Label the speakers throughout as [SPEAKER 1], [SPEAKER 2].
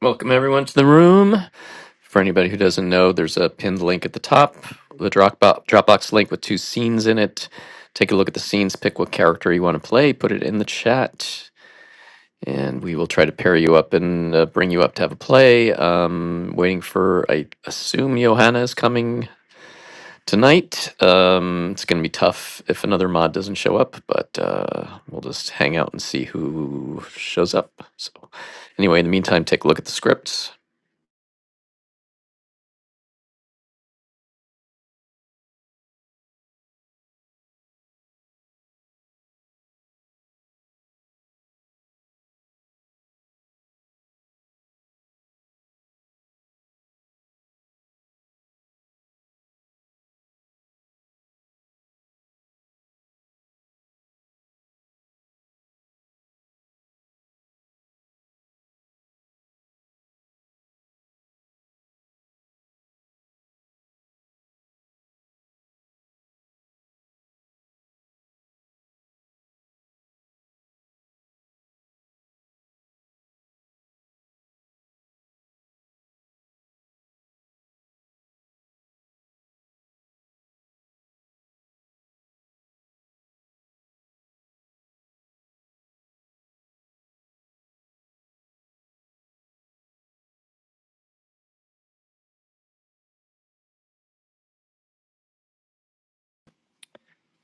[SPEAKER 1] Welcome everyone to the room. For anybody who doesn't know, there's a pinned link at the top, the Dropbox Dropbox link with two scenes in it. Take a look at the scenes, pick what character you want to play, put it in the chat, and we will try to pair you up and uh, bring you up to have a play. Um, waiting for, I assume Johanna is coming tonight. Um, it's going to be tough if another mod doesn't show up, but uh, we'll just hang out and see who shows up. So, anyway, in the meantime, take a look at the scripts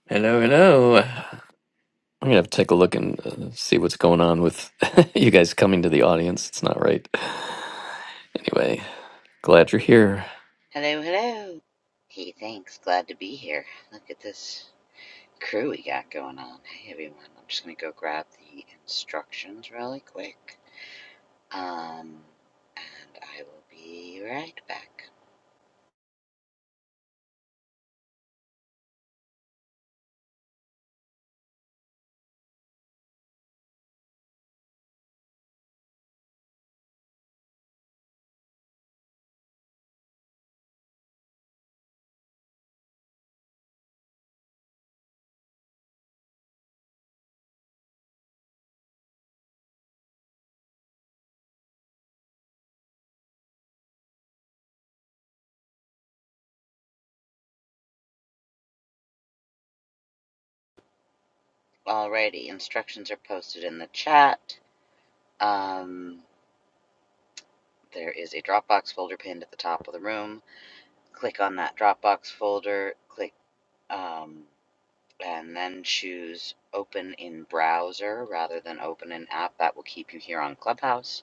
[SPEAKER 1] Hello, hello. I'm gonna have to take a look and uh, see what's going on with you guys coming to the audience. It's not right. Anyway, glad you're here.
[SPEAKER 2] Hello, hello. Hey, thanks. Glad to be here. Look at this crew we got going on. Hey, everyone. I'm just going to go grab the instructions really quick. Um, and I will be right back. Alrighty, instructions are posted in the chat. Um, there is a Dropbox folder pinned at the top of the room. Click on that Dropbox folder, click, um, and then choose open in browser rather than open in app. That will keep you here on Clubhouse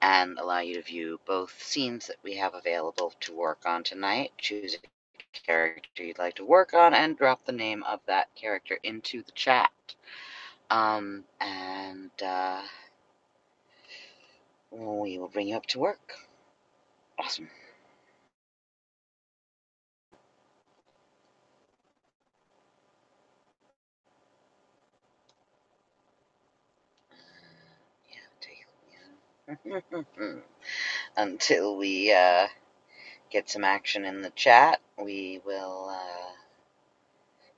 [SPEAKER 2] and allow you to view both scenes that we have available to work on tonight. Choose a character you'd like to work on and drop the name of that character into the chat. Um, and uh, we will bring you up to work. Awesome. Yeah, take yeah. Until we uh, get some action in the chat, we will uh,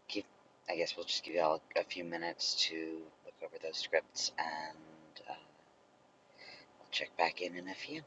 [SPEAKER 2] give. I guess we'll just give y'all a a few minutes to look over those scripts, and uh, check back in in a few.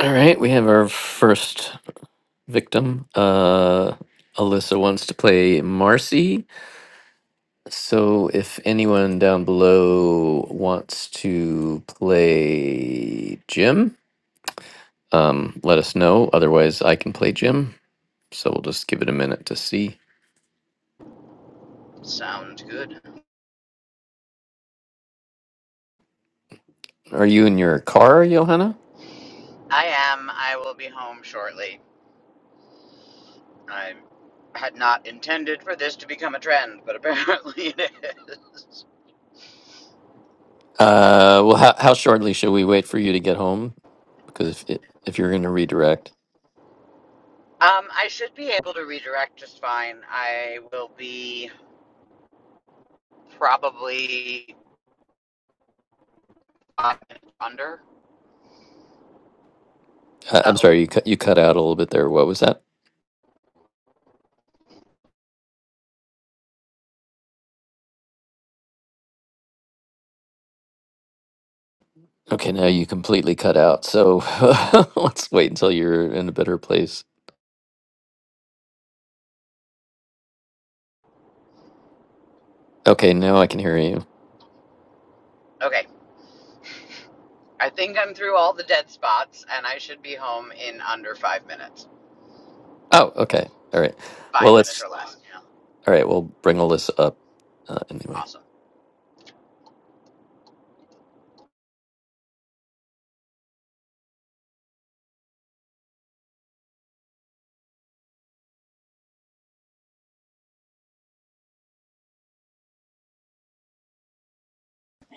[SPEAKER 1] All right, we have our first victim. Uh, Alyssa wants to play Marcy. So if anyone down below wants to play Jim, um, let us know. Otherwise, I can play Jim. So we'll just give it a minute to see.
[SPEAKER 2] Sounds good.
[SPEAKER 1] Are you in your car, Johanna?
[SPEAKER 2] I am. I will be home shortly. I had not intended for this to become a trend, but apparently it is.
[SPEAKER 1] Uh, well, how, how shortly should we wait for you to get home? Because if it, if you're going to redirect,
[SPEAKER 2] Um, I should be able to redirect just fine. I will be probably five minutes under.
[SPEAKER 1] uh, I'm
[SPEAKER 2] Oh,
[SPEAKER 1] sorry, you cut you cut out a little bit there. What was that? Okay, now you completely cut out. So let's wait until you're in a better place. Okay, now I can hear you.
[SPEAKER 2] okay. I think I'm through all the dead spots, and I should be home in under five minutes.
[SPEAKER 1] Oh, okay. All right. Well,
[SPEAKER 2] Five minutes
[SPEAKER 1] let's.
[SPEAKER 2] or less. Yeah.
[SPEAKER 1] All right, we'll bring all this up uh, anyway.
[SPEAKER 2] Awesome.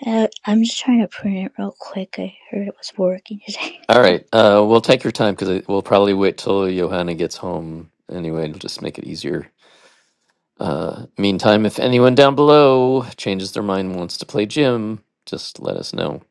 [SPEAKER 3] Uh, I'm just trying to print it real quick. I heard it was working today.
[SPEAKER 1] All right. Uh, we'll take your time because we'll probably wait till Johanna gets home anyway. It'll just make it easier. Uh, meantime, if anyone down below changes their mind and wants to play Jim, just let us know.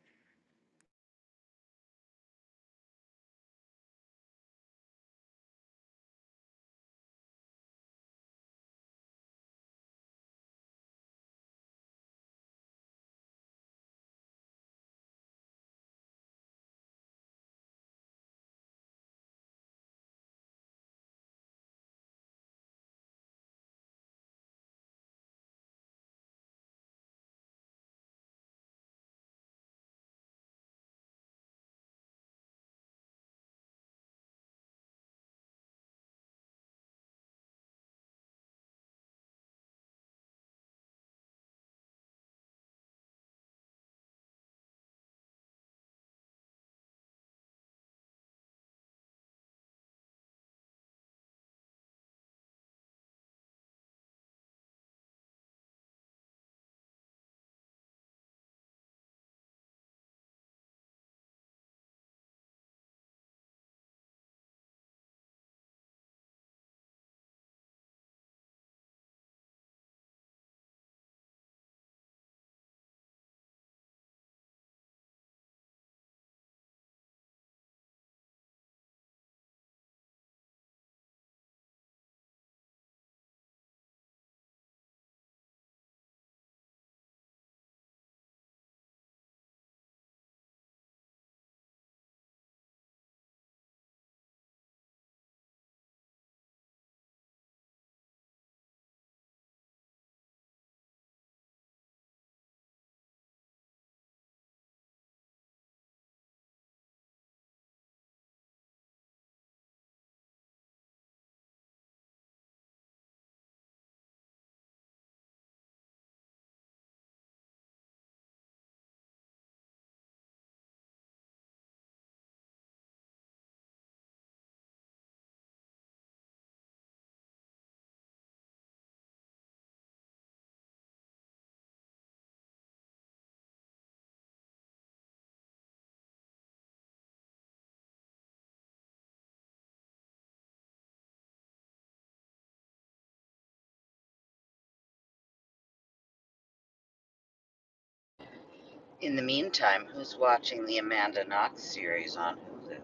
[SPEAKER 2] In the meantime, who's watching the Amanda Knox series on Hulu?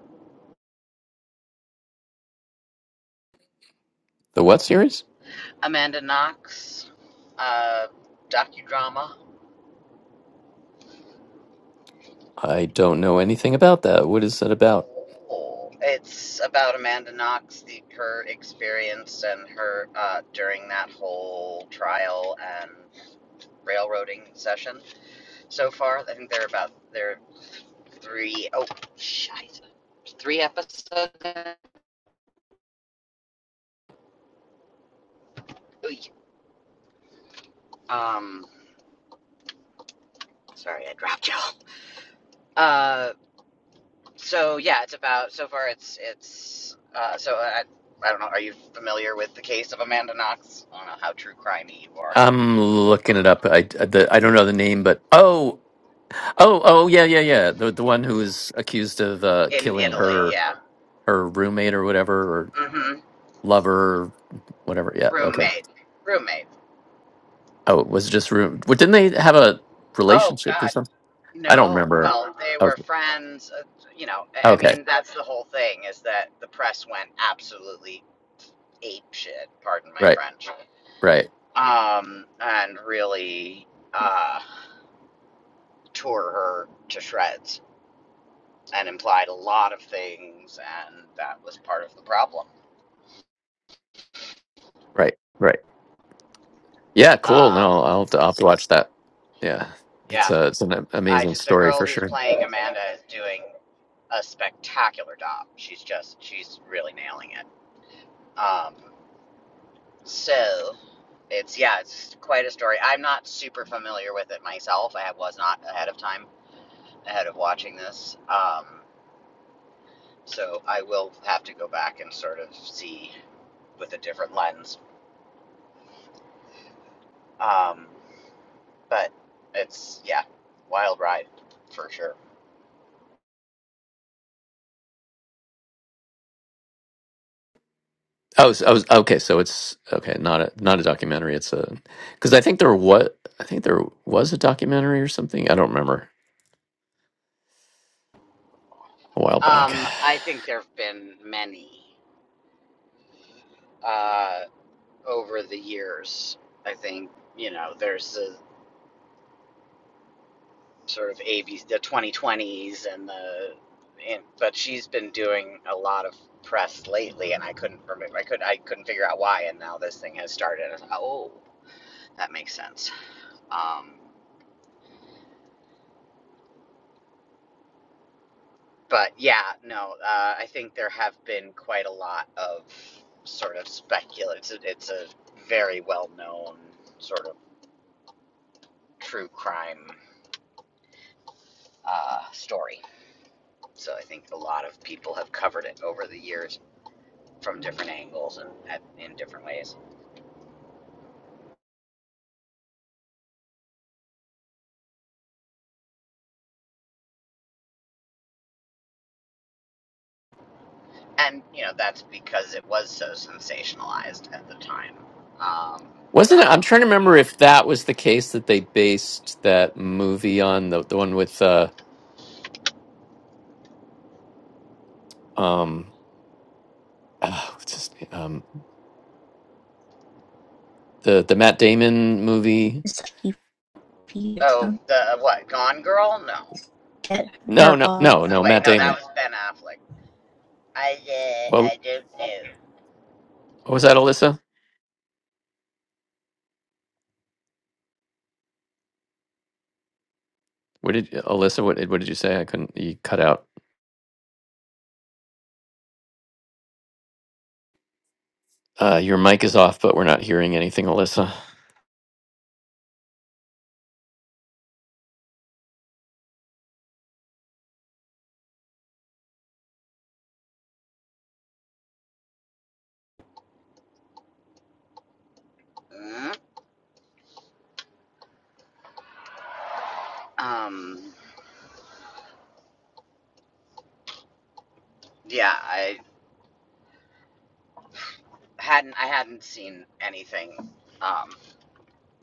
[SPEAKER 1] The what series?
[SPEAKER 2] Amanda Knox uh, docudrama.
[SPEAKER 1] I don't know anything about that. What is that about?
[SPEAKER 2] It's about Amanda Knox, the her experience and her uh, during that whole trial and railroading session. So far, I think they're about there are three. Oh, shite. Three episodes. Um, sorry, I dropped y'all. Uh. So yeah, it's about so far it's it's uh, so I I don't know. Are you familiar with the case of Amanda Knox? I don't know how true crimey you are
[SPEAKER 1] I'm looking it up. I, the, I don't know the name, but oh, oh, oh, yeah, yeah, yeah. The the one who was accused of uh,
[SPEAKER 2] in
[SPEAKER 1] killing
[SPEAKER 2] Italy.
[SPEAKER 1] her
[SPEAKER 2] Yeah.
[SPEAKER 1] her roommate or whatever or
[SPEAKER 2] Mm-hmm.
[SPEAKER 1] lover, or whatever. Yeah, okay.
[SPEAKER 2] Roommate. Roommate.
[SPEAKER 1] Oh, it was just room. Well, didn't they have a
[SPEAKER 2] Oh
[SPEAKER 1] relationship or
[SPEAKER 2] God.
[SPEAKER 1] something? I don't
[SPEAKER 2] No.
[SPEAKER 1] remember.
[SPEAKER 2] Well, they
[SPEAKER 1] Oh,
[SPEAKER 2] were friends. Uh, you know. I I
[SPEAKER 1] okay,
[SPEAKER 2] mean, that's the whole thing is that the press went absolutely ape shit. Pardon my
[SPEAKER 1] right,
[SPEAKER 2] French.
[SPEAKER 1] right,
[SPEAKER 2] Um, and really uh, tore her to shreds and implied a lot of things, and that was part of the problem.
[SPEAKER 1] right, right. Yeah, cool.
[SPEAKER 2] Um,
[SPEAKER 1] No, I'll have to, I'll have to watch that. Yeah, it's
[SPEAKER 2] yeah,
[SPEAKER 1] a it's an
[SPEAKER 2] I
[SPEAKER 1] amazing
[SPEAKER 2] just the
[SPEAKER 1] story
[SPEAKER 2] girl
[SPEAKER 1] for
[SPEAKER 2] who's
[SPEAKER 1] sure.
[SPEAKER 2] playing Amanda is doing a spectacular job. She's just she's really nailing it. Um, so it's yeah, it's quite a story. I'm not super familiar with it myself. I was not ahead of time ahead of watching this. Um, so I will have to go back and sort of see with a different lens. Um, but it's yeah, wild ride for sure.
[SPEAKER 1] Oh, so, I was okay. So it's okay. Not a not a documentary. It's a because I think there what I think there was a documentary or something. I don't remember a while back.
[SPEAKER 2] Um, I think there have been many uh, over the years. I think you know there's the sort of A B the 2020s, and the and, but she's been doing a lot of press lately, and I couldn't remember. I could I couldn't figure out why, and now this thing has started. I thought, oh, that makes sense. Um, but yeah, no, uh, I think there have been quite a lot of sort of speculative. It's a, it's a very well known sort of true crime uh, story. So I think a lot of people have covered it over the years from different angles and at, in different ways. And you know that's because it was so sensationalized at the time. Um,
[SPEAKER 1] Wasn't
[SPEAKER 2] when-
[SPEAKER 1] it? I'm trying to remember if that was the case that they based that movie on the the one with uh um uh, what's his name? um the the Matt Damon movie.
[SPEAKER 3] It's like you or
[SPEAKER 2] oh,
[SPEAKER 3] something.
[SPEAKER 2] the what? Gone Girl? No.
[SPEAKER 3] Get
[SPEAKER 1] No,
[SPEAKER 3] her
[SPEAKER 1] no, no,
[SPEAKER 3] off.
[SPEAKER 2] No,
[SPEAKER 1] no.
[SPEAKER 2] wait,
[SPEAKER 1] Matt
[SPEAKER 2] no, that
[SPEAKER 1] Damon.
[SPEAKER 2] was Ben Affleck. I uh,
[SPEAKER 1] What
[SPEAKER 2] I don't
[SPEAKER 1] what was that, Alyssa? What did Alyssa? What did what did you say? I couldn't. You cut out. Uh, your mic is off, but we're not hearing anything, Alyssa.
[SPEAKER 2] know. Mm, Um, yeah, I hadn't I hadn't seen anything um,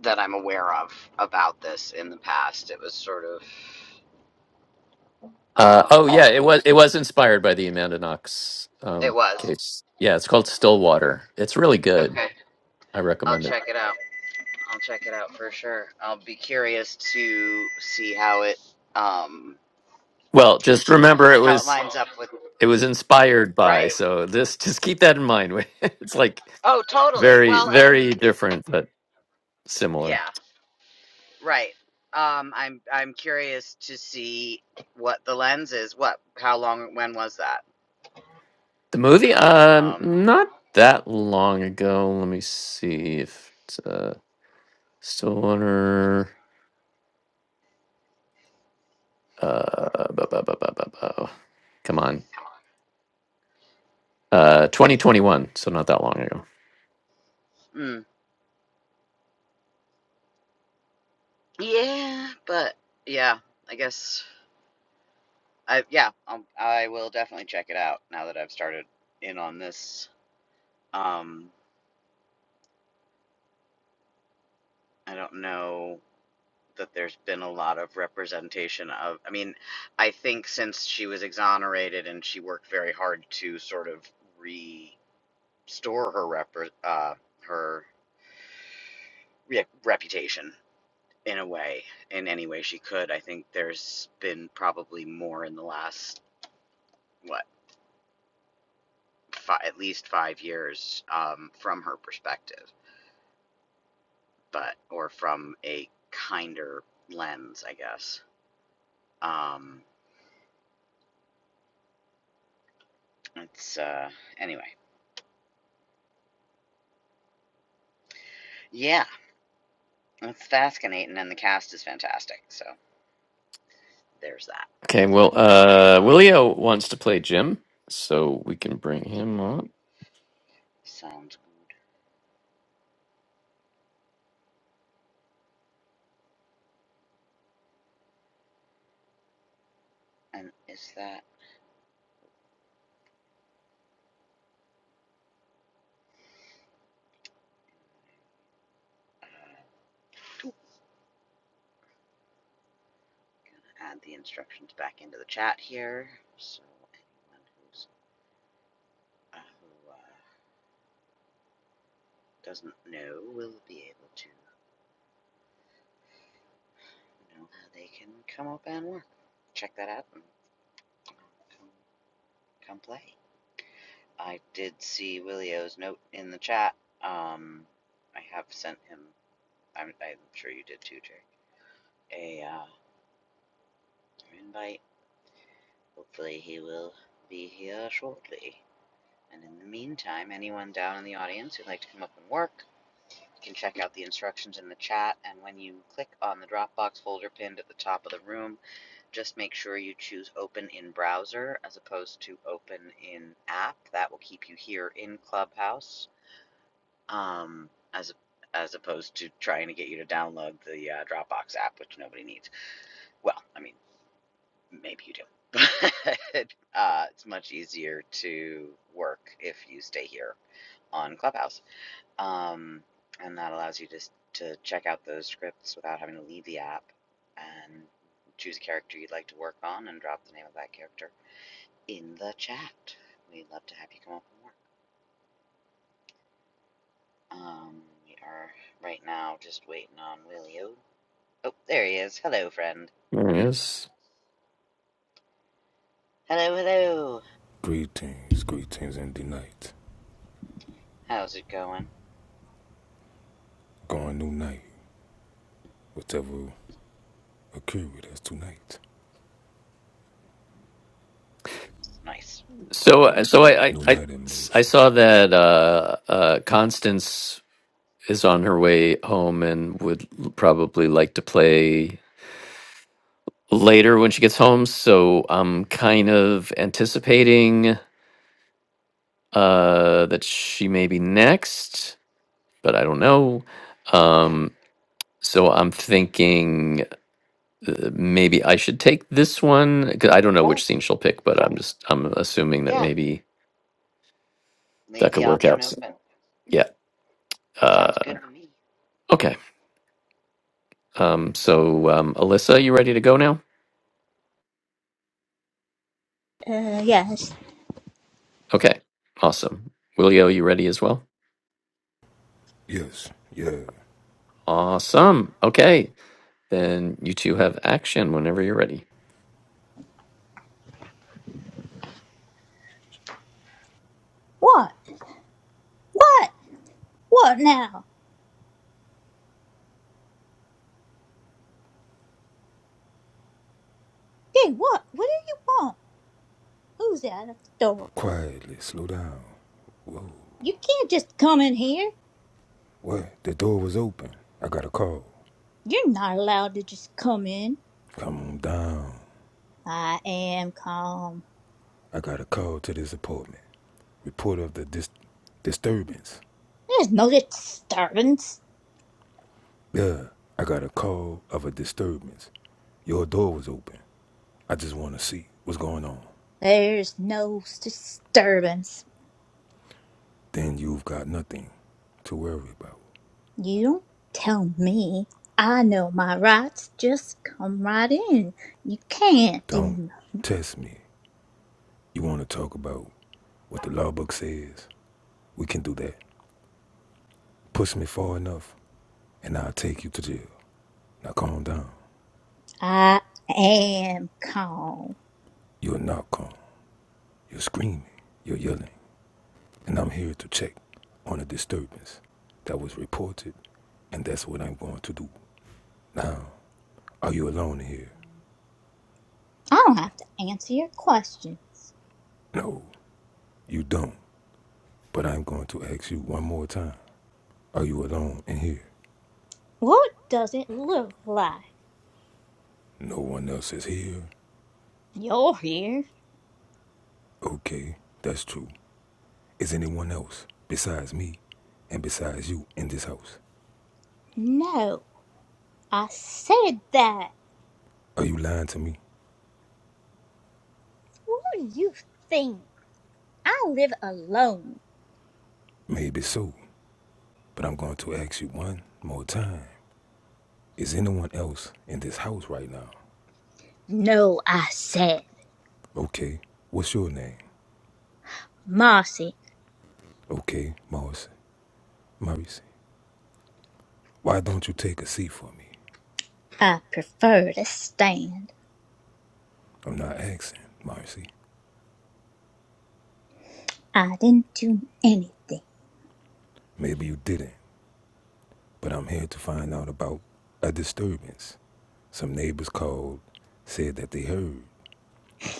[SPEAKER 2] that I'm aware of about this in the past. It was sort of
[SPEAKER 1] Uh, oh
[SPEAKER 2] um,
[SPEAKER 1] yeah, it was it was inspired by the Amanda Knox
[SPEAKER 2] It
[SPEAKER 1] um,
[SPEAKER 2] was.
[SPEAKER 1] case. Yeah, it's called Stillwater. It's really good.
[SPEAKER 2] Okay.
[SPEAKER 1] I
[SPEAKER 2] I'll
[SPEAKER 1] recommend it.
[SPEAKER 2] check it out. I'll check it out for sure. I'll be curious to see how it um
[SPEAKER 1] Well, just remember it
[SPEAKER 2] how it
[SPEAKER 1] was
[SPEAKER 2] lines up with
[SPEAKER 1] it was inspired by.
[SPEAKER 2] right.
[SPEAKER 1] So this just keep that in mind. it's like
[SPEAKER 2] Oh, totally.
[SPEAKER 1] very
[SPEAKER 2] Well, and
[SPEAKER 1] very different but similar.
[SPEAKER 2] yeah, right. Um I'm I'm curious to see what the lens is. What how long when was that?
[SPEAKER 1] The movie, um,
[SPEAKER 2] Um
[SPEAKER 1] not that long ago. Let me see if it's uh, Stillwater. Uh, bu- bu- bu- bu- bu- bu- Come on. Uh, 2021, so not that long ago.
[SPEAKER 2] mm, yeah, but yeah, I guess I yeah, I'll, I will definitely check it out now that I've started in on this. Um I don't know that there's been a lot of representation of i mean i think since she was exonerated and she worked very hard to sort of restore her rep uh, her re- reputation in a way in any way she could i think there's been probably more in the last what fi at least five years um, from her perspective but or from a kinder lens i guess um, it's uh, anyway yeah It's fascinating, and the cast is fantastic. So there's that.
[SPEAKER 1] Okay, well, uh,
[SPEAKER 2] Um,
[SPEAKER 1] Willio wants to play Jim, so we can bring him up.
[SPEAKER 2] sounds good. And is that? Uh, gonna add the instructions back into the chat here, so anyone who's, uh, who uh, doesn't know will be able to know how they can come up and work. Check that out and come, come play. I did see Willio's note in the chat. Um, I have sent him. I'm, I'm sure you did too, Jake. A uh, invite Hopefully, he will be here shortly. And in the meantime, anyone down in the audience who'd like to come up and work can check out the instructions in the chat. And when you click on the Dropbox folder pinned at the top of the room, just make sure you choose open in browser as opposed to open in app. That will keep you here in Clubhouse um, as, as opposed to trying to get you to download the uh, Dropbox app, which nobody needs. Well, I mean, Maybe you do. But uh, it's much easier to work if you stay here on Clubhouse. Um, and that allows you to, to check out those scripts without having to leave the app and choose a character you'd like to work on and drop the name of that character in the chat. We'd love to have you come up and work. Um, we are right now just waiting on Willio. Oh, there he is. Hello, friend.
[SPEAKER 1] There he is.
[SPEAKER 2] Hello, hello.
[SPEAKER 4] Greetings, greetings, and the night.
[SPEAKER 2] How's it going?
[SPEAKER 4] Gone new night, whatever occurred with us tonight.
[SPEAKER 2] Nice.
[SPEAKER 1] So, so I, I,
[SPEAKER 4] New
[SPEAKER 1] I,
[SPEAKER 4] night in
[SPEAKER 1] I
[SPEAKER 4] motion.
[SPEAKER 1] saw that uh, uh, Constance is on her way home and would probably like to play later when she gets home. So I'm kind of anticipating uh, that she may be next. but I don't know.
[SPEAKER 2] Yeah,
[SPEAKER 1] Um, so I'm thinking uh, maybe I should take this one because I don't know
[SPEAKER 2] cool.
[SPEAKER 1] which scene she'll pick, but I'm just I'm assuming that
[SPEAKER 2] Yeah.
[SPEAKER 1] maybe
[SPEAKER 2] Leave
[SPEAKER 1] that
[SPEAKER 2] the
[SPEAKER 1] could work
[SPEAKER 2] option
[SPEAKER 1] out. So-
[SPEAKER 2] open.
[SPEAKER 1] Yeah.
[SPEAKER 2] Sounds
[SPEAKER 1] Uh,
[SPEAKER 2] good to me.
[SPEAKER 1] okay. Um, so um, Alyssa, you ready to go now?
[SPEAKER 3] Uh, yes.
[SPEAKER 1] Okay. Awesome. Willio, you ready as well?
[SPEAKER 4] Yes, yeah.
[SPEAKER 1] Awesome. Okay. Then you two have action whenever you're ready.
[SPEAKER 3] What? What? What now? Hey, what? What do you want? Who's that at the door?
[SPEAKER 4] Quietly, slow down. Whoa,
[SPEAKER 3] You can't just come in here.
[SPEAKER 4] what? The door was open. I got a call.
[SPEAKER 3] You're not allowed to just come in.
[SPEAKER 4] Come on down.
[SPEAKER 3] I am calm.
[SPEAKER 4] I got a call to this apartment. Report of the dis- disturbance.
[SPEAKER 3] There's no disturbance.
[SPEAKER 4] Yeah, I got a call of a disturbance. Your door was open. I just want to see what's going on.
[SPEAKER 3] There's no disturbance.
[SPEAKER 4] Then you've got nothing to worry about.
[SPEAKER 3] You don't tell me. I know my rights. Just come right in. You can't do
[SPEAKER 4] Don't
[SPEAKER 3] nothing.
[SPEAKER 4] test me. You want to talk about what the law book says? We can do that. Push me far enough, and I'll take you to jail. Now calm down.
[SPEAKER 3] I am calm.
[SPEAKER 4] You're not calm. You're screaming. You're yelling. And I'm here to check on a disturbance that was reported, and that's what I'm going to do. Now, are you alone here?
[SPEAKER 3] I don't have to answer your questions.
[SPEAKER 4] No, you don't. But I'm going to ask you one more time. Are you alone in here?
[SPEAKER 3] What does it look like?
[SPEAKER 4] No one else is here.
[SPEAKER 3] You're here.
[SPEAKER 4] Okay, that's true. Is anyone else besides me and besides you in this house?
[SPEAKER 3] No, I said that.
[SPEAKER 4] Are you lying to me?
[SPEAKER 3] What do you think? I live alone.
[SPEAKER 4] Maybe so, but I'm going to ask you one more time. Is anyone else in this house right now?
[SPEAKER 3] No, I said.
[SPEAKER 4] Okay, what's your name?
[SPEAKER 3] Marcy,
[SPEAKER 4] Okay, Morrissey. Morrissey. Why don't you take a seat for me?
[SPEAKER 3] I prefer to stand.
[SPEAKER 4] I'm not asking, Morrissey.
[SPEAKER 3] I didn't do anything.
[SPEAKER 4] Maybe you didn't, but I'm here to find out about a disturbance. Some neighbors called, said that they heard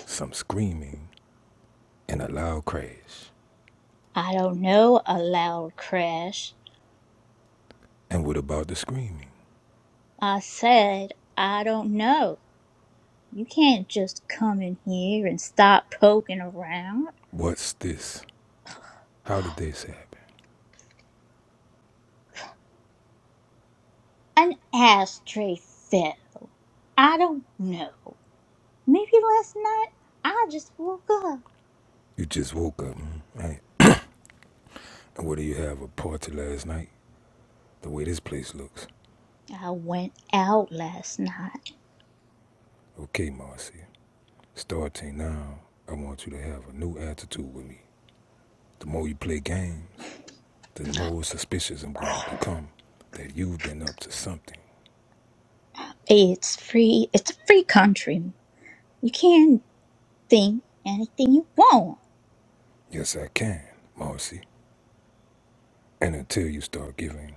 [SPEAKER 4] some screaming and a loud crash.
[SPEAKER 3] "I don't know," allowed Crash.
[SPEAKER 4] And what about the screaming?
[SPEAKER 3] "I said I don't know. You can't just come in here and start poking around.
[SPEAKER 4] What's this? How did this happen?
[SPEAKER 3] An ashtray fell. I don't know. Maybe last night I just woke up.
[SPEAKER 4] You just woke up, hmm? right? And what do you have a party last night? The way this place looks.
[SPEAKER 3] I went out last night.
[SPEAKER 4] Okay, Marcy. Starting now, I want you to have a new attitude with me. The more you play games, the more suspicious I'm going to become that you've been up to something.
[SPEAKER 3] It's free. It's a free country. You can think anything you want.
[SPEAKER 4] Yes, I can, Marcy. And until you start giving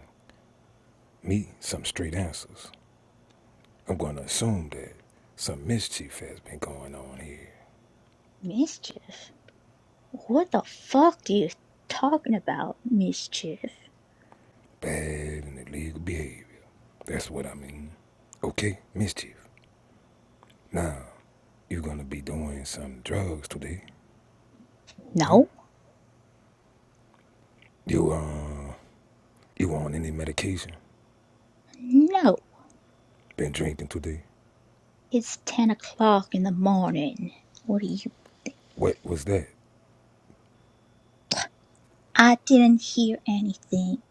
[SPEAKER 4] me some straight answers, I'm going to assume that some mischief has been going on here.
[SPEAKER 3] Mischief? What the fuck do you talking about, mischief?
[SPEAKER 4] Bad and illegal behavior. That's what I mean. Okay, mischief. Now, you gonna be doing some drugs today, huh?
[SPEAKER 3] No,
[SPEAKER 4] You uh, you on any medication?
[SPEAKER 3] no.
[SPEAKER 4] Been drinking today?
[SPEAKER 3] It's ten o'clock in the morning. What are you?
[SPEAKER 4] What was that?
[SPEAKER 3] I didn't hear anything.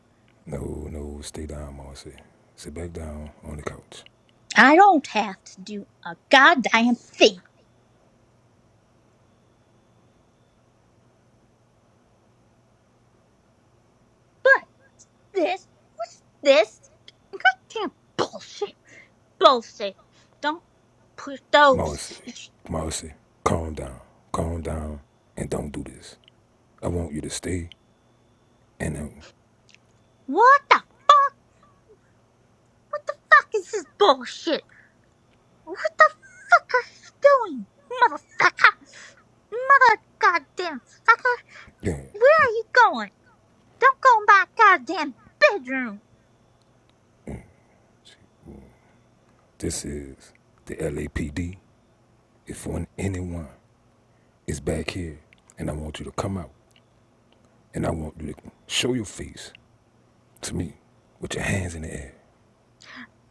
[SPEAKER 4] No, no, stay down, Marcy. Sit back down on the couch.
[SPEAKER 3] I don't have to do a goddamn thing. But this, what's this? Goddamn bullshit, bullshit. Don't push those.
[SPEAKER 4] Marcy, Marcy, calm down, calm down, and don't do this. I want you to stay and uh,
[SPEAKER 3] What the fuck? What the fuck is this bullshit? What the fuck are you doing, motherfucker? Mother goddamn fucker.
[SPEAKER 4] yeah,
[SPEAKER 3] Where are you going? Don't go in my goddamn bedroom.
[SPEAKER 4] this is the LAPD. If one anyone is back here, and I want you to come out, and I want you to show your face to me with your hands in the air.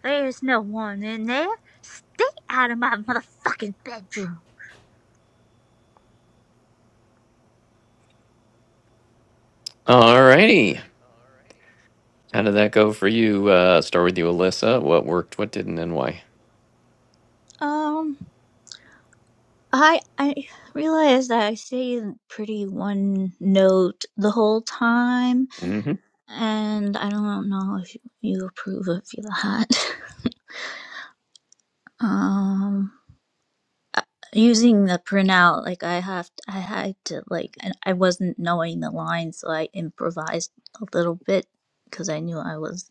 [SPEAKER 3] There's no one in there. Stay out of my motherfucking bedroom.
[SPEAKER 1] All righty. How did that go for you? Uh, start with you, Alyssa. What worked? What didn't? And why?
[SPEAKER 3] Um, I I realized that I stayed pretty one note the whole time,
[SPEAKER 1] Mm-hmm.
[SPEAKER 3] and I don't know if you approve of that. um, using the printout, like I have, to, I had to like, and I wasn't knowing the lines, so I improvised a little bit because I knew I was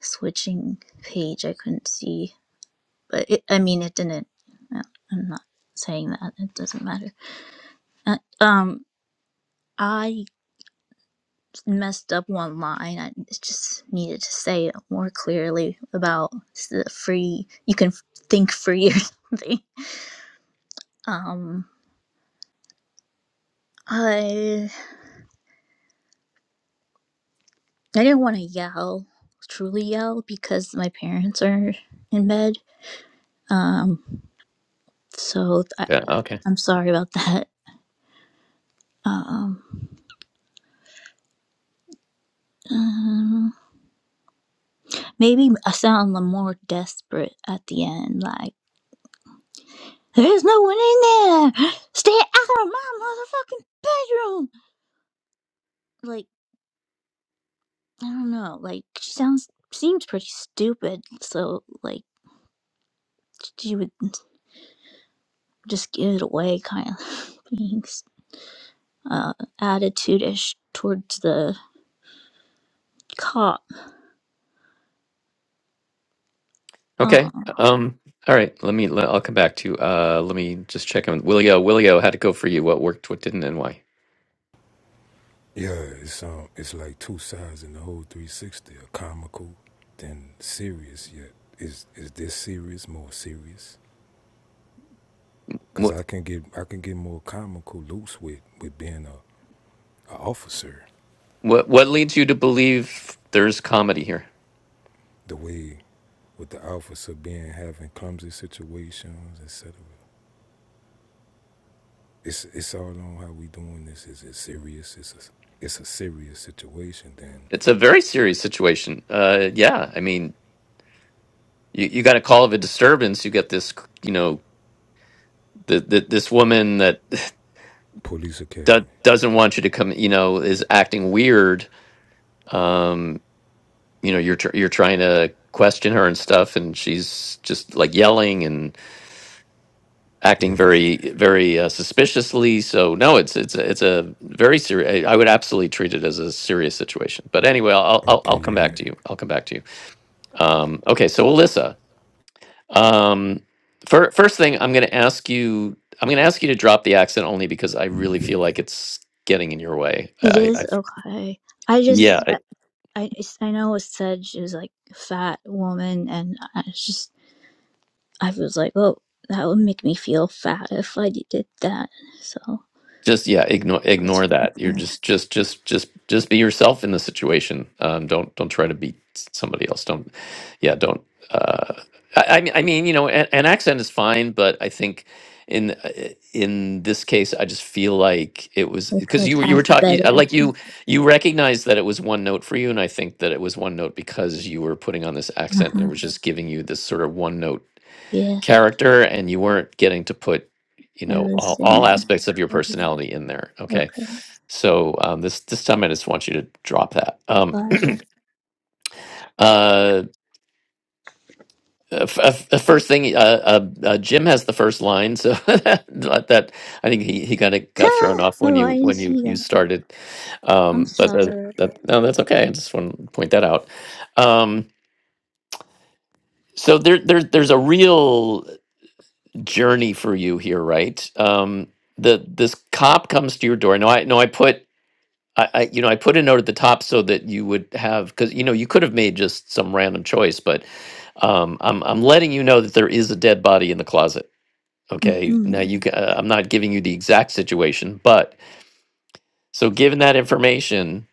[SPEAKER 3] switching page. I couldn't see but it, I mean, it didn't. uh, I'm not saying that. It doesn't matter. Uh, um, I messed up one line. I just needed to say it more clearly about the free. You can think free or something. Um, I I didn't want to yell, truly yell, because my parents are in bed. Um, so th-
[SPEAKER 1] Okay.
[SPEAKER 3] I'm sorry about that. Um. um, maybe I sound more desperate at the end, like. There's no one in there. Stay out of my motherfucking bedroom. Like, I don't know. Like, she sounds seems pretty stupid. So, like, she would just give it away, kind of being uh, attitude-ish towards the cop. Uh,
[SPEAKER 1] Okay. Um. All right. Let me. Let, I'll come back to. Uh. Let me just check on Willio. Willio, how'd it go for you? What worked? What didn't? And why?
[SPEAKER 4] Yeah, it's um, it's like two sides in the whole 360. A comical, then serious. Yet is is this serious more serious? Cause
[SPEAKER 1] What
[SPEAKER 4] I can get I can get more comical loose with with being a, a officer.
[SPEAKER 1] What What leads you to believe there's comedy here?
[SPEAKER 4] The way with the officer being having clumsy situations, etc. it's it's all on how we doing this. Is it serious? It's a, it's a serious situation. Then
[SPEAKER 1] It's a very serious situation. Uh. Yeah. I mean, you you got a call of a disturbance. You get this. You know, the, the this woman that
[SPEAKER 4] police
[SPEAKER 1] do,
[SPEAKER 4] academy.
[SPEAKER 1] doesn't want you to come. You know, is acting weird. Um. You know, you're tr- you're trying to question her and stuff, and she's just like yelling acting
[SPEAKER 4] Yeah.
[SPEAKER 1] very very uh, suspiciously so no it's it's a- it's a very serious i would absolutely treat it as a serious situation but anyway i'll i'll,
[SPEAKER 4] Okay.
[SPEAKER 1] I'll come
[SPEAKER 4] Yeah.
[SPEAKER 1] back to you i'll come back to you um okay so alyssa um fir- first thing i'm going to ask you i'm going to ask you to drop the accent only because i really feel like it's getting in your way
[SPEAKER 3] it
[SPEAKER 1] i,
[SPEAKER 3] is
[SPEAKER 1] I
[SPEAKER 3] okay. I
[SPEAKER 1] yeah
[SPEAKER 3] just, I, I, I know it said she was like a fat woman, and I was just, I was like, oh, that would make me feel fat if I did that. So.
[SPEAKER 1] just yeah ignore
[SPEAKER 3] I
[SPEAKER 1] ignore
[SPEAKER 3] was-
[SPEAKER 1] that you're just just just just just be yourself in the situation um don't don't try to be somebody else don't yeah don't uh i, I mean i mean you know an, an accent is fine but i think in uh, in this case i just feel like it was
[SPEAKER 3] I
[SPEAKER 1] because
[SPEAKER 3] could
[SPEAKER 1] you were you were
[SPEAKER 3] act
[SPEAKER 1] talking
[SPEAKER 3] better.
[SPEAKER 1] like you you recognized that it was one note for you and i think that it was one note because you were putting on this
[SPEAKER 3] Uh
[SPEAKER 1] accent and it
[SPEAKER 3] huh.
[SPEAKER 1] was Mhm. just giving you this sort of one note
[SPEAKER 3] Yeah,
[SPEAKER 1] character and you weren't getting to put you know all,
[SPEAKER 3] everything
[SPEAKER 1] all
[SPEAKER 3] I
[SPEAKER 1] aspects of your
[SPEAKER 3] could.
[SPEAKER 1] personality in there okay
[SPEAKER 3] Okay,
[SPEAKER 1] so um, this this time i just want you to drop that um
[SPEAKER 3] but
[SPEAKER 1] uh f- f- uh, f- uh, first thing uh, uh, uh jim has the first line so that, that i think he, he kind of got
[SPEAKER 3] ha!
[SPEAKER 1] thrown off when
[SPEAKER 3] Oh, I
[SPEAKER 1] you
[SPEAKER 3] didn't
[SPEAKER 1] when you
[SPEAKER 3] see
[SPEAKER 1] you
[SPEAKER 3] that.
[SPEAKER 1] started
[SPEAKER 3] I'm
[SPEAKER 1] um but that,
[SPEAKER 3] sorry.
[SPEAKER 1] that no that's okay i just want to point that out um so there, there there's a real journey for you here, right? Um, the this cop comes to your door. No, I no, I put I, I you know I put a note at the top so that you would have because you know you could have made just some random choice, but um, I'm I'm letting you know that there is a dead body in the closet.
[SPEAKER 3] Mm
[SPEAKER 1] Okay,
[SPEAKER 3] hmm.
[SPEAKER 1] now you ca- uh, I'm not giving you the exact situation, but so given that information,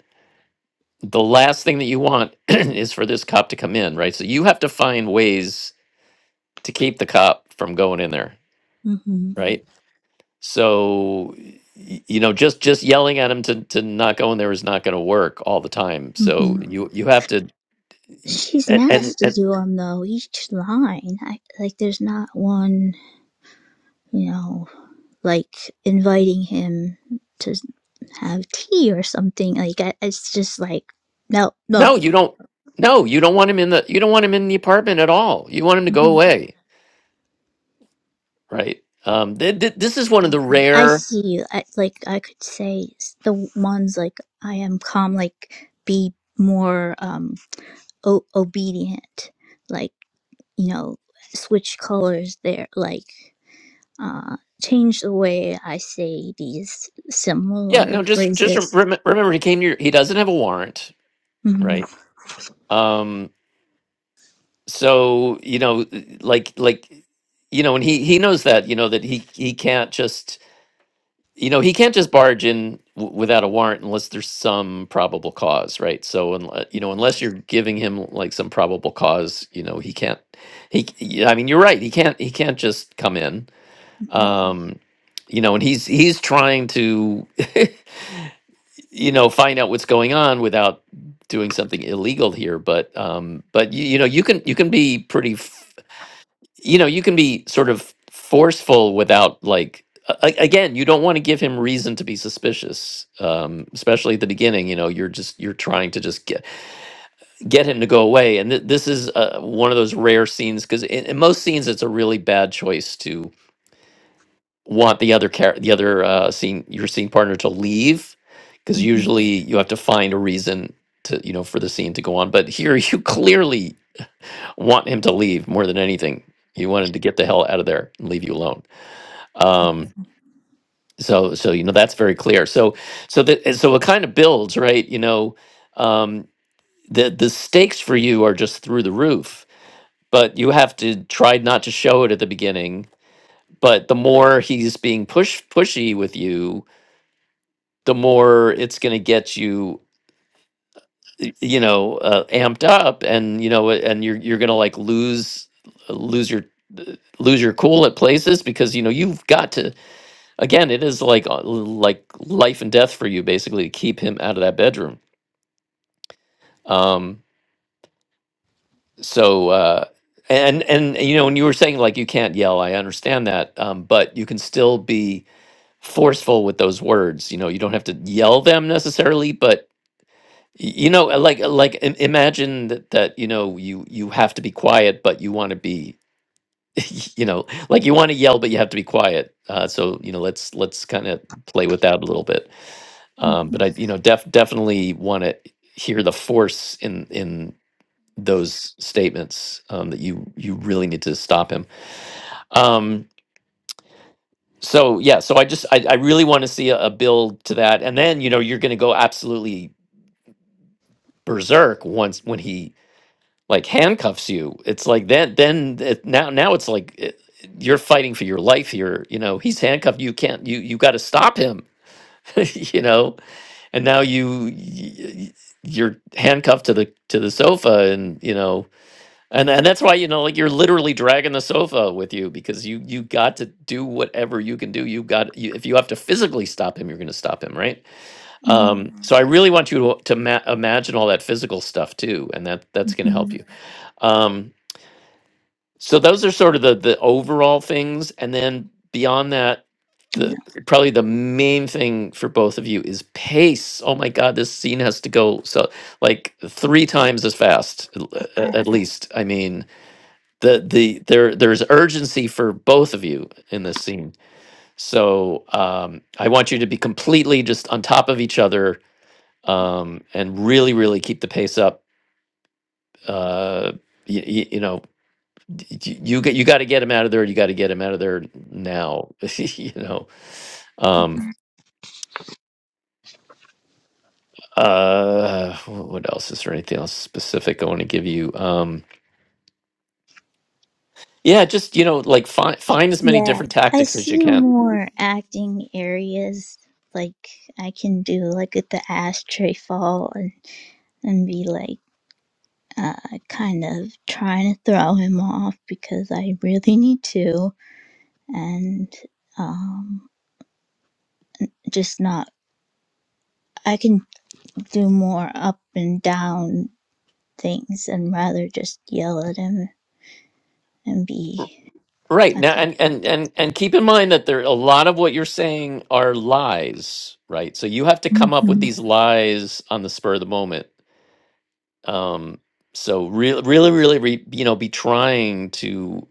[SPEAKER 1] the last thing that you want is for this cop to come in, right? So you have to find ways to keep the cop from going in there,
[SPEAKER 3] Mm hmm.
[SPEAKER 1] right? So, y- you know, just just yelling at him to to not go in there is not going to work all the time.
[SPEAKER 3] Mm
[SPEAKER 1] So
[SPEAKER 3] hmm.
[SPEAKER 1] you you have to, y-
[SPEAKER 3] She's
[SPEAKER 1] and, and
[SPEAKER 3] nasty
[SPEAKER 1] and
[SPEAKER 3] to him though. Each line, I, like, there's not one, you know, like inviting him to have tea or something. Like, I, it's just like, no, no.
[SPEAKER 1] no, you don't. No, you don't want him in the you don't want him in the apartment at all. You want him to go
[SPEAKER 3] Mm-hmm.
[SPEAKER 1] away, right? Um, th- th- this is one of the
[SPEAKER 3] Okay, I
[SPEAKER 1] rare.
[SPEAKER 3] see you. I, like I could say s- the ones like I am calm, like be more um o- obedient, like you know, switch colors there, like uh change the way I say these
[SPEAKER 1] Yeah,
[SPEAKER 3] similar
[SPEAKER 1] no, just just rem-
[SPEAKER 3] phrases.
[SPEAKER 1] remember he came to your. He doesn't have a warrant,
[SPEAKER 3] Mm-hmm.
[SPEAKER 1] right? Um, so you know, like like you know, and he he knows that you know that he he can't just you know he can't just barge in w- without a warrant unless there's some probable cause right so unle- you know unless you're giving him like some probable cause you know he can't he c- y- i mean you're right he can't he can't just come in
[SPEAKER 3] Mm-hmm.
[SPEAKER 1] um you know and he's he's trying to you know find out what's going on without doing something illegal here but um but you, you know you can you can be pretty you know you can be sort of forceful without like a- a- again you don't want to give him reason to be suspicious um especially at the beginning you know you're just you're trying to just get get him to go away and th- this is uh, one of those rare scenes because in, in most scenes it's a really bad choice to want the other char- the other uh scene your scene partner to leave because
[SPEAKER 3] Mm-hmm.
[SPEAKER 1] usually you have to find a reason to you know for the scene to go on but here you clearly want him to leave more than anything you want him to get the hell out of there and leave you alone um so so you know that's very clear so so that so it kind of builds right you know um the the stakes for you are just through the roof but you have to try not to show it at the beginning but the more he's being push pushy with you the more it's going to get you y- you know uh, amped up and you know and you're you're going to like lose lose your lose your cool at places because you know you've got to Again, it is like uh, like life and death for you basically to keep him out of that bedroom. Um, so uh, and and you know, when you were saying like you can't yell, I understand that, um, but you can still be forceful with those words. You know, you don't have to yell them necessarily, but y- you know, uh, like uh, like im- imagine that that you know you you have to be quiet, but you want to be you know like you want to yell but you have to be quiet uh so you know let's let's kind of play with that a little bit
[SPEAKER 3] Mm-hmm.
[SPEAKER 1] um, but I you know def definitely want to hear the force in in those statements um, that you you really need to stop him. Um, so yeah, so I just I, I really want to see a, a build to that, and then you know you're going to go absolutely berserk once when he like handcuffs you. It's like then then it, now now it's like. It, you're fighting for your life here you know he's handcuffed you can't you you got to stop him you know and now you y- you're handcuffed to the to the sofa and you know and and that's why you know like you're literally dragging the sofa with you because you you got to do whatever you can do you got you, if you have to physically stop him you're going to stop him right
[SPEAKER 3] Mm-hmm.
[SPEAKER 1] um so i really want you to, to ma- imagine all that physical stuff too and that
[SPEAKER 3] Mm-hmm.
[SPEAKER 1] that's going to help
[SPEAKER 3] Mm-hmm.
[SPEAKER 1] you um so those are sort of the the overall things, and then beyond that,
[SPEAKER 3] Yeah.
[SPEAKER 1] the probably the main thing for both of you is pace. Oh my God, this scene has to go so like three times as fast, l- a- at
[SPEAKER 3] Okay.
[SPEAKER 1] least. I mean, the the there there's urgency for both of you in this scene. So um, I want you to be completely just on top of each other um, and really, really keep the pace up. Uh, y y- you know y- y- you get you got to get him out of there. You got to get him out of there now. you know. Um. Uh. wh- What else is there? Anything else specific I want to give you? Um. Yeah. Just you know, like find find as many
[SPEAKER 3] Yeah,
[SPEAKER 1] different
[SPEAKER 3] I
[SPEAKER 1] tactics as you
[SPEAKER 3] see
[SPEAKER 1] can.
[SPEAKER 3] more acting areas like I can do, like at the ashtray fall and, and be like uh, kind of trying to throw him off because I really need to, and um, just not. I can do more up and down things and rather just yell at him and be.
[SPEAKER 1] Right now, and and and and keep in mind that there a lot of what you're saying are lies. Right. So you have to
[SPEAKER 3] hmm
[SPEAKER 1] come up with these lies on the spur of the moment. um so really really really re, you know be trying to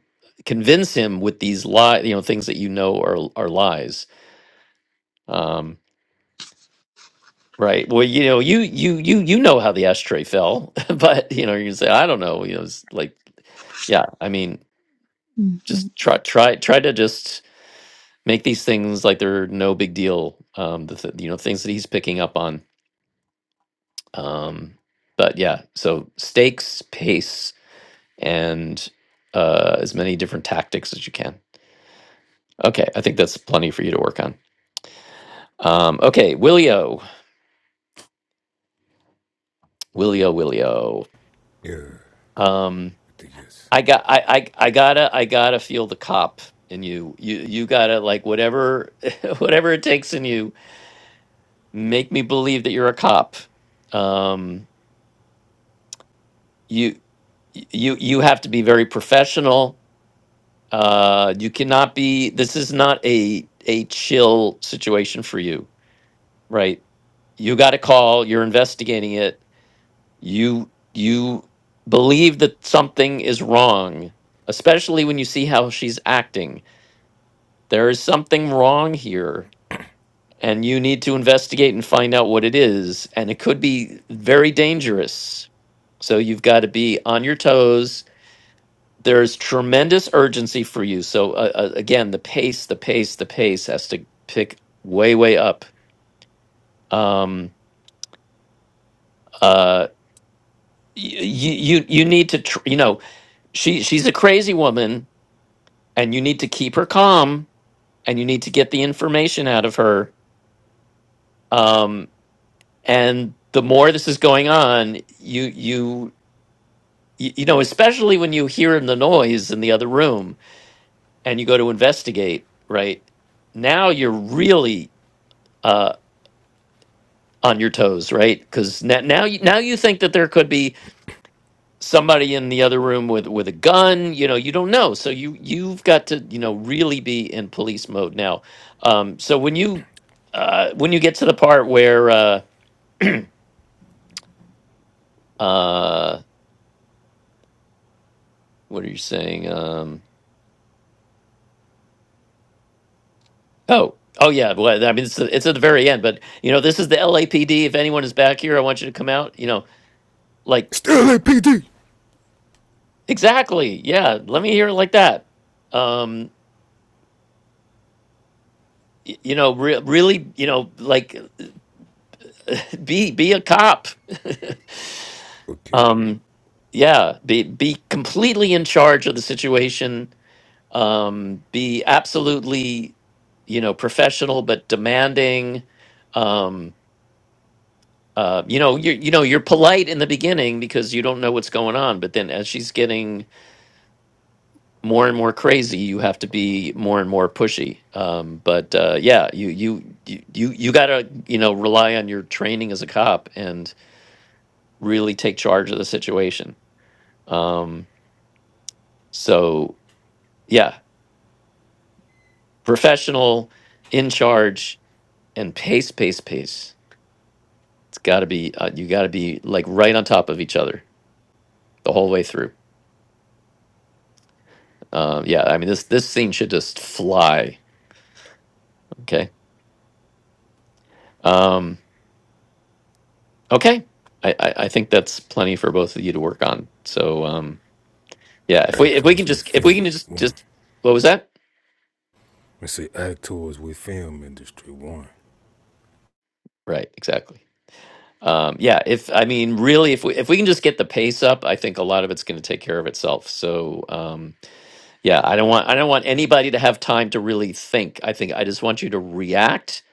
[SPEAKER 1] convince him with these lie you know things that you know are are lies um right well you know you you you you know how the ashtray fell but you know you say i don't know you know it's like yeah i mean
[SPEAKER 3] hmm
[SPEAKER 1] just try try try to just make these things like they're no big deal um the th- you know things that he's picking up on um but yeah so stakes pace and uh, as many different tactics as you can. Okay, I think that's plenty for you to work on. Um, okay, Willio, Willio, Willio.
[SPEAKER 4] Yeah.
[SPEAKER 1] Um,
[SPEAKER 4] The yes.
[SPEAKER 1] I got, I, I, I gotta, I gotta feel the cop in you. You, you gotta like whatever, whatever it takes in you. Make me believe that you're a cop. Um, you, you, you have to be very professional. Uh, you cannot be. This is not a a chill situation for you right? You got a call, you're investigating it, you you believe that something is wrong, especially when you see how she's acting. There is something wrong here and you need to investigate and find out what it is and it could be very dangerous. So you've got to be on your toes. There's tremendous urgency for you. So uh, uh, again, the pace, the pace, the pace has to pick way way up. Um uh, you you you need to tr- you know she she's a crazy woman and you need to keep her calm and you need to get the information out of her um and the more this is going on you you you you know especially when you hear the noise in the other room and you go to investigate right now you're really uh on your toes right cuz now now you, now you think that there could be somebody in the other room with with a gun you know you don't know so you you've got to you know really be in police mode now um so when you uh when you get to the part where uh uh what are you saying um oh oh yeah well i mean it's, it's at the very end but you know this is the lapd if anyone is back here i want you to come out you know like
[SPEAKER 4] Still LAPD.
[SPEAKER 1] exactly yeah let me hear it like that um y- you know re- really you know like be be a cop
[SPEAKER 4] Okay.
[SPEAKER 1] um yeah be be completely in charge of the situation um be absolutely you know professional but demanding um uh you know you you know you're polite in the beginning because you don't know what's going on but then as she's getting more and more crazy you have to be more and more pushy um but uh yeah you you you you, you got to you know rely on your training as a cop and really take charge of the situation um so yeah professional, in charge, and pace, pace, pace. It's got to be uh, you got to be like right on top of each other the whole way through. Um, yeah, I mean this this thing should just fly. Okay, um, okay. I, I I think that's plenty for both of you to work on. So um, yeah, if we if we can
[SPEAKER 4] Actors with
[SPEAKER 1] just if we
[SPEAKER 4] film
[SPEAKER 1] can just
[SPEAKER 4] one.
[SPEAKER 1] just what was that?
[SPEAKER 4] Let's say actors with film industry one.
[SPEAKER 1] Right, exactly. Um, yeah, if I mean really, if we if we can just get the pace up, I think a lot of it's going to take care of itself. So. Um, Yeah, I don't want I don't want anybody to have time to really think. I think I just want you to react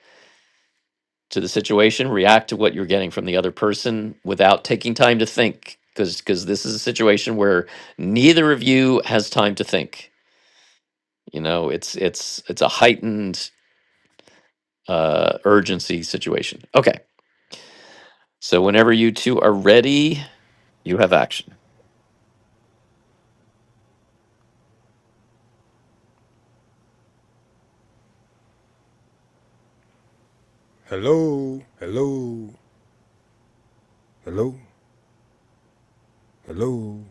[SPEAKER 1] to the situation, react to what you're getting from the other person without taking time to think because because this is a situation where neither of you has time to think. You know, it's it's it's a heightened uh urgency situation. Okay. So whenever you two are ready, you have action.
[SPEAKER 4] Hello. Hello. Hello. Hello.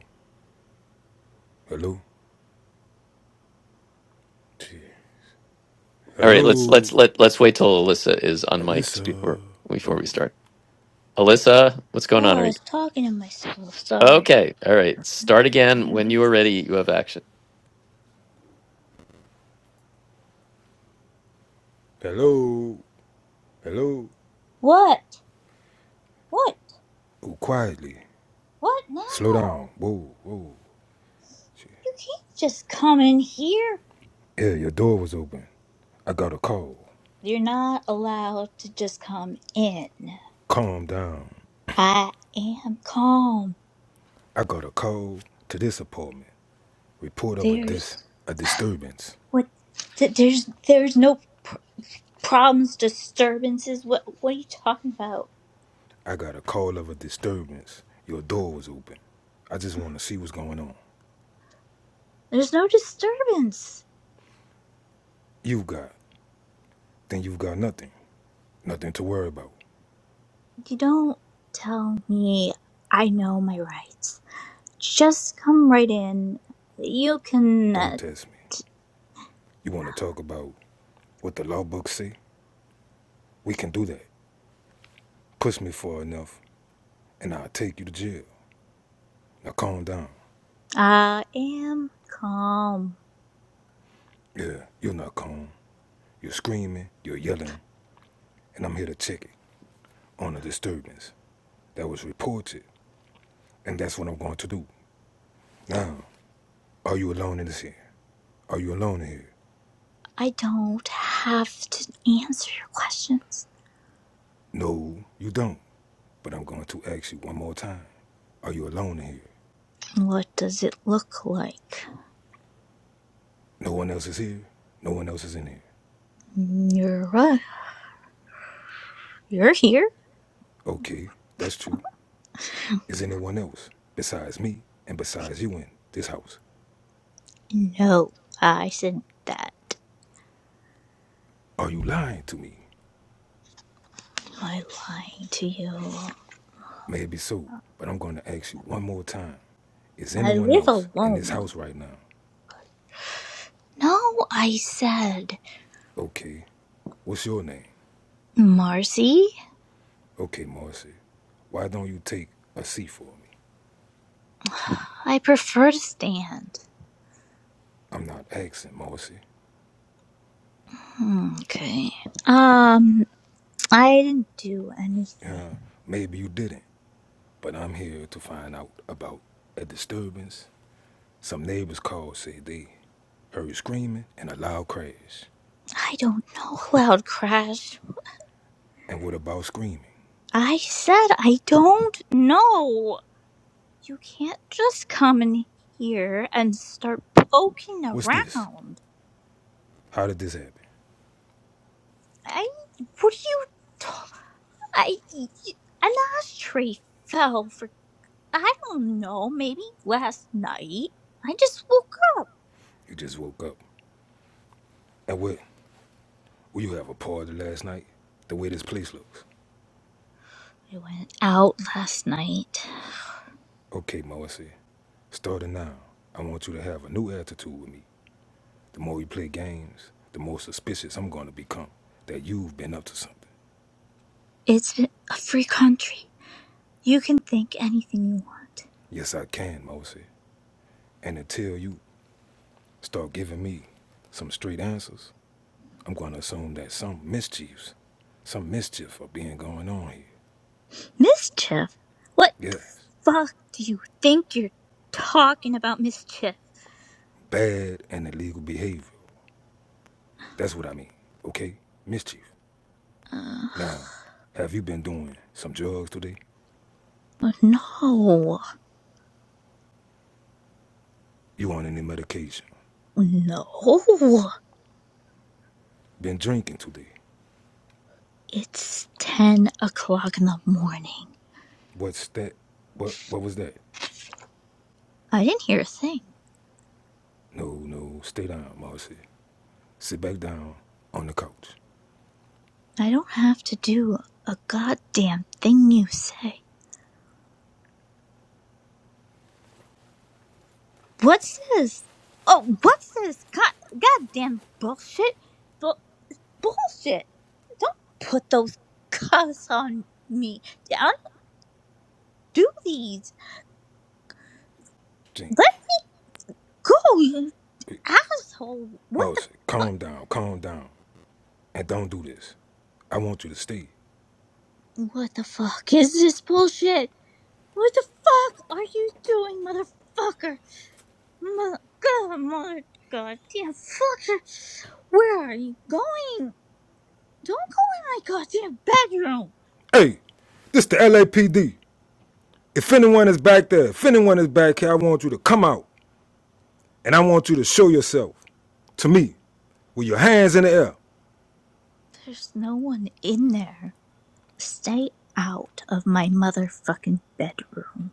[SPEAKER 4] Hello. Gee.
[SPEAKER 1] All right, let's
[SPEAKER 4] Hello.
[SPEAKER 1] let's let let's wait till Alyssa is unmiked
[SPEAKER 4] Alyssa.
[SPEAKER 1] before before
[SPEAKER 4] Oh.
[SPEAKER 1] we start. Alyssa, what's going
[SPEAKER 3] Oh,
[SPEAKER 1] on? Are
[SPEAKER 3] I
[SPEAKER 1] you?
[SPEAKER 3] was talking to myself. Sorry.
[SPEAKER 1] Okay. All right. Start again. When you are ready, you have action.
[SPEAKER 4] Hello. Hello.
[SPEAKER 3] What? What?
[SPEAKER 4] Oh, quietly.
[SPEAKER 3] What
[SPEAKER 4] Slow
[SPEAKER 3] now?
[SPEAKER 4] down. Whoa. Whoa. Shit.
[SPEAKER 3] You can't just come in here.
[SPEAKER 4] Yeah, your door was open. I got a call.
[SPEAKER 3] You're not allowed to just come in.
[SPEAKER 4] Calm down.
[SPEAKER 3] I am calm.
[SPEAKER 4] I got a call to this apartment. Report of a dis
[SPEAKER 3] There's
[SPEAKER 4] a disturbance.
[SPEAKER 3] what? Th- there's there's no pr- problems, disturbances. What what are you talking about?
[SPEAKER 4] I got a call of a disturbance. Your door was open. I just want to see what's going on.
[SPEAKER 3] There's no disturbance.
[SPEAKER 4] You have got, then you've got nothing. Nothing to worry about.
[SPEAKER 3] You don't tell me. I know my rights. Just come right in. You can.
[SPEAKER 4] Don't
[SPEAKER 3] Uh,
[SPEAKER 4] test me. You want to talk about what the law books say? We can do that. Push me far enough, and I'll take you to jail. Now calm down.
[SPEAKER 3] I am calm.
[SPEAKER 4] Yeah, you're not calm. You're screaming, you're yelling, and I'm here to check it. on a disturbance that was reported, and that's what I'm going to do. Now, are you alone in this here? Are you alone in here?
[SPEAKER 3] I don't have to answer your questions.
[SPEAKER 4] No, you don't. But I'm going to ask you one more time. Are you alone in here?
[SPEAKER 3] What does it look like?
[SPEAKER 4] No one else is here? No one else is in here.
[SPEAKER 3] Nura, you're here?
[SPEAKER 4] Okay, that's true. Is anyone else besides me and besides you in this house?
[SPEAKER 3] No, I said that. Am
[SPEAKER 4] Are you lying to me?
[SPEAKER 3] I lying to you?
[SPEAKER 4] Maybe so, but I'm going to ask you one more time. Is
[SPEAKER 3] I
[SPEAKER 4] anyone
[SPEAKER 3] live
[SPEAKER 4] else in this
[SPEAKER 3] alone.
[SPEAKER 4] house right now?
[SPEAKER 3] No, I said.
[SPEAKER 4] Okay, what's your name?
[SPEAKER 3] Marcy?
[SPEAKER 4] Okay, Morrissey, why don't you take a seat for me?
[SPEAKER 3] I prefer to stand.
[SPEAKER 4] I'm not asking, Morrissey.
[SPEAKER 3] Hmm, Okay. Um, I didn't do anything.
[SPEAKER 4] Uh, maybe you didn't, but I'm here to find out about a disturbance. Some neighbors called, said they heard screaming and a loud crash.
[SPEAKER 3] I don't know, Loud Crash.
[SPEAKER 4] And what about screaming?
[SPEAKER 3] I said I don't know. You can't just come in here and start poking
[SPEAKER 4] What's this?
[SPEAKER 3] around.
[SPEAKER 4] How did this happen?
[SPEAKER 3] I. What are you. ta- I. An ashtray fell for. I don't know, maybe last night. I just woke up.
[SPEAKER 4] You just woke up. And what? Will you have a party last night? The way this place looks.
[SPEAKER 3] I went out last night.
[SPEAKER 4] Okay, Morrissey, starting now, I want you to have a new attitude with me The more we play games, the more suspicious I'm going to become that you've been up to something.
[SPEAKER 3] It's been a free country. You can think anything you want.
[SPEAKER 4] Yes, I can, Mosey. And until you start giving me some straight answers, I'm going to assume that some mischiefs, some mischief are being going on here.
[SPEAKER 3] Mischief? What the
[SPEAKER 4] Yes.
[SPEAKER 3] fuck do you think you're talking about, Mischief?
[SPEAKER 4] Bad and illegal behavior. That's what I mean. Okay? Mischief.
[SPEAKER 3] Uh,
[SPEAKER 4] Now, have you been doing some drugs today?
[SPEAKER 3] oh no.
[SPEAKER 4] You on any medication?
[SPEAKER 3] No,
[SPEAKER 4] Been drinking today?
[SPEAKER 3] it's 10 o'clock in the morning.
[SPEAKER 4] What's that? What what was that?
[SPEAKER 3] I didn't hear a thing.
[SPEAKER 4] No, no, stay down, Marcy. Sit back down on the couch.
[SPEAKER 3] I don't have to do a goddamn thing you say. What's this? Oh, what's this? God, goddamn bullshit. Bu- bullshit. Don't put those cuffs on me. I don't do these.
[SPEAKER 4] Think,
[SPEAKER 3] Let go, you
[SPEAKER 4] hey,
[SPEAKER 3] asshole. What the
[SPEAKER 4] Mouse,
[SPEAKER 3] fuck?
[SPEAKER 4] calm down, calm down, and don't do this. I want you to stay.
[SPEAKER 3] What the fuck is this bullshit? What the fuck are you doing, motherfucker? My God, my God, dear fucker! Where are you going? Don't go in my goddamn bedroom!
[SPEAKER 4] Hey, this the LAPD. If anyone is back there, if anyone is back here, I want you to come out, and I want you to show yourself to me with your hands in the air.
[SPEAKER 3] There's no one in there. Stay out of my motherfucking bedroom.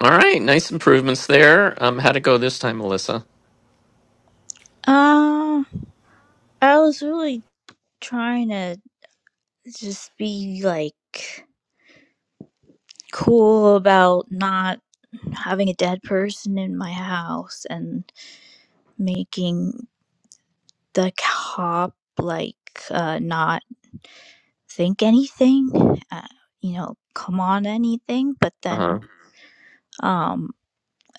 [SPEAKER 1] All right. Nice improvements there. Um, how'd it go this time, Melissa?
[SPEAKER 3] Um, I was really trying to just be like cool about not having a dead person in my house and making the cop like uh, not. think anything, uh, you know, come on anything, but
[SPEAKER 1] Uh
[SPEAKER 3] then
[SPEAKER 1] huh.
[SPEAKER 3] um,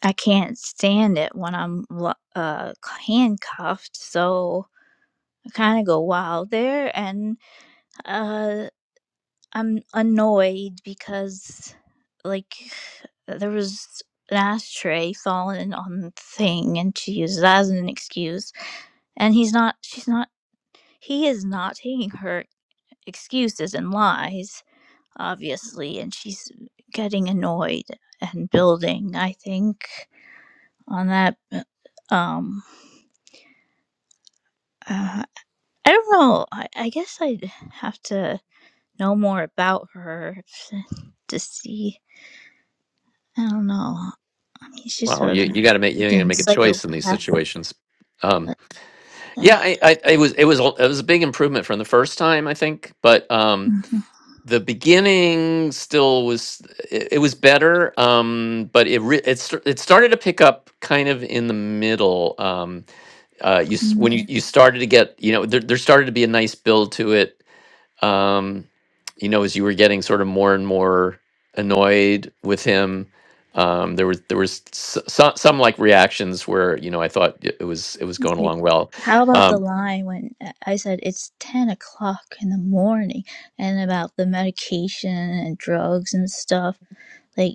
[SPEAKER 3] I can't stand it when I'm lo- uh, handcuffed. So I kind of go wild there and uh, I'm annoyed because, like, there was an ashtray falling on the thing and she uses that as an excuse. And he's not, she's not, he is not taking her excuses and lies obviously, and she's getting annoyed and building, I think, on that. uh, Um, uh, I don't know. I, I guess I'd have to know more about her to see. I don't know. I mean, she's
[SPEAKER 1] Wow.
[SPEAKER 3] a
[SPEAKER 1] You you got to make you got to
[SPEAKER 3] freaking
[SPEAKER 1] make a choice in these
[SPEAKER 3] psychopath.
[SPEAKER 1] situations. Um,
[SPEAKER 3] But, uh,
[SPEAKER 1] yeah. I, I it was it was it was a big improvement from the first time, I think. But um,
[SPEAKER 3] mhm.
[SPEAKER 1] the beginning still was it, it was better. Um, but it re- it st- it started to pick up kind of in the middle. Um, uh, you s- when you
[SPEAKER 3] mhm.
[SPEAKER 1] you started to get you know there there started to be a nice build to it um, you know, as you were getting sort of more and more annoyed with him, um, there was there was some some like reactions where you know I thought it it was it was
[SPEAKER 3] It's
[SPEAKER 1] going
[SPEAKER 3] like,
[SPEAKER 1] along well.
[SPEAKER 3] how about the
[SPEAKER 1] Um,
[SPEAKER 3] line when uh, I said it's 10 o'clock in the morning and about the medication and drugs and stuff? like?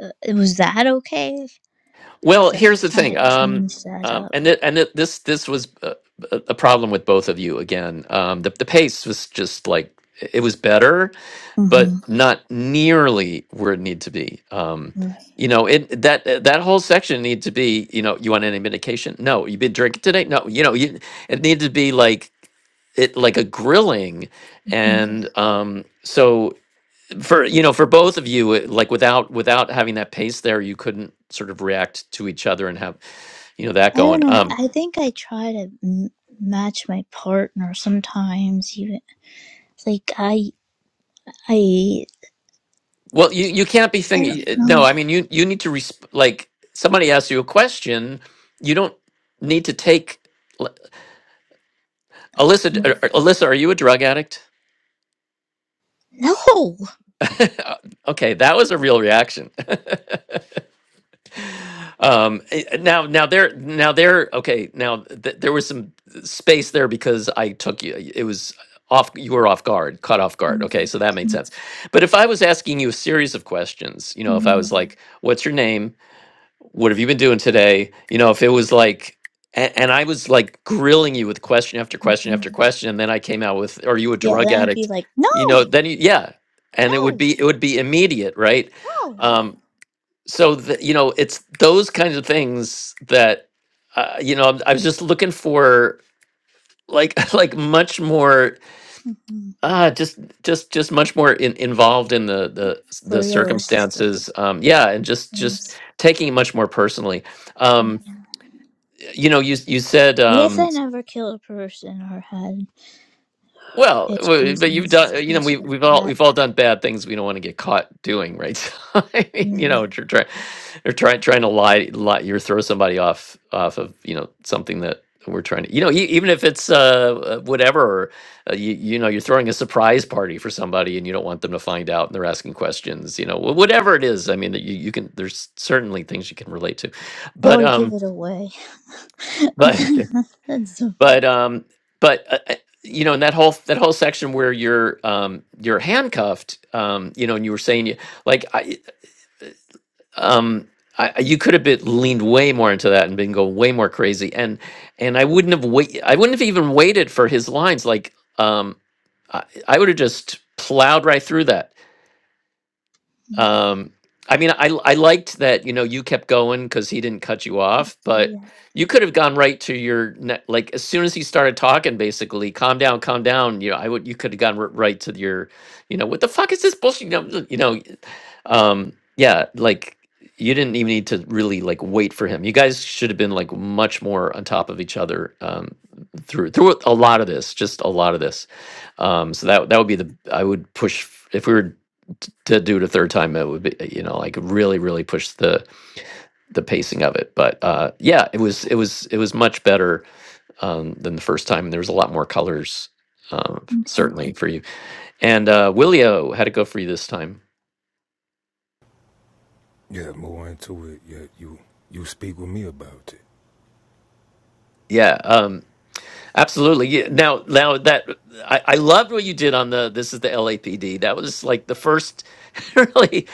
[SPEAKER 3] Uh, was that okay?
[SPEAKER 1] well,
[SPEAKER 3] Because I
[SPEAKER 1] here's
[SPEAKER 3] was
[SPEAKER 1] the
[SPEAKER 3] trying
[SPEAKER 1] thing,
[SPEAKER 3] to
[SPEAKER 1] um,
[SPEAKER 3] change that
[SPEAKER 1] um,
[SPEAKER 3] up.
[SPEAKER 1] and it, and it, this this was a, a problem with both of you again. Um, the the pace was just like it was better
[SPEAKER 3] hmm
[SPEAKER 1] but not nearly where it need to be. Um,
[SPEAKER 3] hmm
[SPEAKER 1] you know, it that uh, that whole section need to be. You know, you want any medication? No. You been drinking today? No. You know, you it needed to be like it like a grilling, and um, so for you know for both of you, it- like without without having that pace there, you couldn't sort of react to each other and have you know that
[SPEAKER 3] I don't
[SPEAKER 1] going.
[SPEAKER 3] know.
[SPEAKER 1] Um,
[SPEAKER 3] I think I try to m- match my partner sometimes. Even it's like I, I,
[SPEAKER 1] Well, you you can't be
[SPEAKER 3] I don't
[SPEAKER 1] thinking. eh, No,
[SPEAKER 3] know.
[SPEAKER 1] I mean you you need to resp- like somebody asks you a question. You don't need to take L- Alyssa. d- er, er, Alyssa, are you a drug addict?
[SPEAKER 3] No.
[SPEAKER 1] okay, that was a real reaction. um, eh, now now there now there okay now th- there was some space there because I took you. It was off. You were off guard, caught off guard. Okay, so that made
[SPEAKER 3] Mhm.
[SPEAKER 1] sense. But if I was asking you a series of questions, you know, if I was like, "What's your name?" what have you been doing today? You know, if it was like, and, and I was like grilling you with question after question
[SPEAKER 3] Mhm.
[SPEAKER 1] after question, and then I came out with, "Are you a
[SPEAKER 3] Yeah,
[SPEAKER 1] drug
[SPEAKER 3] then I'd be
[SPEAKER 1] addict?"
[SPEAKER 3] like,
[SPEAKER 1] You know,
[SPEAKER 3] no,
[SPEAKER 1] then you, yeah, and it would
[SPEAKER 3] no,
[SPEAKER 1] be it would be immediate, right?
[SPEAKER 3] no.
[SPEAKER 1] Um, so the, you know, it's those kinds of things that uh, you know. I'm, I was just looking for like like much more
[SPEAKER 3] hmm
[SPEAKER 1] uh just just just much more in, involved in the the
[SPEAKER 3] For
[SPEAKER 1] the
[SPEAKER 3] realistic
[SPEAKER 1] circumstances um yeah and just just
[SPEAKER 3] things.
[SPEAKER 1] taking it much more personally
[SPEAKER 3] Yeah.
[SPEAKER 1] Um, you know you you said
[SPEAKER 3] I guess
[SPEAKER 1] um
[SPEAKER 3] I never killed a person or had
[SPEAKER 1] well w-
[SPEAKER 3] issues
[SPEAKER 1] but
[SPEAKER 3] and
[SPEAKER 1] you've done
[SPEAKER 3] stuff
[SPEAKER 1] you know
[SPEAKER 3] like
[SPEAKER 1] we we've all
[SPEAKER 3] that.
[SPEAKER 1] we've all done bad things we don't want to get caught doing right so i mean you
[SPEAKER 3] Yeah.
[SPEAKER 1] know you're trying you're trying trying to lie lie you throw somebody off off of you know something that we're trying to you know e- even if it's uh uh, whatever uh, you, you know you're throwing a surprise party for somebody and you don't want them to find out and they're asking questions you know wh- whatever it is i mean that you, you can there's certainly things you can relate to
[SPEAKER 3] That
[SPEAKER 1] but
[SPEAKER 3] would give
[SPEAKER 1] um
[SPEAKER 3] it away.
[SPEAKER 1] but
[SPEAKER 3] That's so
[SPEAKER 1] but um but uh, uh, you know in that whole that whole section where you're um you're handcuffed um you know and you were saying you like i um I, I- you could have been leaned way more into that and been going way more crazy and and i wouldn't have wait i wouldn't have even waited for his lines like um i, I would have just plowed right through that um, I mean, I I liked that you know you kept going because he didn't cut you off, but
[SPEAKER 3] yeah.
[SPEAKER 1] you could have gone right to your ne- like as soon as he started talking, basically, calm down, calm down. You know, I would you could have gone r- right to your, you know, what the fuck is this bullshit? You know, you know um, yeah, like you didn't even need to really like wait for him. You guys should have been like much more on top of each other um, through through a lot of this, just a lot of this. Um, so that that would be the I would push f- if we were t- to do it a third time. It would be uh, you know like really really push the the pacing of it. But uh, yeah, it was it was it was much better um, than the first time, and there was a lot more colors um,
[SPEAKER 3] Okay.
[SPEAKER 1] certainly for you. And uh, Willio, how'd it go for you this time?
[SPEAKER 4] Yeah, more into it. Yeah, you you speak with me about it.
[SPEAKER 1] Yeah. Um. Absolutely. Yeah. Now, now that I, I loved what you did on the this is the LAPD. That was like the first, really,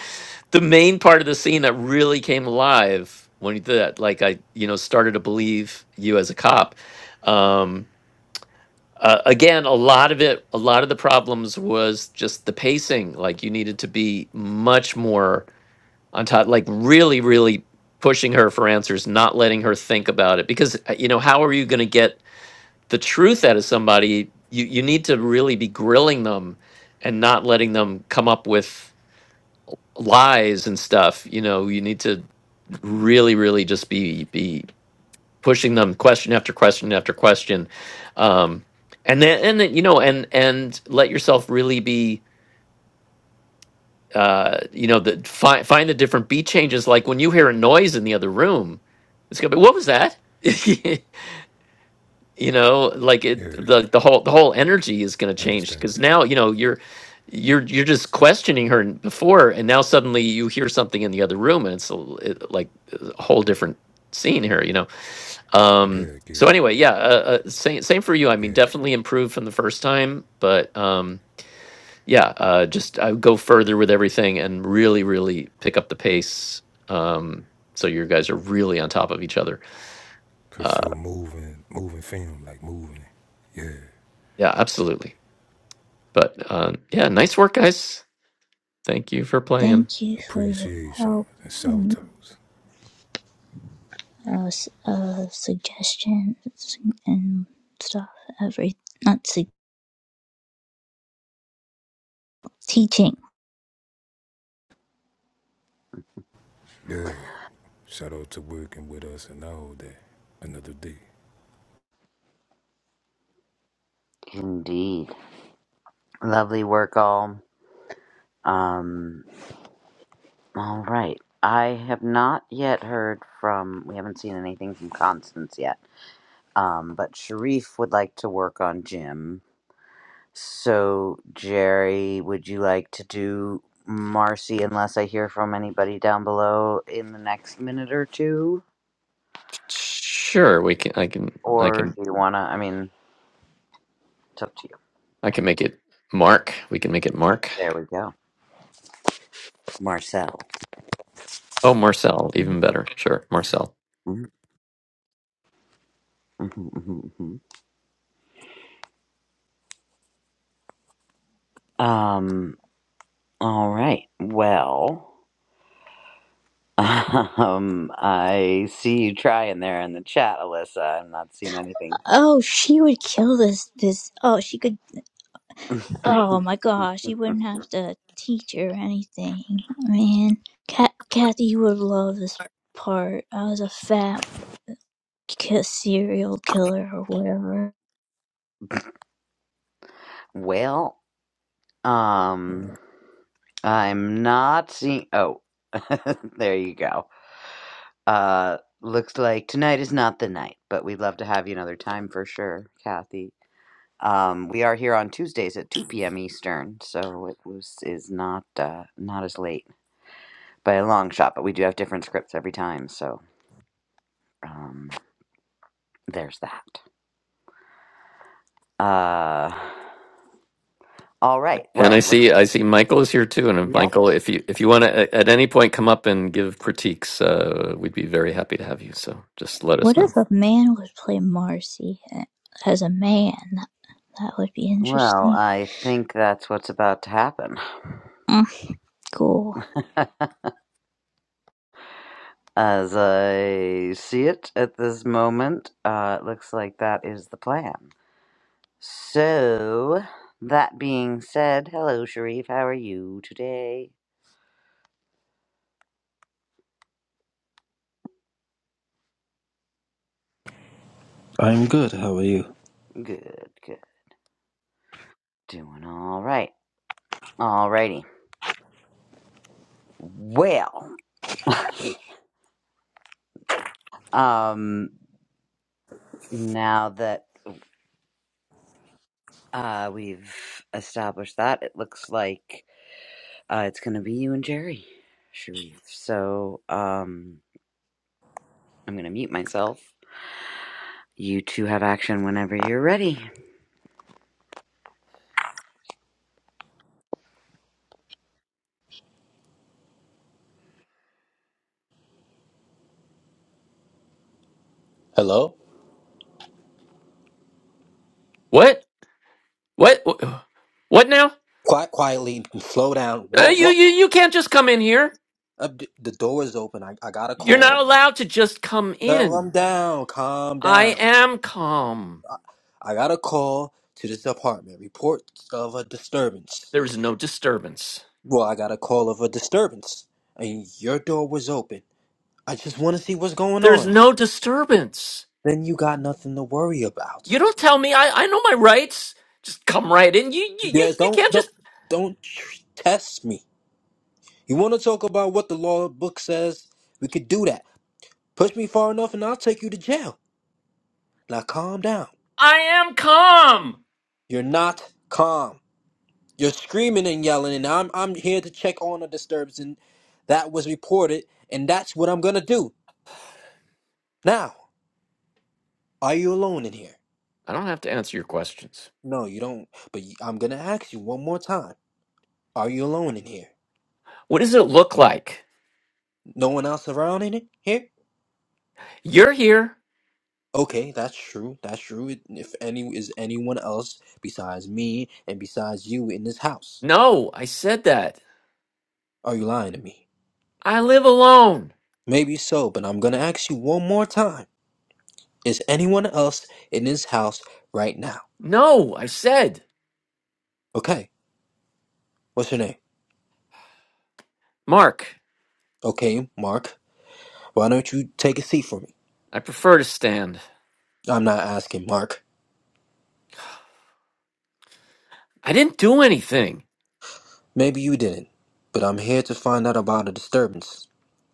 [SPEAKER 1] the main part of the scene that really came alive when you did that. Like I, you know, started to believe you as a cop. Um, uh, again, a lot of it, a lot of the problems was just the pacing. Like you needed to be much more on top, like really, really pushing her for answers, not letting her think about it. Because uh, you know, how are you going to get? the truth out of somebody, you you need to really be grilling them and not letting them come up with lies and stuff. You know, you need to really, really just be be pushing them question after question after question. Um and then and then you know and and let yourself really be uh you know the find find the different beat changes like when you hear a noise in the other room it's gonna be what was that you know like it
[SPEAKER 4] Yeah,
[SPEAKER 1] the, the whole the whole energy is going to change
[SPEAKER 4] understand.
[SPEAKER 1] because now you know you're you're you're just questioning her n- before and now suddenly you hear something in the other room and it's a l- it- like uh, a whole different scene here you know um
[SPEAKER 4] Yeah, getting
[SPEAKER 1] so
[SPEAKER 4] it
[SPEAKER 1] anyway yeah
[SPEAKER 4] with
[SPEAKER 1] uh, uh, same same for you i mean
[SPEAKER 4] it. Yeah,
[SPEAKER 1] definitely improved from the first time but um yeah uh just i would go further with everything and really really pick up the pace um so your guys are really on top of each other
[SPEAKER 4] cause
[SPEAKER 1] uh
[SPEAKER 4] so moving, moving film like moving. it. Yeah.
[SPEAKER 1] yeah absolutely But uh, yeah, nice work, guys. Thank you for playing.
[SPEAKER 3] Thank you for your
[SPEAKER 4] Appreciation
[SPEAKER 3] help
[SPEAKER 4] and shout
[SPEAKER 3] and
[SPEAKER 4] outs.
[SPEAKER 3] uh, s- uh suggestions and stuff. Every not su- teaching.
[SPEAKER 4] Yeah. Shout out to working with us and all that. Another day.
[SPEAKER 2] Indeed. Lovely work, all. Um, all right. I have not yet heard from, we haven't seen anything from Constance yet. Um, but Sharif would like to work on Jim. So, Jerry, would you like to do Marcy unless I hear from anybody down below in the next minute or two?
[SPEAKER 1] Sure, we can. I can. I
[SPEAKER 2] Or
[SPEAKER 1] can.
[SPEAKER 2] do you want to, I mean, it's up to you.
[SPEAKER 1] I can make it Mark. We can make it Mark.
[SPEAKER 2] There we go. Marcel.
[SPEAKER 1] Oh, Marcel, even better. Sure, Marcel.
[SPEAKER 2] Um, all right. Well, um, I see you trying there in the chat, Alyssa. I'm not seeing anything.
[SPEAKER 3] Oh, she would kill this. This. Oh, she could. Oh my gosh, you wouldn't have to teach her anything. Man, Cat Kathy would love this part. I was a fat ki- serial killer or whatever.
[SPEAKER 2] Well, um, I'm not seeing. Oh, there you go. Uh, looks like tonight is not the night, but we'd love to have you another time for sure, Kathy. Um, we are here on Tuesdays at 2 p.m. Eastern, so it was is not uh, not as late by a long shot, but we do have different scripts every time, so. um. there's that. Uh, all right.
[SPEAKER 1] And
[SPEAKER 2] Well,
[SPEAKER 1] I
[SPEAKER 2] looks
[SPEAKER 1] see.
[SPEAKER 2] like.
[SPEAKER 1] I see. Michael is here too. And if
[SPEAKER 2] Yep.
[SPEAKER 1] Michael, if you if you want to at any point come up and give critiques, uh, we'd be very happy to have you. So just let us
[SPEAKER 3] What
[SPEAKER 1] know.
[SPEAKER 3] if a man would play Marcy as a man? That would be
[SPEAKER 2] Well,
[SPEAKER 3] interesting.
[SPEAKER 2] I think that's what's about to happen.
[SPEAKER 3] Mm, cool.
[SPEAKER 2] As I see it at this moment, uh, it looks like that is the plan. So, that being said, hello, Sharif. How are you today?
[SPEAKER 5] I'm good. How are you?
[SPEAKER 2] Good, good. Doing all right. Alrighty. Well, um, now that uh, we've established that, it looks like Uh, it's going to be you and Jerry, Sharif. So um, I'm going to mute myself. You two have action whenever you're ready.
[SPEAKER 5] Hello?
[SPEAKER 1] What? What? What now?
[SPEAKER 5] Quiet, quietly, slow down.
[SPEAKER 1] Uh,
[SPEAKER 5] Whoa,
[SPEAKER 1] you
[SPEAKER 5] whoa.
[SPEAKER 1] you you can't just come in here.
[SPEAKER 5] Uh, d- the door is open. I, I got a
[SPEAKER 1] You're not
[SPEAKER 5] call.
[SPEAKER 1] allowed to just come
[SPEAKER 5] No, I'm
[SPEAKER 1] in.
[SPEAKER 5] down. Calm
[SPEAKER 1] I
[SPEAKER 5] down.
[SPEAKER 1] am calm.
[SPEAKER 5] I got a call to this apartment. Report of a disturbance.
[SPEAKER 1] There is no disturbance.
[SPEAKER 5] Well, I got a call of a disturbance. And your door was open. I just want to see what's going
[SPEAKER 1] There's
[SPEAKER 5] on.
[SPEAKER 1] no disturbance.
[SPEAKER 5] Then you got nothing to worry about.
[SPEAKER 1] You don't tell me. I, I know my rights. Just come right in. You, you, you,
[SPEAKER 5] Yeah,
[SPEAKER 1] you
[SPEAKER 5] don't,
[SPEAKER 1] can't
[SPEAKER 5] don't,
[SPEAKER 1] just.
[SPEAKER 5] don't tr- test me. You want to talk about what the law book says? We could do that. Push me far enough and I'll take you to jail. Now calm down.
[SPEAKER 1] I am calm.
[SPEAKER 5] You're not calm. You're screaming and yelling, and I'm I'm here to check on a disturbance, and that was reported, and that's what I'm gonna do. Now, are you alone in here?
[SPEAKER 1] I don't have to answer your questions.
[SPEAKER 5] No, you don't. But y- I'm gonna ask you one more time. Are you alone in here?
[SPEAKER 1] What does it look like?
[SPEAKER 5] No one else around in it here?
[SPEAKER 1] You're here.
[SPEAKER 5] Okay, that's true. That's true. It- If any is anyone else besides me and besides you in this house,
[SPEAKER 1] No, I said that.
[SPEAKER 5] are you lying to me?
[SPEAKER 1] I live alone.
[SPEAKER 5] Maybe so, but I'm gonna ask you one more time. Is anyone else in this house right now?
[SPEAKER 1] No, I said.
[SPEAKER 5] Okay, what's your name?
[SPEAKER 1] Mark,
[SPEAKER 5] Okay, Mark. Why don't you take a seat for me?
[SPEAKER 1] I prefer to stand.
[SPEAKER 5] I'm not asking, Mark.
[SPEAKER 1] I didn't do anything.
[SPEAKER 5] Maybe you didn't, but I'm here to find out about a disturbance.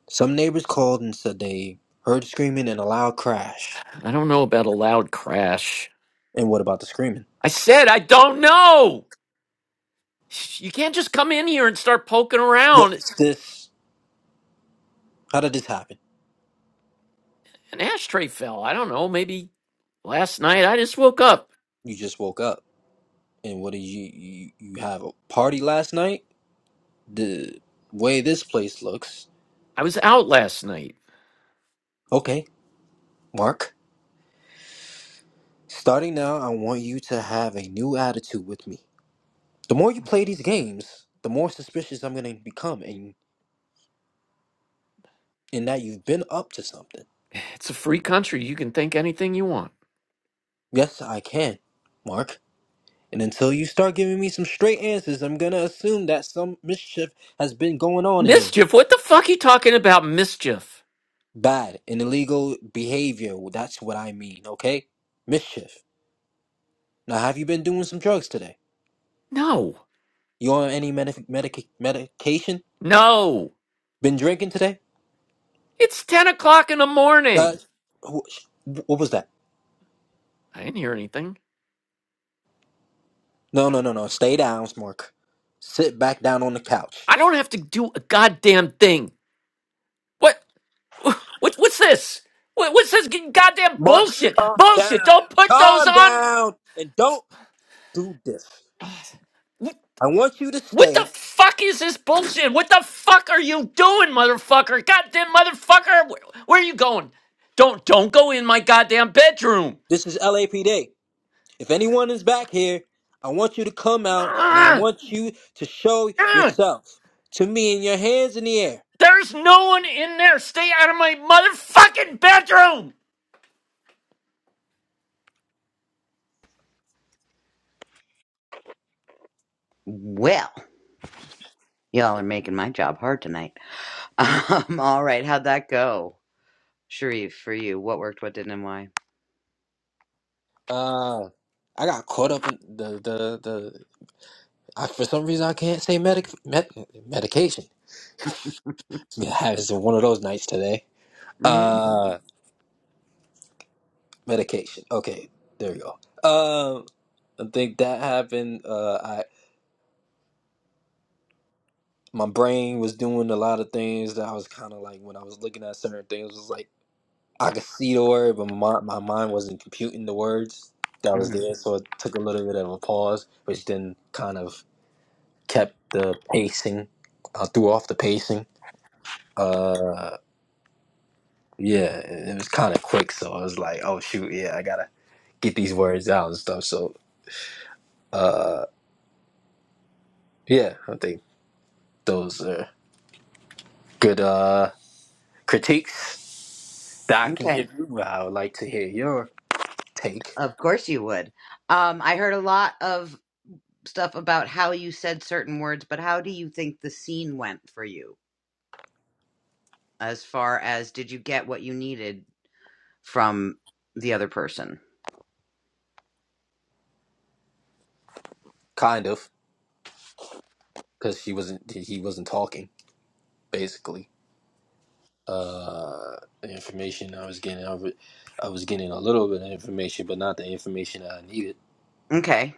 [SPEAKER 5] Some neighbors called and said they heard screaming and a loud crash.
[SPEAKER 1] I don't know about a loud crash.
[SPEAKER 5] And what about the screaming?
[SPEAKER 1] I said I don't know. You can't just come in here and start poking around.
[SPEAKER 5] What's this? How did this happen?
[SPEAKER 1] an ashtray fell. I don't know, maybe last night. I just woke up.
[SPEAKER 5] You just woke up, and what did you you, you have a party last night? The way this place looks.
[SPEAKER 1] I was out last night.
[SPEAKER 5] Okay, Mark. Starting now, I want you to have a new attitude with me. The more you play these games, the more suspicious I'm going to become and in that you've been up to something.
[SPEAKER 1] It's a free country. You can think anything you want.
[SPEAKER 5] Yes, I can, Mark. And until you start giving me some straight answers, I'm going to assume that some mischief has been going on in here.
[SPEAKER 1] Mischief? What the fuck you talking about, mischief?
[SPEAKER 5] Bad and illegal behavior, well, that's what I mean, okay? Mischief. Now, have you been doing some drugs today?
[SPEAKER 1] No.
[SPEAKER 5] You on any medic medic medication?
[SPEAKER 1] No.
[SPEAKER 5] Been drinking today?
[SPEAKER 1] It's 10 o'clock in the
[SPEAKER 5] Uh,
[SPEAKER 1] morning.
[SPEAKER 5] wh- what was that?
[SPEAKER 1] I didn't hear anything.
[SPEAKER 5] No, no, no, no. Stay down, Mark. Sit back down on the couch.
[SPEAKER 1] I don't have to do a goddamn thing. What? what what's this? What, what's this goddamn
[SPEAKER 5] Mark,
[SPEAKER 1] bullshit?
[SPEAKER 5] calm down.
[SPEAKER 1] Bullshit. Don't put those
[SPEAKER 5] Calm
[SPEAKER 1] on.
[SPEAKER 5] down. And don't do this. I want you to
[SPEAKER 1] What the
[SPEAKER 5] stay.
[SPEAKER 1] fuck is this bullshit? What the fuck are you doing, motherfucker? Goddamn motherfucker! Where, where are you going? Don't don't go in my goddamn bedroom.
[SPEAKER 5] This is LAPD. If anyone is back here, I want you to come out and I
[SPEAKER 1] Ugh,
[SPEAKER 5] want you to show
[SPEAKER 1] ugh.
[SPEAKER 5] yourself to me in your hands in the air.
[SPEAKER 1] There's no one in there. Stay out of my motherfucking bedroom.
[SPEAKER 2] Well, y'all are making my job hard tonight. Um, all right, how'd that go, Sharif? For you, what worked, what didn't, and why?
[SPEAKER 5] Uh, I got caught up in the, the, the, I, for some reason I can't say medic, med, medication. Yeah, it's one of those nights today.
[SPEAKER 2] Mm-hmm.
[SPEAKER 5] Uh, medication. Okay, there we go. Um, I think that happened. Uh, I my brain was doing a lot of things that I was kind of like when I was looking at certain things was like I could see the word, but my my mind wasn't computing the words that was there, so it took a little bit of a pause, which then kind of kept the pacing. I threw off the pacing. Uh, yeah, it it was kind of quick, so I was like, oh shoot, yeah, I gotta get these words out and stuff. So, uh, yeah, I think those are. good uh, critiques that I can give
[SPEAKER 2] Okay,
[SPEAKER 5] you. I would like to hear your take,
[SPEAKER 2] of course you would. Um, I heard a lot of stuff about how you said certain words, but how do you think the scene went for you? As far as did you get what you needed from the other person?
[SPEAKER 5] kind of, because she wasn't he wasn't talking basically. Uh, the information I was getting, I, wa- I was getting a little bit of information, but not the information that I needed.
[SPEAKER 2] Okay.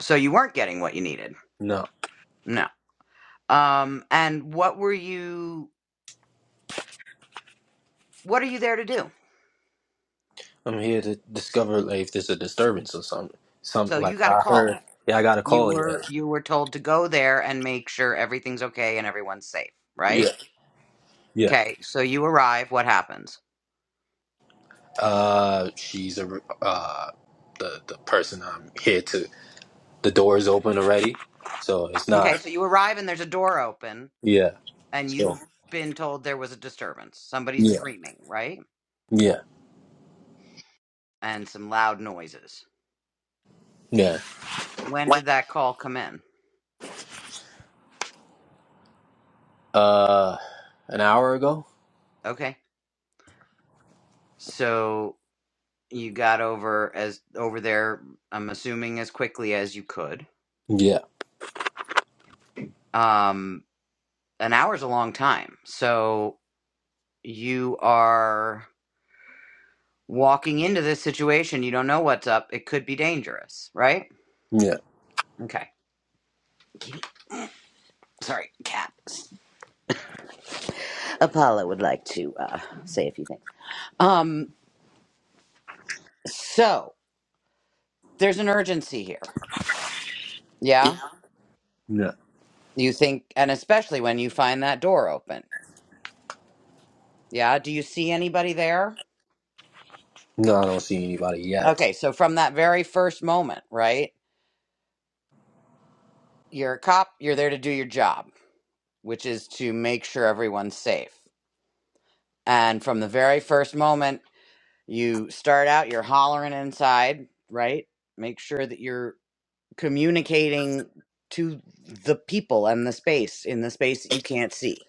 [SPEAKER 2] So you weren't getting what you needed.
[SPEAKER 5] No,
[SPEAKER 2] No. Um and what were you what are you there to do?
[SPEAKER 5] I'm here to discover like, if there's a disturbance or something. Some
[SPEAKER 2] So
[SPEAKER 5] like
[SPEAKER 2] you got a
[SPEAKER 5] I heard.
[SPEAKER 2] call.
[SPEAKER 5] Yeah, I got a
[SPEAKER 2] You
[SPEAKER 5] call. Yeah,
[SPEAKER 2] were you were told to go there and make sure everything's okay and everyone's safe, right?
[SPEAKER 5] yeah, yeah.
[SPEAKER 2] Okay. So you arrive, what happens?
[SPEAKER 5] Uh, she's a uh the the person I'm here to. the door is open already, so it's
[SPEAKER 2] Okay,
[SPEAKER 5] not.
[SPEAKER 2] so you arrive and there's a door open
[SPEAKER 5] Yeah.
[SPEAKER 2] and
[SPEAKER 5] So
[SPEAKER 2] you've been told there was a disturbance. Somebody's
[SPEAKER 5] yeah,
[SPEAKER 2] screaming, right?
[SPEAKER 5] yeah,
[SPEAKER 2] And some loud noises.
[SPEAKER 5] yeah.
[SPEAKER 2] When did that call come in?
[SPEAKER 5] Uh, an hour ago.
[SPEAKER 2] Okay. So you got over as over there i'm assuming as quickly as you could
[SPEAKER 5] Yeah,
[SPEAKER 2] um an hour's a long time so you are walking into this situation you don't know what's up it could be dangerous right
[SPEAKER 5] yeah,
[SPEAKER 2] okay Kitty, sorry cat apollo would like to uh say a few things um so there's an urgency here
[SPEAKER 5] yeah.
[SPEAKER 2] yeah
[SPEAKER 5] No,
[SPEAKER 2] you think and especially when you find that door open yeah do you see anybody there
[SPEAKER 5] I don't see anybody yet.
[SPEAKER 2] Okay, so from that very first moment, right? You're a cop, you're there to do your job, which is to make sure everyone's safe. And from the very first moment, you start out, you're hollering inside, right? Make sure that you're communicating to the people and the space in the space that you can't see,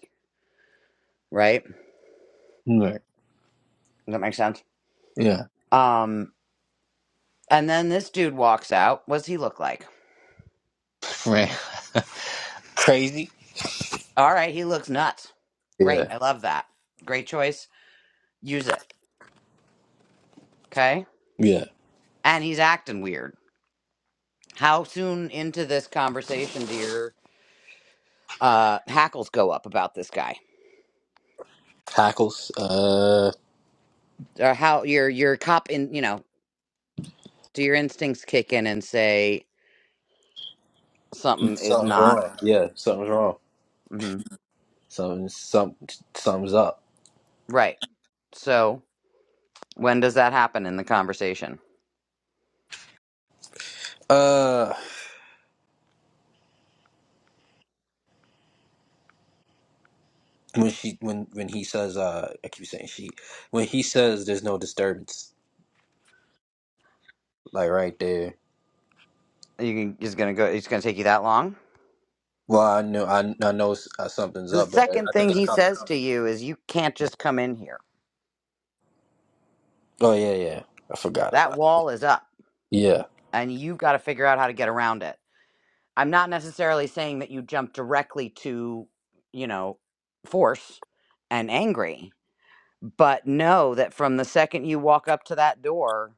[SPEAKER 2] right? Does
[SPEAKER 5] Right.
[SPEAKER 2] that make sense?
[SPEAKER 5] Yeah.
[SPEAKER 2] Um, and then this dude walks out. What does he look like?
[SPEAKER 5] Right. Crazy.
[SPEAKER 2] All right, he looks nuts. Great.
[SPEAKER 5] Yeah.
[SPEAKER 2] I love that. Great choice. Use it. Okay
[SPEAKER 5] Yeah.
[SPEAKER 2] and he's acting weird. How soon into this conversation do your uh, hackles go up about this guy?
[SPEAKER 5] Hackles. Uh,
[SPEAKER 2] Or how your your cop in you know do your instincts kick in and say something is
[SPEAKER 5] something's
[SPEAKER 2] not
[SPEAKER 5] wrong. Yeah, something's wrong.
[SPEAKER 2] hmm
[SPEAKER 5] Something. Some. Something's up.
[SPEAKER 2] right? So when does that happen in the conversation?
[SPEAKER 5] Uh, when she when when he says uh, I keep saying she when he says there's no disturbance like right there
[SPEAKER 2] You can, he's gonna go. It's gonna take you that long.
[SPEAKER 5] Well, I knew I I know s- uh, something's
[SPEAKER 2] The
[SPEAKER 5] up, but I I
[SPEAKER 2] second
[SPEAKER 5] think
[SPEAKER 2] thing
[SPEAKER 5] it's
[SPEAKER 2] he
[SPEAKER 5] coming.
[SPEAKER 2] says to you is, "You can't just come in here.
[SPEAKER 5] Oh yeah, yeah. I forgot
[SPEAKER 2] That
[SPEAKER 5] about.
[SPEAKER 2] wall is up,
[SPEAKER 5] It. Yeah,
[SPEAKER 2] and you've got to figure out how to get around it." I'm not necessarily saying that you jump directly to, you know, force and angry, but know that from the second you walk up to that door,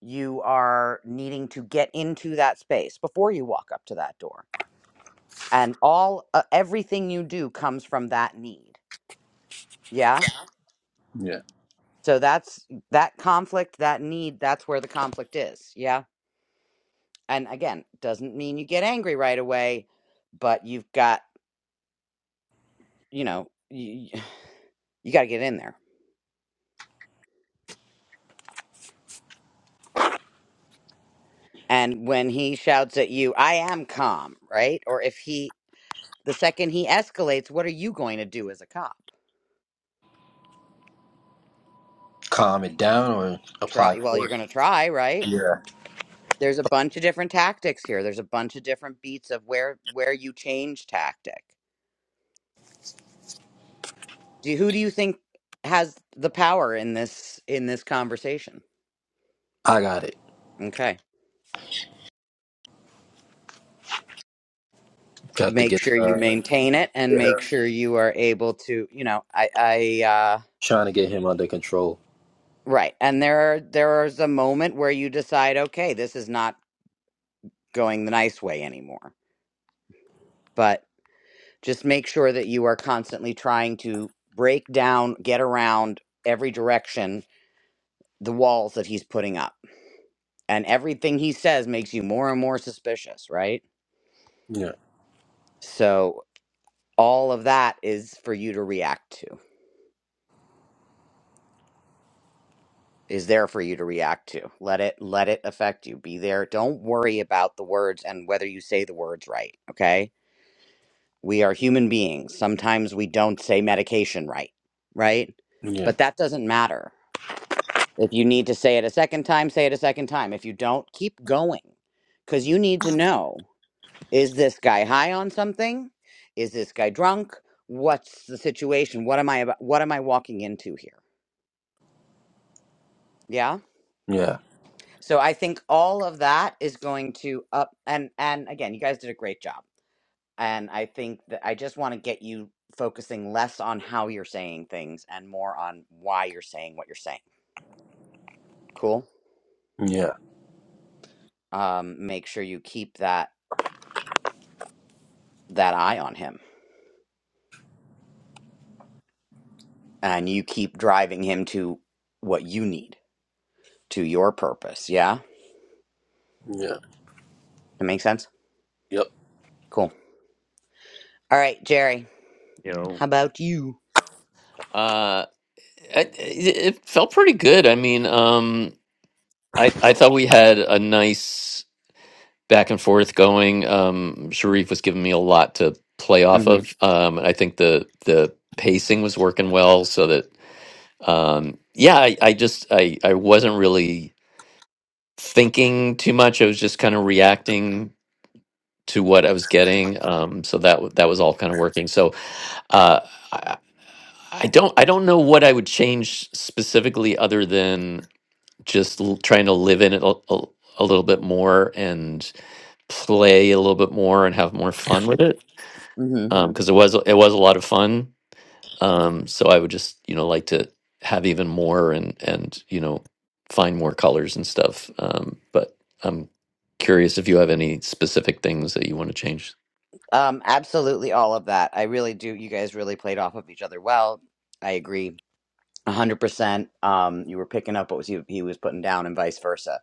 [SPEAKER 2] you are needing to get into that space before you walk up to that door. And all uh, everything you do comes from that need. Yeah?
[SPEAKER 5] yeah.
[SPEAKER 2] So that's that conflict, that need, that's where the conflict is. Yeah? And again, doesn't mean you get angry right away, but you've got, you know, you, you got to get in there And when he shouts at you, I am calm, right? Or if he, the second he escalates, what are you going to do as a cop?
[SPEAKER 5] Calm it down or apply
[SPEAKER 2] Try, well,
[SPEAKER 5] for
[SPEAKER 2] you're
[SPEAKER 5] it.
[SPEAKER 2] going to try, right?
[SPEAKER 5] Yeah,
[SPEAKER 2] There's a bunch of different tactics here. There's a bunch of different beats of where where you change tactic. Do who do you think has the power in this in this conversation?
[SPEAKER 5] I got it.
[SPEAKER 2] Okay.
[SPEAKER 5] Got to
[SPEAKER 2] Make
[SPEAKER 5] get
[SPEAKER 2] sure you
[SPEAKER 5] her.
[SPEAKER 2] maintain it and
[SPEAKER 5] Get
[SPEAKER 2] make
[SPEAKER 5] her.
[SPEAKER 2] sure you are able to, you know, I I uh
[SPEAKER 5] Trying to get him under control.
[SPEAKER 2] Right. And there are there's a moment where you decide, okay, this is not going the nice way anymore. But just make sure that you are constantly trying to break down, get around every direction the walls that he's putting up. And everything he says makes you more and more suspicious, right?
[SPEAKER 5] Yeah,
[SPEAKER 2] So all of that is for you to react to. Is there for you to react to. Let it let it affect you. Be there. Don't worry about the words and whether you say the words right, okay? We are human beings. Sometimes we don't say medication right, right?
[SPEAKER 5] yeah,
[SPEAKER 2] But that doesn't matter If you need to say it a second time, say it a second time. If you don't, keep going because you need to know is this guy high on something? Is this guy drunk? What's the situation? What am I about? What am I walking into here? Yeah.
[SPEAKER 5] yeah,
[SPEAKER 2] So I think all of that is going to up and and again, you guys did a great job. And I think that I just want to get you focusing less on how you're saying things and more on why you're saying what you're saying. Cool.
[SPEAKER 5] yeah,
[SPEAKER 2] Um, make sure you keep that that eye on him and you keep driving him to what you need, to your purpose. Yeah?
[SPEAKER 5] yeah.
[SPEAKER 2] That makes sense?
[SPEAKER 5] Yep.
[SPEAKER 2] Cool. All right, Jerry,
[SPEAKER 1] You know.
[SPEAKER 2] how about you?
[SPEAKER 1] Uh, it, it it felt pretty good. I mean, um, I I thought we had a nice back and forth going. Um, Sharif was giving me a lot to play off
[SPEAKER 2] hmm
[SPEAKER 1] of. Um, I think the the pacing was working well, so that um yeah i, I just I, I wasn't really thinking too much i was just kind of reacting to what i was getting um so that w- that was all kind of working so uh I, I don't i don't know what i would change specifically other than just l- trying to live in it a, a, a little bit more and play a little bit more and have more fun with it
[SPEAKER 2] hmm
[SPEAKER 1] um because it was it was a lot of fun Um, so I would just, you know, like to have even more and and you know find more colors and stuff. Um, but I'm curious if you have any specific things that you want to change.
[SPEAKER 2] Um, absolutely all of that. I really do. You guys really played off of each other well. I agree. 100%. Um, you were picking up what was he, he was putting down and vice versa.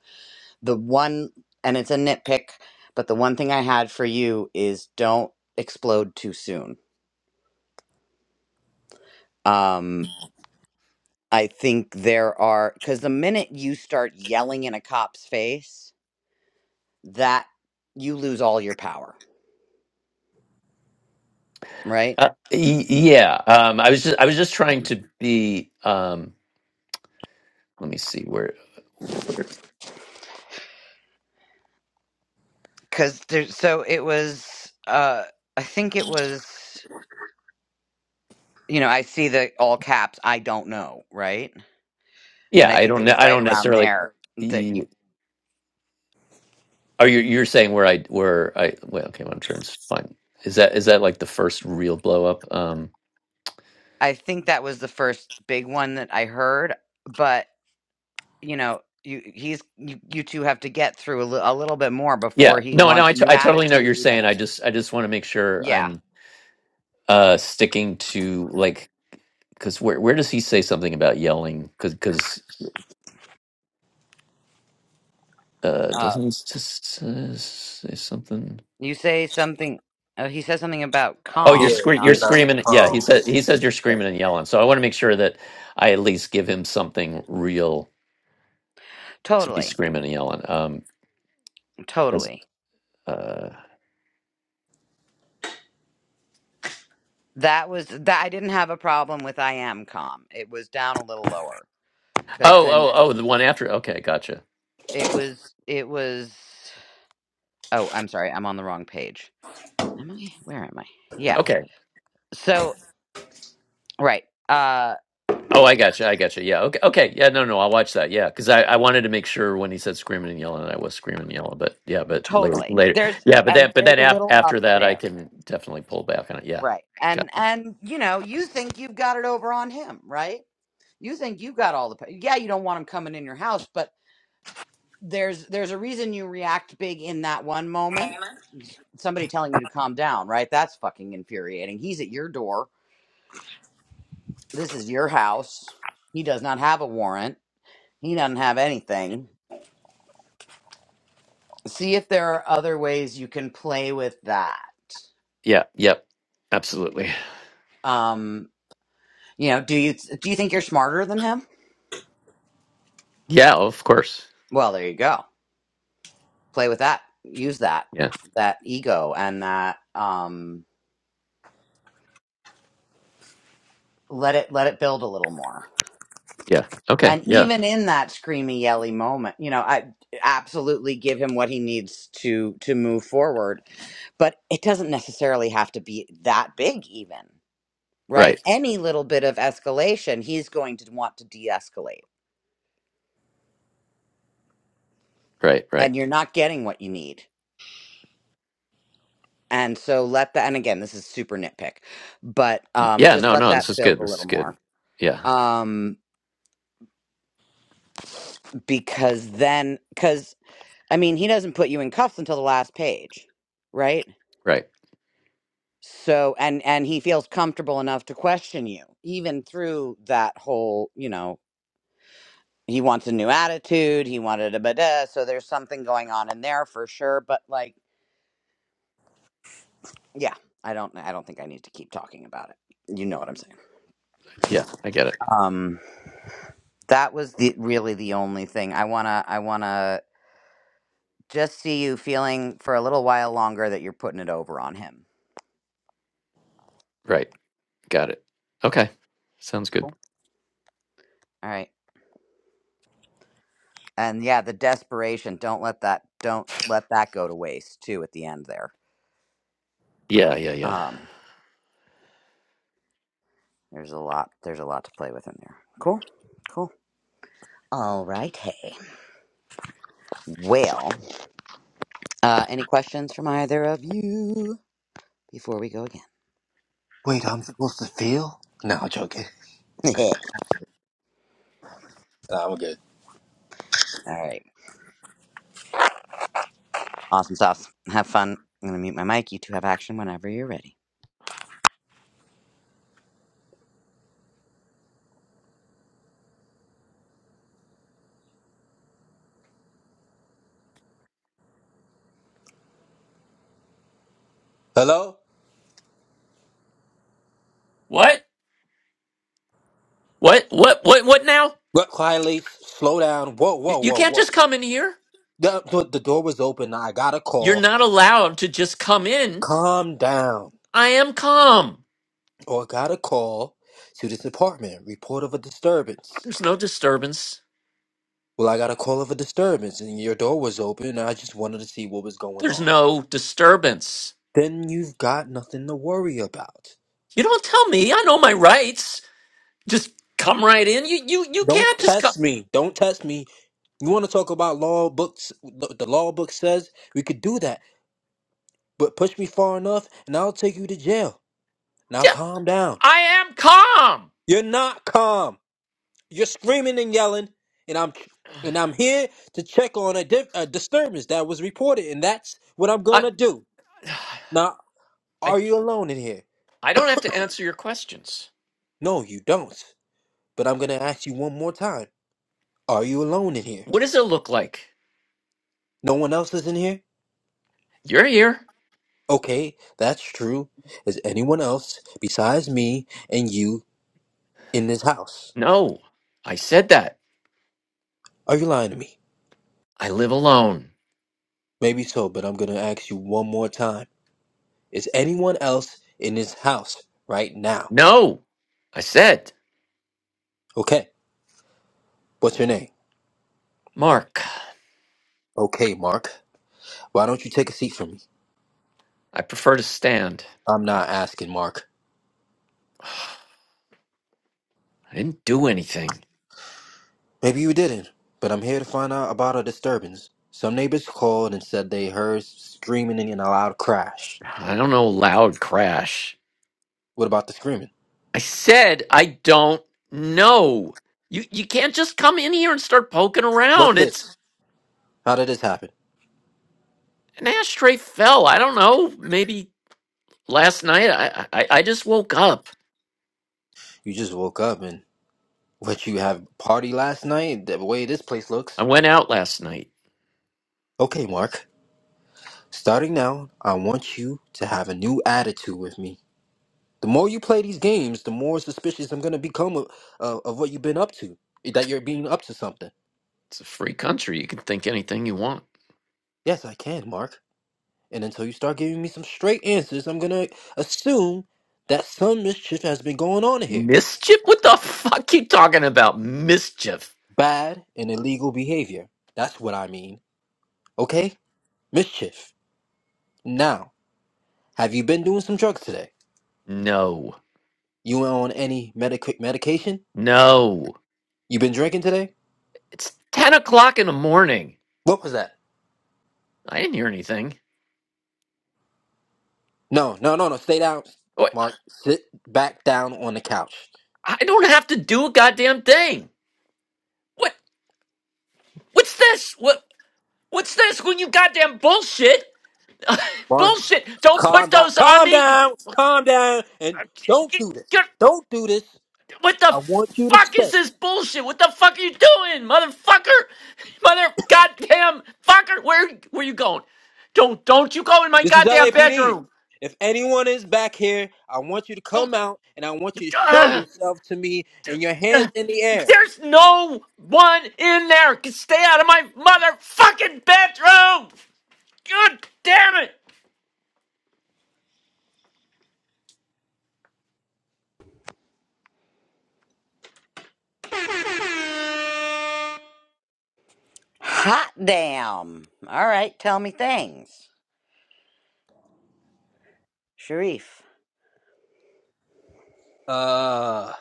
[SPEAKER 2] The one, and it's a nitpick, but the one thing I had for you is don't explode too soon. Um, I think there are because the minute you start yelling in a cop's face, that you lose all your power, right?
[SPEAKER 1] Uh, y- yeah, um, I was just I was just trying to be. Um, let me see where.
[SPEAKER 2] Because there's so it was, uh, I think it was, you know, I see the all caps, I don't know, right?
[SPEAKER 1] Yeah,
[SPEAKER 2] And I
[SPEAKER 1] I
[SPEAKER 2] think
[SPEAKER 1] don't.
[SPEAKER 2] it
[SPEAKER 1] ne-
[SPEAKER 2] was
[SPEAKER 1] I
[SPEAKER 2] right
[SPEAKER 1] don't
[SPEAKER 2] around
[SPEAKER 1] necessarily.
[SPEAKER 2] there that you,
[SPEAKER 1] You, are you? You're saying where I where I? Well, okay, I'm trying to find. Is that is that like the first real blow up? Um,
[SPEAKER 2] I think that was the first big one that I heard, but you know. You he's you, you two have to get through a, li- a little bit more before
[SPEAKER 1] yeah.
[SPEAKER 2] he
[SPEAKER 1] No, no.
[SPEAKER 2] wants
[SPEAKER 1] I,
[SPEAKER 2] a
[SPEAKER 1] t-
[SPEAKER 2] new
[SPEAKER 1] I totally know what you're
[SPEAKER 2] attitude and
[SPEAKER 1] saying.
[SPEAKER 2] a
[SPEAKER 1] I just I just want to make sure
[SPEAKER 2] yeah
[SPEAKER 1] I'm uh sticking to like because where where does he say something about yelling? Because because uh
[SPEAKER 2] uh,
[SPEAKER 1] doesn't he just uh, say something?
[SPEAKER 2] You say something. Oh, he says something about
[SPEAKER 1] Oh, you're
[SPEAKER 5] Yeah.
[SPEAKER 2] calm.
[SPEAKER 1] scre- you're
[SPEAKER 2] Not
[SPEAKER 5] Get not
[SPEAKER 1] screaming. Yeah,
[SPEAKER 5] calm.
[SPEAKER 1] he said he says you're screaming and yelling. So I want to make sure that I at least give him something real to be
[SPEAKER 2] totally,
[SPEAKER 1] screaming and yelling. Um,
[SPEAKER 2] totally.
[SPEAKER 1] Uh,
[SPEAKER 2] That was that. I didn't have a problem with I am calm. It was down a little lower because
[SPEAKER 1] oh,
[SPEAKER 2] then
[SPEAKER 1] oh, oh, the one after. Okay, gotcha.
[SPEAKER 2] it was it was. Oh, I'm sorry. I'm on the wrong page. Am I? Where am I? Yeah.
[SPEAKER 1] Okay.
[SPEAKER 2] So right. Uh,
[SPEAKER 1] Oh, I gotcha. I gotcha. Yeah. Okay. Okay. Yeah. No, no. I'll watch that. Yeah, because I, I wanted to make sure when he said screaming and yelling, I was screaming and yelling. But yeah, but later,
[SPEAKER 2] totally.
[SPEAKER 1] later.
[SPEAKER 2] There's
[SPEAKER 1] Yeah, but
[SPEAKER 2] and
[SPEAKER 1] that, but
[SPEAKER 2] there is
[SPEAKER 1] then
[SPEAKER 2] a
[SPEAKER 1] af-
[SPEAKER 2] little up
[SPEAKER 1] after that, I
[SPEAKER 2] there.
[SPEAKER 1] can definitely pull back on it. Yeah.
[SPEAKER 2] Right.
[SPEAKER 1] Okay.
[SPEAKER 2] And and you know you think you've got it over on him, right? You think you got all the. pa- Yeah, you don't want him coming in your house, but there's there's a reason you react big in that one moment. Somebody telling you to calm down, right? That's fucking infuriating. He's at your door. This is your house. He does not have a warrant. He doesn't have anything. See if there are other ways you can play with that.
[SPEAKER 1] Yeah. Yep. Absolutely.
[SPEAKER 2] Um, you know, do you do you think you're smarter than him?
[SPEAKER 1] Yeah. Of course.
[SPEAKER 2] Well, there you go. Play with that. Use that
[SPEAKER 1] Yeah.
[SPEAKER 2] that ego and that um let it let it build a little more.
[SPEAKER 1] Yeah. Okay.
[SPEAKER 2] And
[SPEAKER 1] Yeah.
[SPEAKER 2] even in that screamy, yelly moment, you know, I absolutely give him what he needs to to move forward. But it doesn't necessarily have to be that big, even right?
[SPEAKER 1] Right.
[SPEAKER 2] Any little bit of escalation, he's going to want to de-escalate,
[SPEAKER 1] Right. Right.
[SPEAKER 2] and you're not getting what you need. And so let that. And again, this is super nitpick, but um,
[SPEAKER 1] Yeah.
[SPEAKER 2] just
[SPEAKER 1] No.
[SPEAKER 2] let
[SPEAKER 1] No.
[SPEAKER 2] that
[SPEAKER 1] This is
[SPEAKER 2] build
[SPEAKER 1] good.
[SPEAKER 2] a
[SPEAKER 1] This
[SPEAKER 2] little
[SPEAKER 1] is
[SPEAKER 2] more,
[SPEAKER 1] good. Yeah.
[SPEAKER 2] um, because then, because I mean, he doesn't put you in cuffs until the last page, right?
[SPEAKER 1] Right.
[SPEAKER 2] so and and he feels comfortable enough to question you even through that whole you know he wants a new attitude he wanted a bit so there's something going on in there for sure but like yeah i don't i don't think i need to keep talking about it you know what i'm saying
[SPEAKER 1] Yeah. I get it.
[SPEAKER 2] um that was the really the only thing i want to i want to just see you feeling for a little while longer that you're putting it over on him
[SPEAKER 1] Right. Got it. Okay. Sounds good.
[SPEAKER 2] cool all right and yeah the desperation don't let that don't let that go to waste too at the end there
[SPEAKER 1] Yeah, yeah, yeah.
[SPEAKER 2] um There's a lot. There's a lot to play with in there. Cool. Cool. All right. Hey. Well, uh, any questions from either of you before we go
[SPEAKER 5] Wait, I'm supposed to feel? No, I'm joking.
[SPEAKER 2] again?
[SPEAKER 5] Nah, I'm good.
[SPEAKER 2] All right. Awesome sauce. Have fun. I'm gonna mute my mic. You two have action whenever you're ready.
[SPEAKER 5] Hello?
[SPEAKER 1] What? What? What? What? What now?
[SPEAKER 5] What? Quietly. Slow down. Whoa,
[SPEAKER 1] You,
[SPEAKER 5] whoa,
[SPEAKER 1] you
[SPEAKER 5] whoa,
[SPEAKER 1] can't
[SPEAKER 5] whoa.
[SPEAKER 1] just come in here.
[SPEAKER 5] The, the the door was open. I got a
[SPEAKER 1] You're
[SPEAKER 5] call.
[SPEAKER 1] not allowed to just come in.
[SPEAKER 5] Calm down.
[SPEAKER 1] I am calm.
[SPEAKER 5] Or I got a call to this apartment, report of a disturbance.
[SPEAKER 1] There's no disturbance.
[SPEAKER 5] Well, I got a call of a disturbance and your door was open and I just wanted to see what was going
[SPEAKER 1] There's
[SPEAKER 5] on.
[SPEAKER 1] no disturbance.
[SPEAKER 5] Then you've got nothing to worry about.
[SPEAKER 1] You don't tell me. I know my rights. Just come right in. You you you
[SPEAKER 5] Don't
[SPEAKER 1] can't just come.
[SPEAKER 5] test me. Don't test me. You want to talk about law books? The the law book says we could do that, but push me far enough and I'll take you to jail. Now
[SPEAKER 1] Yeah,
[SPEAKER 5] calm down.
[SPEAKER 1] I am calm.
[SPEAKER 5] You're not calm. You're screaming and yelling, and I'm and I'm here to check on a, di- a disturbance that was reported, and that's what I'm
[SPEAKER 1] I
[SPEAKER 5] gonna do. Now,
[SPEAKER 1] I
[SPEAKER 5] are you alone in here?
[SPEAKER 1] I don't have to answer your questions.
[SPEAKER 5] No, you don't. But I'm gonna ask you one more time. Are you alone in here?
[SPEAKER 1] What does it look like?
[SPEAKER 5] No one else is in here?
[SPEAKER 1] You're here.
[SPEAKER 5] Okay, that's true. Is anyone else besides me and you in this house?
[SPEAKER 1] No, I said that.
[SPEAKER 5] Are you lying to me?
[SPEAKER 1] I live alone.
[SPEAKER 5] Maybe so, but I'm gonna ask you one more time. Is anyone else in this house right now?
[SPEAKER 1] No, I said,
[SPEAKER 5] Okay, what's your name?
[SPEAKER 1] Mark.
[SPEAKER 5] Okay, Mark. Why don't you take a seat for me?
[SPEAKER 1] I prefer to stand.
[SPEAKER 5] I'm not asking, Mark.
[SPEAKER 1] I didn't do anything.
[SPEAKER 5] Maybe you didn't, but I'm here to find out about a disturbance. Some neighbors called and said they heard screaming and a loud crash.
[SPEAKER 1] I don't know loud crash.
[SPEAKER 5] What about the screaming?
[SPEAKER 1] I said I don't know. You you can't just come in here and start poking
[SPEAKER 5] What's
[SPEAKER 1] around.
[SPEAKER 5] this?
[SPEAKER 1] It's
[SPEAKER 5] How did this happen?
[SPEAKER 1] an ashtray fell. I don't know. Maybe last night I I, I just woke up.
[SPEAKER 5] You just woke up and what you have party last night? The way this place
[SPEAKER 1] I
[SPEAKER 5] looks.
[SPEAKER 1] went out last night.
[SPEAKER 5] Okay, Mark. Starting now, I want you to have a new attitude with me. The more you play these games, the more suspicious I'm gonna become of, of of what you've been up to. That you're being up to something.
[SPEAKER 1] It's a free country. You can think anything you want.
[SPEAKER 5] Yes, I can, Mark. And until you start giving me some straight answers, I'm gonna assume that some mischief has been going on here.
[SPEAKER 1] Mischief? What the fuck you talking about? Mischief.
[SPEAKER 5] Bad and illegal behavior. That's what I mean. Okay? Mischief. Now, have you been doing some drugs today?
[SPEAKER 1] No.
[SPEAKER 5] You on any medic- medication?
[SPEAKER 1] No.
[SPEAKER 5] You been drinking today?
[SPEAKER 1] It's ten o'clock in the morning.
[SPEAKER 5] What was that?
[SPEAKER 1] I didn't hear anything.
[SPEAKER 5] No, no, no, no. Stay down,
[SPEAKER 1] What- I
[SPEAKER 5] Mark. Sit back down on the couch.
[SPEAKER 1] I don't have to do a goddamn thing. What? What's this? What? What's this? When you goddamn bullshit,
[SPEAKER 5] Mark,
[SPEAKER 1] bullshit. Don't
[SPEAKER 5] calm
[SPEAKER 1] put
[SPEAKER 5] down.
[SPEAKER 1] those on
[SPEAKER 5] Calm
[SPEAKER 1] me. you-
[SPEAKER 5] down. Calm down. And
[SPEAKER 1] I-
[SPEAKER 5] don't
[SPEAKER 1] Get,
[SPEAKER 5] do this.
[SPEAKER 1] get,
[SPEAKER 5] Don't do this.
[SPEAKER 1] what the
[SPEAKER 5] I want you to
[SPEAKER 1] fuck is
[SPEAKER 5] stay.
[SPEAKER 1] this bullshit? What the fuck are you doing, motherfucker? Mother goddamn fucker. Where where you going? Don't don't you go in my
[SPEAKER 5] This is
[SPEAKER 1] goddamn
[SPEAKER 5] LAPD.
[SPEAKER 1] bedroom.
[SPEAKER 5] If anyone is back here, I want you to
[SPEAKER 1] Don't.
[SPEAKER 5] come out and I want you to show
[SPEAKER 1] ugh,
[SPEAKER 5] yourself to me and your hands
[SPEAKER 1] ugh.
[SPEAKER 5] in the air.
[SPEAKER 1] there's no one in there. Stay out of my motherfucking bedroom. God damn it!
[SPEAKER 2] Hot damn. All right. Tell me things, Sharif.
[SPEAKER 5] Uh,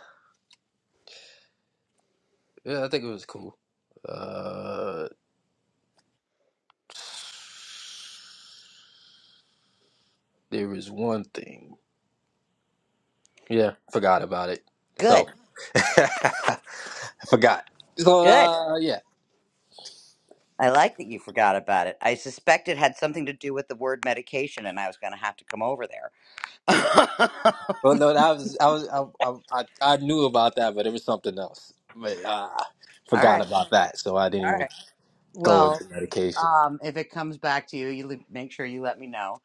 [SPEAKER 5] yeah, I think it was cool. Uh, there was one thing. Yeah, forgot about it. So,
[SPEAKER 2] Good.
[SPEAKER 5] I forgot. So,
[SPEAKER 2] Good.
[SPEAKER 5] uh, yeah.
[SPEAKER 2] I like that you forgot about it. I suspect it had something to do with the word medication, and I was gonna have to come over there.
[SPEAKER 5] Well, no, that was I was I, I I I knew about that, but it was something else. But uh,
[SPEAKER 2] All
[SPEAKER 5] forgot
[SPEAKER 2] right.
[SPEAKER 5] about that, so I didn't
[SPEAKER 2] All
[SPEAKER 5] even
[SPEAKER 2] right.
[SPEAKER 5] go
[SPEAKER 2] Well,
[SPEAKER 5] into medication
[SPEAKER 2] um, if it comes back to you, you le- make sure you let me know.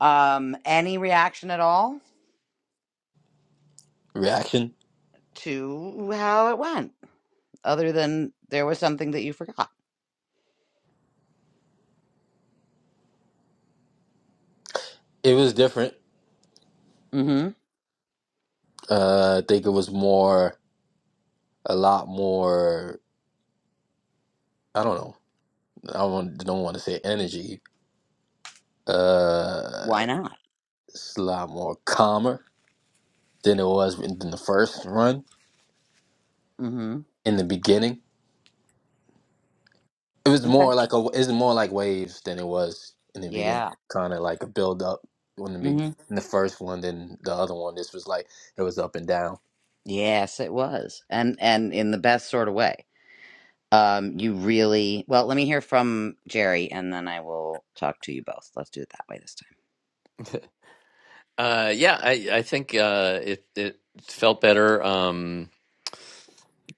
[SPEAKER 2] Um, any reaction at all
[SPEAKER 5] reaction.
[SPEAKER 2] to how it went, other than there was something that you forgot?
[SPEAKER 5] It was different.
[SPEAKER 2] Mm-hmm.
[SPEAKER 5] Uh, I think it was more, a lot more. I don't know. I don't, want- don't want to say energy. Uh,
[SPEAKER 2] Why not?
[SPEAKER 5] it's a lot more calmer than it was in, in the first run
[SPEAKER 2] Mm-hmm.
[SPEAKER 5] in the beginning. It was
[SPEAKER 2] Okay.
[SPEAKER 5] more like a. It's more like waves than it was in the beginning.
[SPEAKER 2] Yeah.
[SPEAKER 5] Kind of like a build up when the be,
[SPEAKER 2] Mm-hmm.
[SPEAKER 5] in the first one, then the other one. This was like it was up and down.
[SPEAKER 2] Yes, it was, and and in the best sort of way. Um, you really well. Let me hear from Jerry, and then I will talk to you both. Let's do it that way this
[SPEAKER 1] Uh, yeah, I I think uh, it it felt better. Um,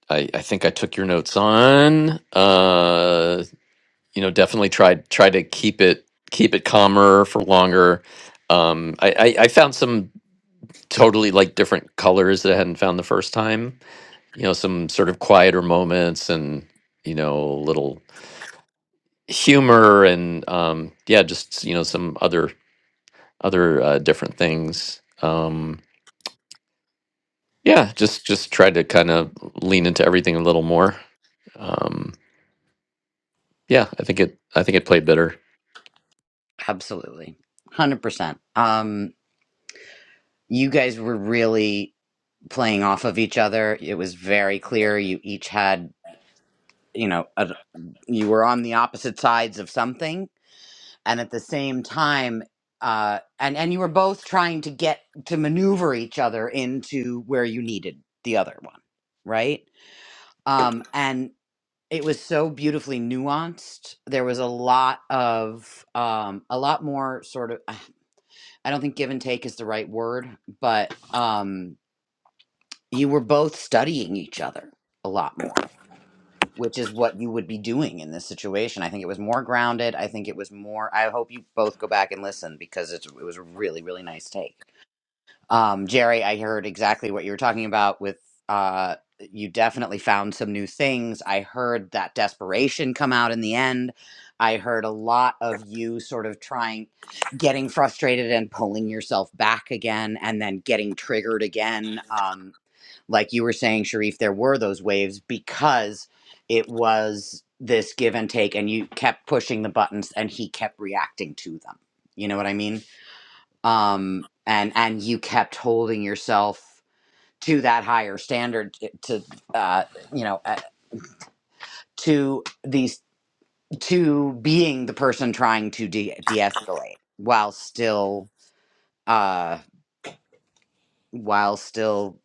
[SPEAKER 1] I I think I took your notes on. Uh, you know, definitely tried tried to keep it keep it calmer for longer. Um, I I, I found some totally like different colors that I hadn't found the first time. You know, some sort of quieter moments and you know little humor and um yeah just you know some other other uh, different things Um, Yeah, just just tried to kind of lean into everything a little more. Um, yeah, I think it I think it played better.
[SPEAKER 2] time. Absolutely, hundred percent. Um, you guys were really playing off of each other. It was very clear you each had, you know, a, you were on the opposite sides of something, and at the same time, uh, and and you were both trying to get to maneuver each other into where you needed the other one, right? Um, and it was so beautifully nuanced. There was a lot of um, a lot more sort of. I don't think give and take is the right word, but um, you were both studying each other a lot more which is what you would be doing in this situation. I think it was more grounded. I think it was more. I hope you both go back and listen because it's, it was a really, really nice take. Um, Jerry, I heard exactly what you were talking about with uh, you definitely found some new things. I heard that desperation come out in the end. I heard a lot of you sort of trying, getting frustrated and pulling yourself back again and then getting triggered again. Um, like you were saying, Sharif, there were those waves because it was this give and take, and you kept pushing the buttons, and he kept reacting to them. You know what I mean? Um, and and you kept holding yourself to that higher standard t- to uh, you know uh, to these to being the person trying to de de escalate while still uh while still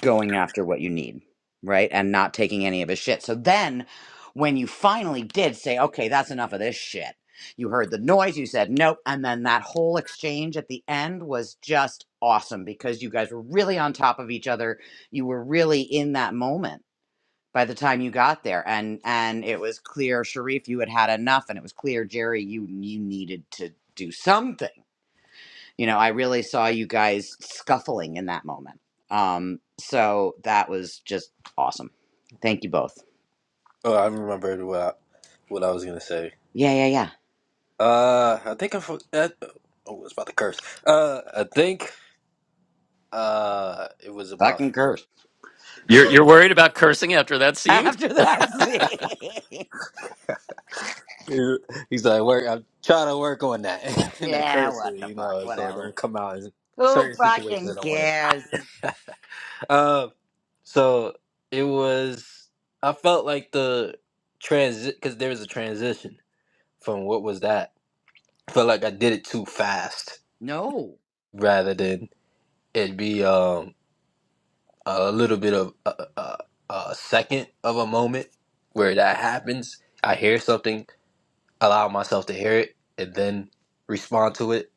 [SPEAKER 2] going after what you need, right? And not taking any of his shit. So then when you finally did say, okay, that's enough of this shit, you heard the noise, you said nope. And then that whole exchange at the end was just awesome because you guys were really on top of each other. You were really in that moment by the time you got there and and it was clear Sharif you had had enough and it was clear Jerry you you needed to do something you know, I really saw you guys scuffling in that moment. Um, so that was just awesome. Thank you both.
[SPEAKER 5] Oh, I remembered what I, what I was gonna say.
[SPEAKER 2] Yeah, yeah, yeah.
[SPEAKER 5] Uh, I think I, for, uh, oh, I was about to curse. Uh, I think Uh, it was about
[SPEAKER 2] Fucking
[SPEAKER 5] the.
[SPEAKER 2] curse.
[SPEAKER 1] You're
[SPEAKER 5] the
[SPEAKER 1] you're worried about cursing after that scene?
[SPEAKER 2] After that scene.
[SPEAKER 5] uh, he's like, work. I'm trying to work on that in the
[SPEAKER 2] yeah, what
[SPEAKER 5] cursor,
[SPEAKER 2] the
[SPEAKER 5] you
[SPEAKER 2] fuck?
[SPEAKER 5] know, so it
[SPEAKER 2] Whatever.
[SPEAKER 5] don't come out in
[SPEAKER 2] Who
[SPEAKER 5] certain situations. I
[SPEAKER 2] fucking
[SPEAKER 5] don't want
[SPEAKER 2] cares?
[SPEAKER 5] it. Uh, so it was. I felt like the transit because there was a transition from what was that. I felt like I did it too fast
[SPEAKER 2] No.
[SPEAKER 5] rather than it be um a little bit of a, a, a second of a moment where that happens. I hear something allow myself to hear it and then respond to it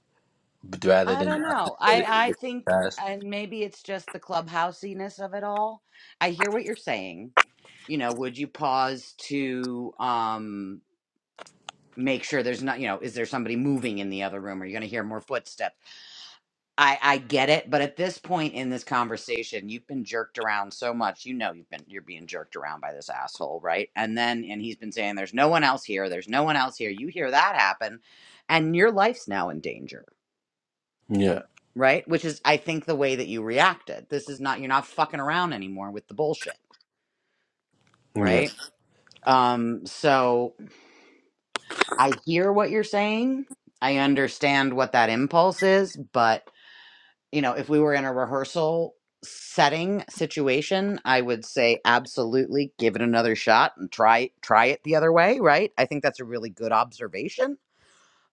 [SPEAKER 5] but rather
[SPEAKER 2] I
[SPEAKER 5] than
[SPEAKER 2] don't
[SPEAKER 5] I just
[SPEAKER 2] know.
[SPEAKER 5] let
[SPEAKER 2] I,
[SPEAKER 5] it
[SPEAKER 2] I think
[SPEAKER 5] pass.
[SPEAKER 2] and maybe it's just the clubhousiness of it all. I hear what you're saying. You know, would you pause to um make sure there's not you know is there somebody moving in the other room are you going to hear more footsteps i i get it but at this point in this conversation you've been jerked around so much you know you've been you're being jerked around by this asshole right and then and he's been saying there's no one else here there's no one else here you hear that happen and your life's now in danger
[SPEAKER 5] Yeah,
[SPEAKER 2] right which is i think the way that you reacted this is not you're not fucking around anymore with the bullshit
[SPEAKER 5] yeah,
[SPEAKER 2] right um so i hear what you're saying i understand what that impulse is but you know, if we were in a rehearsal setting situation, I would say absolutely give it another shot and try try it the other way, right? I think that's a really good observation.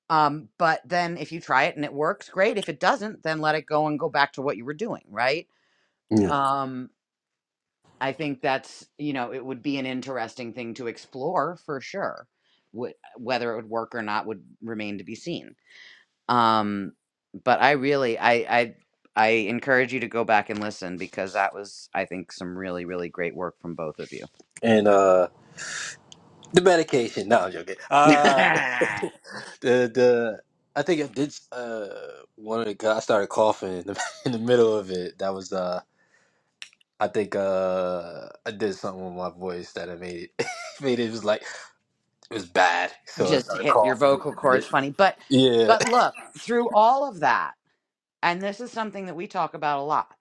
[SPEAKER 2] Um, but then if you try it and it works, great. If it doesn't, then let it go and go back to what you were doing, right?
[SPEAKER 5] yeah.
[SPEAKER 2] Um, I think that's, you know, it would be an interesting thing to explore for sure. Wh- whether it would work or not would remain to be seen. Um, but I really I I I encourage you to go back and listen because that was I think some really really great work from both of you.
[SPEAKER 5] And uh the medication. No, I'm joking. Uh, the the I think I did uh one of the guys I started coughing in the, in the middle of it. That was uh I think uh I did something with my voice that I made it made it, it was like it was bad. So I
[SPEAKER 2] Just
[SPEAKER 5] started
[SPEAKER 2] hit your
[SPEAKER 5] coughing.
[SPEAKER 2] vocal cords funny, but
[SPEAKER 5] Yeah.
[SPEAKER 2] but look, through all of that, and this is something that we talk about a lot,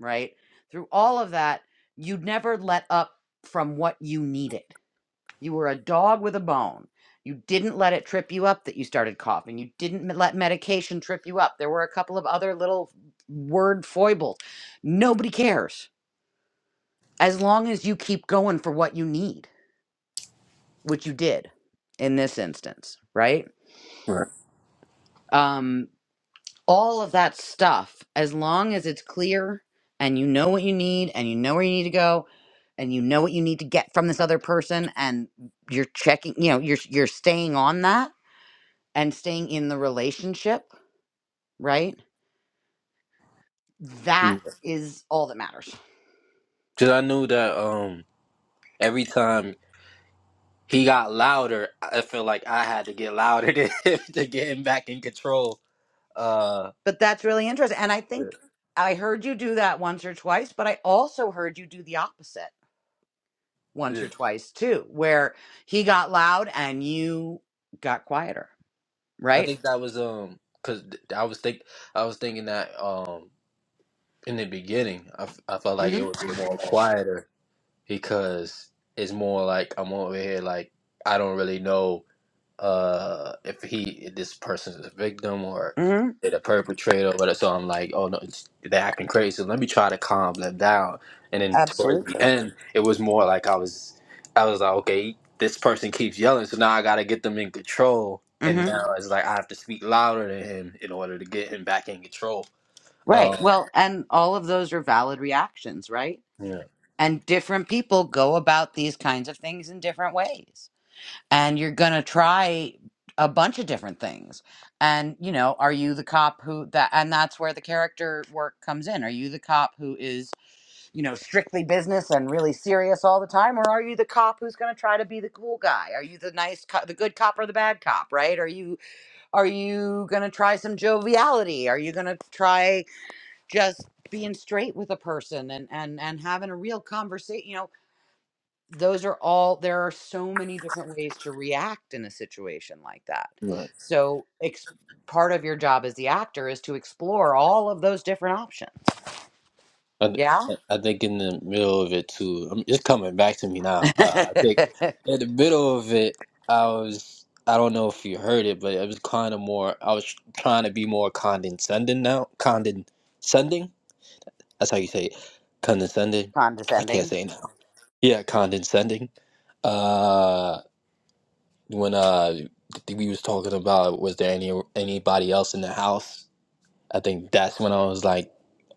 [SPEAKER 2] right? Through all of that, you never let up from what you needed You were a dog with a bone. You didn't let it trip you up that you started coughing. You didn't let medication trip you up. There were a couple of other little word foibles. Nobody cares as long as you keep going for what you need, which you did in this instance, right?
[SPEAKER 5] Right.
[SPEAKER 2] Um, all of that stuff, as long as it's clear and you know what you need and you know where you need to go and you know what you need to get from this other person and you're checking, you know, you're you're staying on that and staying in the relationship, right? That is all that matters.
[SPEAKER 5] Cause I knew that um every time He got louder. I feel like I had to get louder to, to get him back in control. Uh,
[SPEAKER 2] But that's really interesting. And I
[SPEAKER 5] yeah.
[SPEAKER 2] think I heard you do that once or twice, but I also heard you do the opposite once
[SPEAKER 5] yeah.
[SPEAKER 2] or twice too, where he got loud and you got quieter,
[SPEAKER 5] I
[SPEAKER 2] right?
[SPEAKER 5] think that was um because I was think I was thinking that um in the beginning I, f- I felt like it
[SPEAKER 2] hmm
[SPEAKER 5] would be more quieter because it's more like I'm over here like I don't really know uh if he this person is a victim or
[SPEAKER 2] hmm
[SPEAKER 5] they're the perpetrator but so i'm like oh no it's, they're acting crazy let me try to calm them down and then towards the
[SPEAKER 2] Absolutely.
[SPEAKER 5] end it was more like i was i was like okay this person keeps yelling so now i gotta get them in control and
[SPEAKER 2] hmm
[SPEAKER 5] now it's like i have to speak louder than him in order to get him back in control
[SPEAKER 2] Right.
[SPEAKER 5] um
[SPEAKER 2] Well, and all of those are valid reactions, right?
[SPEAKER 5] yeah
[SPEAKER 2] And different people go about these kinds of things in different ways. and you're going to try a bunch of different things and you know are you the cop who that and that's where the character work comes in are you the cop who is you know strictly business and really serious all the time or are you the cop who's going to try to be the cool guy are you the nice co- the good cop or the bad cop right are you are you going to try some joviality are you going to try just being straight with a person and and and having a real conversation You know those are all there are so many different ways to react in a situation like that so ex- part of your job as the actor is to explore all of those different options
[SPEAKER 5] I,
[SPEAKER 2] yeah
[SPEAKER 5] th- I think in the middle of it too, I'm just coming back to me now. Uh, I think in the middle of it, I was I don't know if you heard it, but it was kind of more. I was trying to be more condescending now. Condescending. That's how you say it. Condescending. I can't
[SPEAKER 2] condescending
[SPEAKER 5] say it now. Yeah, condescending. Uh, when uh we was talking about was there any anybody else in the house I think that's when I was like,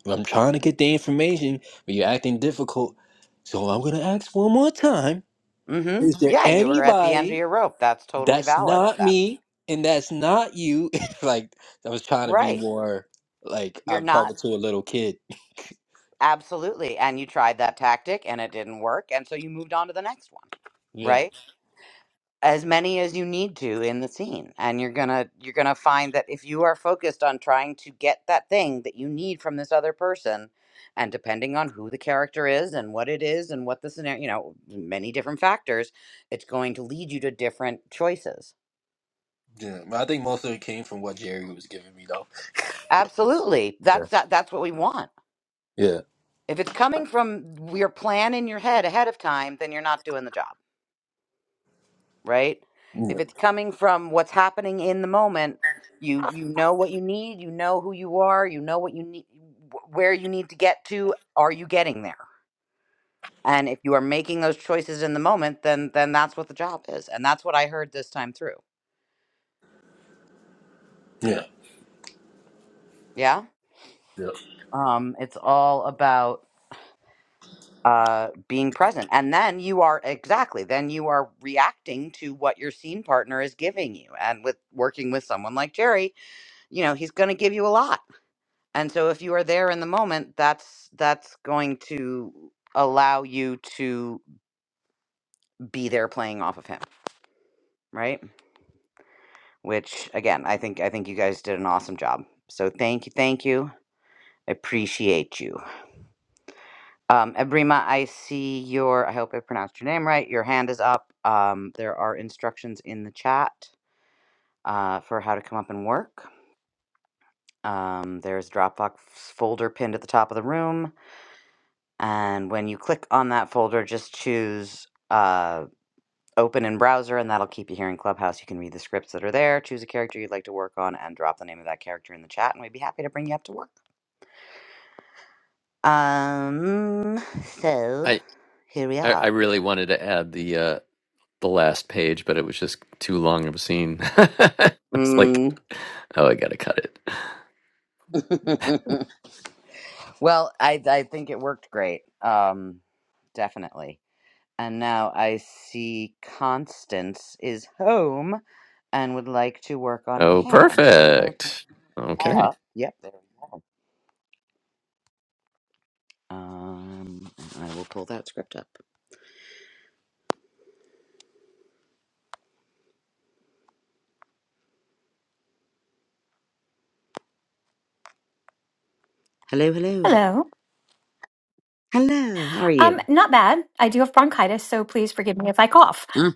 [SPEAKER 5] I'm trying to get the information, but you're acting difficult. So I'm gonna ask one more time.
[SPEAKER 2] mm-hmm
[SPEAKER 5] Is there
[SPEAKER 2] yeah you were at the end of
[SPEAKER 5] anybody
[SPEAKER 2] your rope that's totally
[SPEAKER 5] that's
[SPEAKER 2] valid at
[SPEAKER 5] not
[SPEAKER 2] that
[SPEAKER 5] me and that's not you? It's like I was trying to be
[SPEAKER 2] right
[SPEAKER 5] more like
[SPEAKER 2] you're
[SPEAKER 5] I'm
[SPEAKER 2] not
[SPEAKER 5] talking to a little kid.
[SPEAKER 2] absolutely and you tried that tactic and it didn't work and so you moved on to the next one
[SPEAKER 5] Yeah.
[SPEAKER 2] right as many as you need to in the scene and you're going to you're going to find that if you are focused on trying to get that thing that you need from this other person and depending on who the character is and what it is and what the scenario you know many different factors it's going to lead you to different choices
[SPEAKER 5] Yeah. But I think most of it came from what Jerry was giving me though.
[SPEAKER 2] absolutely that's that, that's what we want
[SPEAKER 5] Yeah.
[SPEAKER 2] if it's coming from your plan in your head ahead of time then you're not doing the job right?
[SPEAKER 5] Yeah.
[SPEAKER 2] If it's coming from what's happening in the moment, you you know what you need, you know who you are, you know what you need wh- where you need to get to, are you getting there? And if you are making those choices in the moment, then then that's what the job is. And that's what I heard this time through.
[SPEAKER 5] Yeah.
[SPEAKER 2] Yeah?
[SPEAKER 5] Yeah.
[SPEAKER 2] Um it's all about uh being present. And then you are exactly, then you are reacting to what your scene partner is giving you. And with working with someone like Jerry, you know, he's going to give you a lot And so if you are there in the moment, that's that's going to allow you to be there playing off of him, right? Which again, I think I think you guys did an awesome job. So thank you, thank you. Appreciate you. Um Ebrima, I see your I hope I pronounced your name right. Your hand is up. Um there are instructions in the chat uh for how to come up and work. Um there's Dropbox folder pinned at the top of the room. And when you click on that folder, just choose uh open in browser and that'll keep you here in clubhouse you can read the scripts that are there choose a character you'd like to work on and drop the name of that character in the chat and we'd be happy to bring you up to work um so
[SPEAKER 1] I
[SPEAKER 2] here we
[SPEAKER 1] I, I
[SPEAKER 2] are
[SPEAKER 1] really wanted to add the uh, the last page, but it was just too long of a scene. it's like,
[SPEAKER 2] mm.
[SPEAKER 1] oh, I gotta cut it.
[SPEAKER 2] well i i think it worked great um definitely and now i see constance is home and would like to work on
[SPEAKER 1] Oh,
[SPEAKER 2] hannah so we're gonna pull
[SPEAKER 1] perfect. Okay,
[SPEAKER 2] up yep there we go um and i will pull that script up hello hello
[SPEAKER 6] Hello.
[SPEAKER 2] Hello, how are you?
[SPEAKER 6] Um, not bad. I do have bronchitis, so please forgive me if I cough.
[SPEAKER 2] Mm,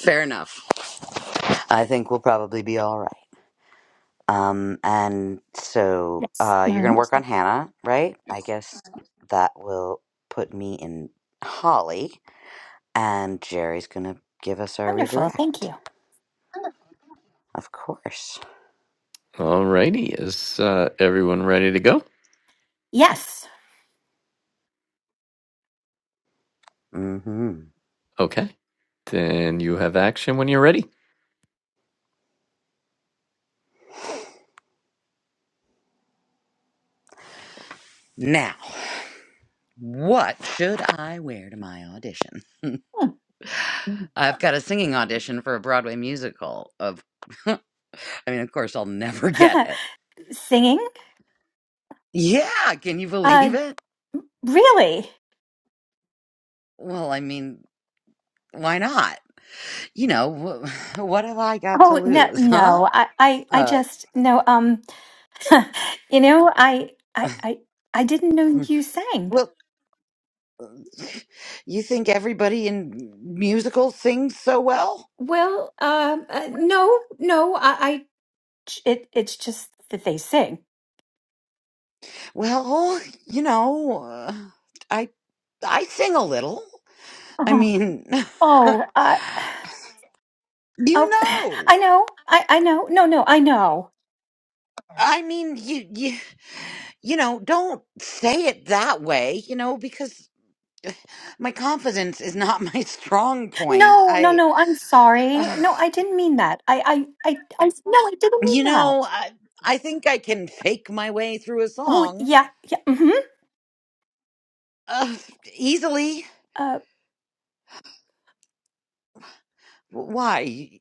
[SPEAKER 2] fair enough. I think we'll probably be all right. Um, and so
[SPEAKER 6] Yes.
[SPEAKER 2] uh, you're going to
[SPEAKER 6] Mhm.
[SPEAKER 2] work on Hannah, right? I guess that will put me in Holly, and Jerry's going to give us our
[SPEAKER 6] Wonderful. Thank
[SPEAKER 2] redirect,
[SPEAKER 6] you.
[SPEAKER 2] of course.
[SPEAKER 1] alrighty. Is uh, everyone ready to go?
[SPEAKER 6] Yes.
[SPEAKER 2] mm hmm
[SPEAKER 1] Okay, then you have action when you're ready.
[SPEAKER 2] Now, what should I wear to my audition? I've got a singing audition for a Broadway musical. Of, I mean, of course, I'll never get it.
[SPEAKER 6] Singing?
[SPEAKER 2] Yeah, can you believe
[SPEAKER 6] Uh,
[SPEAKER 2] it?
[SPEAKER 6] really?
[SPEAKER 2] Well, I mean, why not? You know, wh- what have I got to
[SPEAKER 6] Oh no,
[SPEAKER 2] lose, huh?
[SPEAKER 6] no. I, I, I
[SPEAKER 2] Uh,
[SPEAKER 6] just no. Um, you know, I, I, I, I didn't know you sang.
[SPEAKER 2] well, you think everybody in musicals sings so well?
[SPEAKER 6] Well, um, uh, no, no. I, I, it, it's just that they sing.
[SPEAKER 2] Well, you know, uh, I I sing a little. I mean,
[SPEAKER 6] Oh, oh, uh,
[SPEAKER 2] you
[SPEAKER 6] oh, I
[SPEAKER 2] know.
[SPEAKER 6] know. I, I know. No, no, I know.
[SPEAKER 2] I mean, you you you know, don't say it that way, you know, because my confidence is not my strong point.
[SPEAKER 6] No, no,
[SPEAKER 2] I
[SPEAKER 6] no. I'm sorry. No, I didn't mean that. I, I, I, I no, I didn't
[SPEAKER 2] You
[SPEAKER 6] mean that.
[SPEAKER 2] know, I, I think I can fake my way through a
[SPEAKER 6] Oh,
[SPEAKER 2] song
[SPEAKER 6] yeah, yeah. hmm
[SPEAKER 2] uh, easily.
[SPEAKER 6] Uh,
[SPEAKER 2] Why?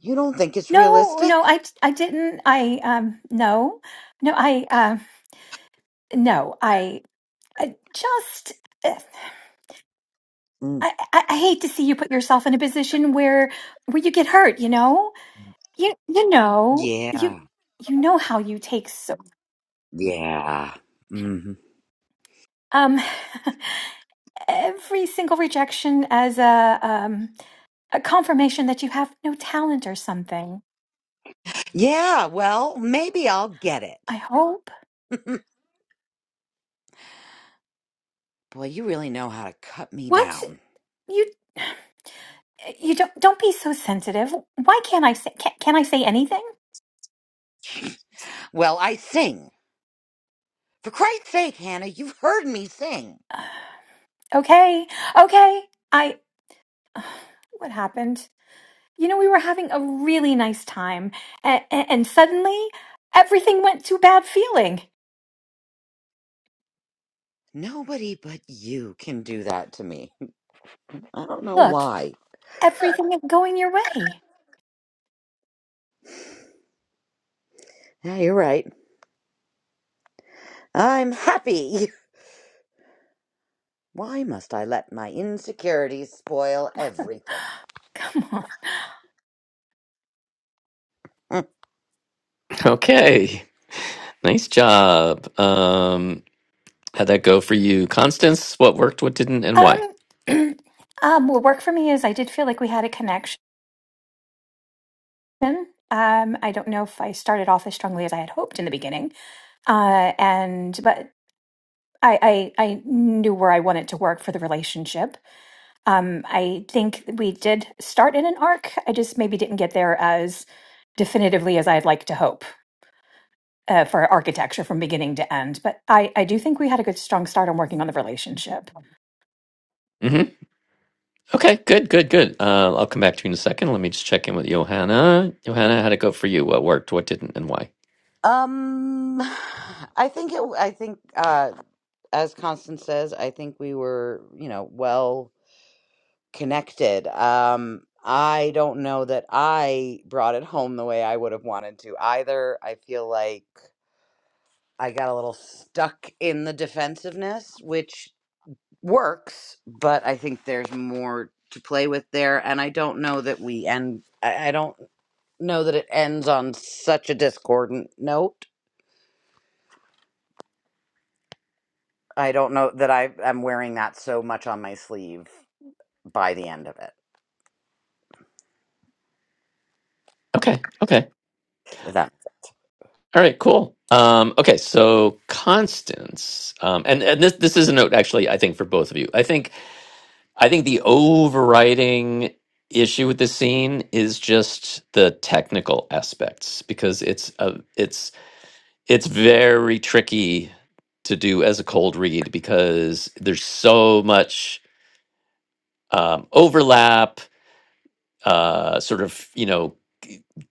[SPEAKER 2] You don't think it's
[SPEAKER 6] no,
[SPEAKER 2] realistic?
[SPEAKER 6] no, I, I didn't. I, um, no, no, I, um, no, I, I just, eh,
[SPEAKER 2] Mm,
[SPEAKER 6] I, I, I hate to see you put yourself in a position where, where you get hurt. You know, you, you know, you,
[SPEAKER 2] yeah,
[SPEAKER 6] you know how you take so,
[SPEAKER 2] yeah. hmm
[SPEAKER 6] um, every single rejection as a, um. a confirmation that you have no talent or something.
[SPEAKER 2] Yeah, well, maybe I'll get
[SPEAKER 6] I
[SPEAKER 2] it.
[SPEAKER 6] hope
[SPEAKER 2] Boy, you really know how to cut me
[SPEAKER 6] What?
[SPEAKER 2] down.
[SPEAKER 6] You you don't don't be so sensitive. Why can't I say can, can I say anything?
[SPEAKER 2] Well, I sing. For Christ's sake, Hannah, you've heard me sing.
[SPEAKER 6] Okay. Okay. I what happened? You know we were having a really nice time and, and suddenly everything went to bad feeling.
[SPEAKER 2] Nobody but you can do that to me. I don't know
[SPEAKER 6] Look,
[SPEAKER 2] why.
[SPEAKER 6] everything is going your way.
[SPEAKER 2] Yeah, you're right. I'm happy. Why must I let my insecurities spoil everything?
[SPEAKER 6] Come on.
[SPEAKER 2] Mm.
[SPEAKER 1] Okay, nice job. Um, How'd that go for you, Constance? What worked, what didn't, and
[SPEAKER 6] Um,
[SPEAKER 1] why?
[SPEAKER 6] um, what worked for me is I did feel like we had a connection. Um, I don't know if I started off as strongly as I had hoped in the beginning, uh, and but I, I I knew where I wanted to work for the relationship. Um, I think we did start in an arc. I just maybe didn't get there as definitively as I'd like to hope uh, for architecture from beginning to end. But I I do think we had a good strong start on working on the relationship.
[SPEAKER 1] hmm Okay, good, good, good. Uh, I'll come back to you in a second. Let me just check in with Johanna. Johanna, how'd it go for you? What worked, what didn't, and why?
[SPEAKER 2] Um, I think it. I think, uh, as Constance says, I think we were, you know, well connected. Um, I don't know that I brought it home the way I would have wanted to either. I feel like I got a little stuck in the defensiveness, which works, but I think there's more to play with there, and I don't know that we end. I, I don't. know that it ends on such a discordant note. I don't know that I am wearing that so much on my sleeve by the end of it.
[SPEAKER 1] Okay, okay.
[SPEAKER 2] If that.
[SPEAKER 1] All right, cool. Um, okay, so Constance, um, and, and this this is a note actually, I think for both of you. I think I think the overriding issue with this scene is just the technical aspects because it's a it's It's very tricky to do as a cold read because there's so much um, overlap, uh, sort of, you know,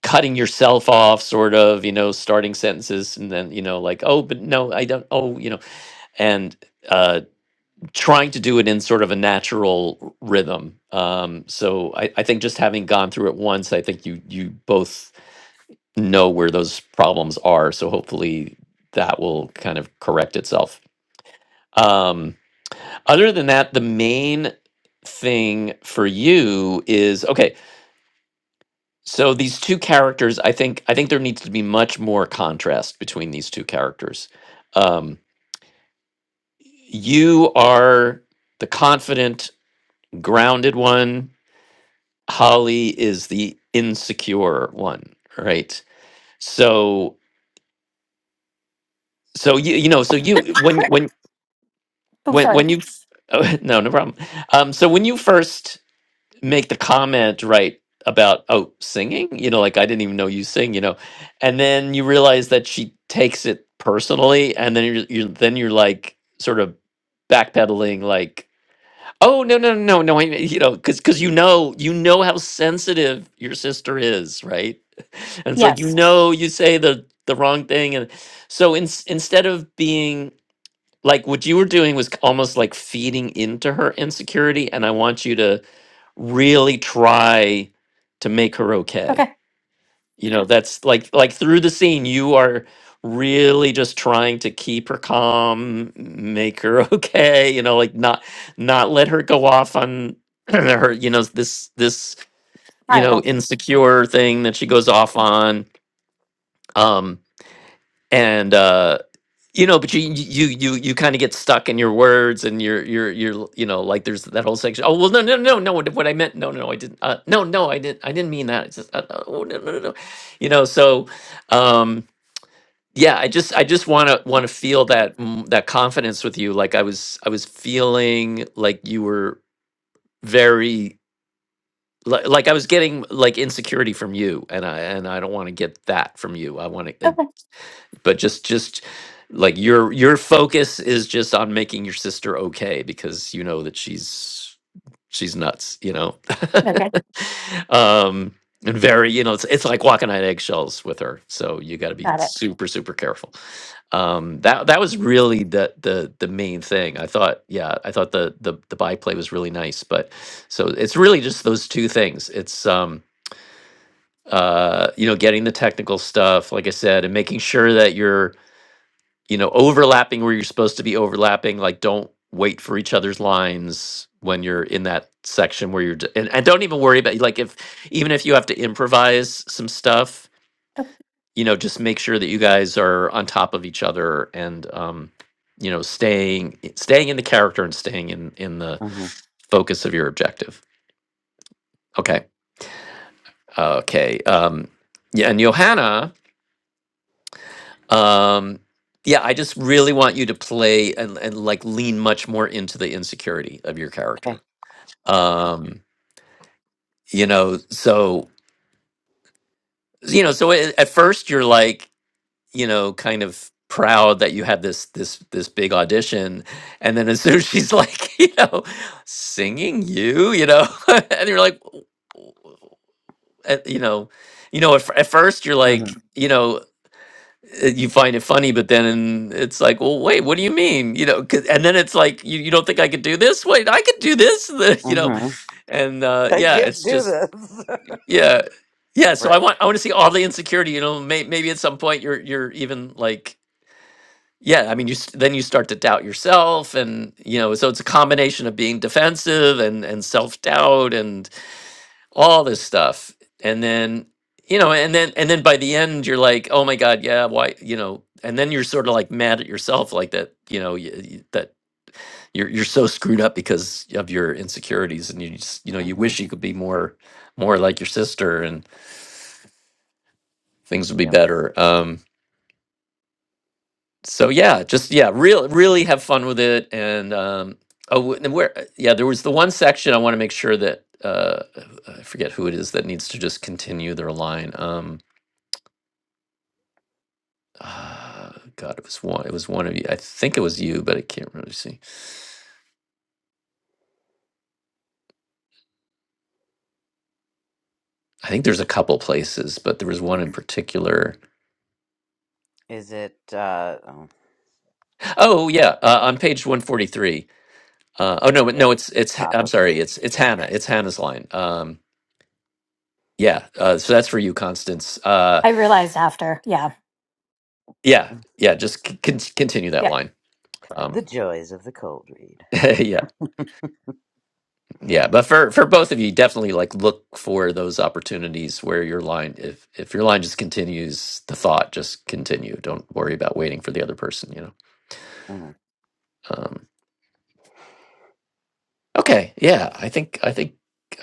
[SPEAKER 1] cutting yourself off, sort of, you know, starting sentences and then, you know, like, oh, but no, I don't, oh, you know, and uh, trying to do it in sort of a natural r- rhythm. Um, so I, I think just having gone through it once, I think you you both know where those problems are. So hopefully that will kind of correct itself. Um, Other than that, the main thing for you is okay. So these two characters, I think, I think there needs to be much more contrast between these two characters. Um, you are the confident, grounded one. Holly is the insecure one, right? So, so you you know, so you when when when when you oh, no no problem. Um, so when you first make the comment right about oh singing you know like i didn't even know you sing you know and then you realize that she takes it personally and then you're, you're then you're like sort of backpedaling like oh no no no no I, mean, you know because because you know you know how sensitive your sister is right and it's like you
[SPEAKER 6] Yes.
[SPEAKER 1] know you say the the wrong thing and so in, instead of being like what you were doing was almost like feeding into her insecurity and i want you to really try to make her okay.
[SPEAKER 6] Okay.
[SPEAKER 1] You know, that's like like through the scene you are really just trying to keep her calm, make her okay, you know, like not not let her go off on her, you know, this this, you know, insecure thing that she goes off on. Um and uh, you know but you you you you kind of get stuck in your words and your your your you know like there's that whole section oh well no no no no what what i meant no no no i didn't uh, no no i didn't i didn't mean that it's just, uh, uh, oh no no no no." you know so um yeah i just i just want to want to feel that mm, that confidence with you like i was i was feeling like you were very like, like i was getting like insecurity from you and i and i don't want to get that from you i want to
[SPEAKER 6] Okay.
[SPEAKER 1] but just just like your your focus is just on making your sister okay because you know that she's she's nuts you know
[SPEAKER 6] Okay.
[SPEAKER 1] um and very you know it's it's like walking on eggshells with her so you got to be
[SPEAKER 6] Got it.
[SPEAKER 1] super super careful um that that was really the the the main thing i thought yeah i thought the the the byplay was really nice but so it's really just those two things it's um uh you know getting the technical stuff like i said and making sure that you're you know, overlapping where you're supposed to be overlapping. Like, don't wait for each other's lines when you're in that section where you're, d- and, and don't even worry about like if even if you have to improvise some stuff,
[SPEAKER 6] Okay.
[SPEAKER 1] you know, just make sure that you guys are on top of each other and, um, you know, staying staying in the character and staying in in the
[SPEAKER 2] hmm
[SPEAKER 1] focus of your objective. Okay, uh, okay, um, yeah, and Johanna. Um, yeah, I just really want you to play and, and like lean much more into the insecurity of your
[SPEAKER 2] Okay.
[SPEAKER 1] character. Um, you know, so you know, so a- at first you're like, you know, kind of proud that you had this this this big audition, and then as soon as she's like, you know, singing you, you know, and you're like, w- at, you know, you know, at, f- at first you're like,
[SPEAKER 2] hmm
[SPEAKER 1] you know, uh, you find it funny, but then it's like, well, wait, what do you mean? You know, 'cause- and then it's like, you, you don't think I could do this? Wait, I could do this, you know,
[SPEAKER 2] hmm
[SPEAKER 1] and uh,
[SPEAKER 2] I
[SPEAKER 1] yeah, Right.
[SPEAKER 2] can't
[SPEAKER 1] it's
[SPEAKER 2] do
[SPEAKER 1] just
[SPEAKER 2] this.
[SPEAKER 1] yeah, yeah. So I
[SPEAKER 2] right.
[SPEAKER 1] want I want to see all the insecurity. You know, may, maybe at some point you're you're even like yeah. I mean, you s- then you start to doubt yourself, and you know, so it's a combination of being defensive and and self doubt all this stuff and then you know and then and then by the end you're like oh my god yeah why you know and then you're sort of like mad at yourself like that you know y y- that you're you're so screwed up because of your insecurities and you just you know you
[SPEAKER 2] hmm
[SPEAKER 1] wish you could be more more like your sister and things would be
[SPEAKER 2] Yep.
[SPEAKER 1] better um so yeah just yeah real really have fun with it and um oh and where yeah there was the one section i want to make sure that uh i forget who it is that needs to just continue their line Um, Uh, God, it was one. It was one of you. I think it was you, but I can't really see. I think there's a couple places, but there was
[SPEAKER 2] hmm
[SPEAKER 1] one in particular.
[SPEAKER 2] Is it? Uh, oh,
[SPEAKER 1] Oh yeah, uh, on page one forty three. Uh, oh no, but
[SPEAKER 2] yeah.
[SPEAKER 1] no, it's it's. Ha-
[SPEAKER 2] Top
[SPEAKER 1] I'm
[SPEAKER 2] of
[SPEAKER 1] sorry, it's
[SPEAKER 2] page.
[SPEAKER 1] it's
[SPEAKER 2] Yeah.
[SPEAKER 1] Hannah. It's Hannah's line. Um, yeah. Uh, so that's for you, Constance. Uh,
[SPEAKER 6] I realized after. Yeah.
[SPEAKER 1] yeah,
[SPEAKER 2] Mm.
[SPEAKER 1] yeah. Just c- con- continue that
[SPEAKER 6] yeah.
[SPEAKER 1] line. Um,
[SPEAKER 2] The joys of the cold read.
[SPEAKER 1] yeah. Yeah, but for for both of you, definitely like look for those opportunities where your line if if your line just continues, the thought just continue. Don't worry about waiting for the other person, you know.
[SPEAKER 2] hmm
[SPEAKER 1] Um okay, yeah, I think I think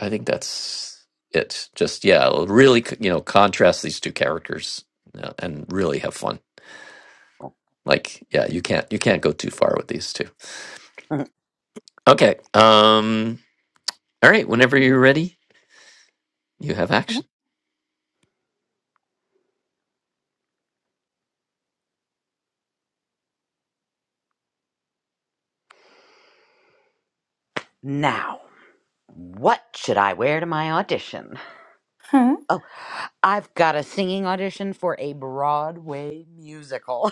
[SPEAKER 1] I think that's it. Just yeah, really c- you know, contrast these two characters uh, and really have fun. Like yeah, you can't you can't go too far with these two. Okay. Um all right, whenever you're ready, you have action.
[SPEAKER 2] Now, what should I wear to my audition?
[SPEAKER 6] hmm
[SPEAKER 2] Oh, I've got a singing audition for a Broadway musical.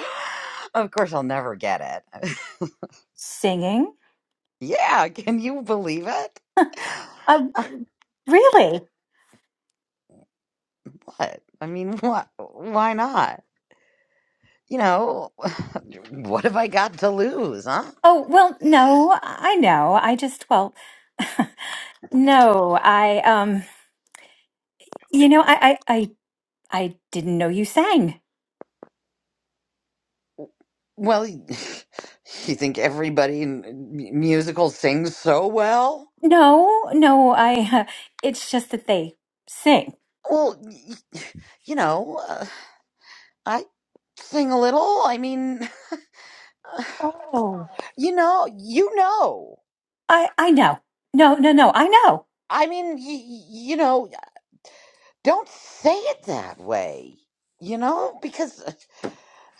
[SPEAKER 2] of course, I'll never get it.
[SPEAKER 6] Singing.
[SPEAKER 2] yeah, can you believe it?
[SPEAKER 6] Uh, really?
[SPEAKER 2] What? I mean, what? Why not? You know, what have I got to lose, huh?
[SPEAKER 6] Oh, well, no, I know. I just, well, no, I, um, you know, I, I, I, I didn't know you sang.
[SPEAKER 2] Well, you think everybody in m- musical sings so well?
[SPEAKER 6] No, no, I, it's just that they sing.
[SPEAKER 2] Well, y- you know, uh, I sing a little. I mean, you know, you know.
[SPEAKER 6] I I know. No, no, no. I know.
[SPEAKER 2] I mean, y- you know, don't say it that way, you know, because uh,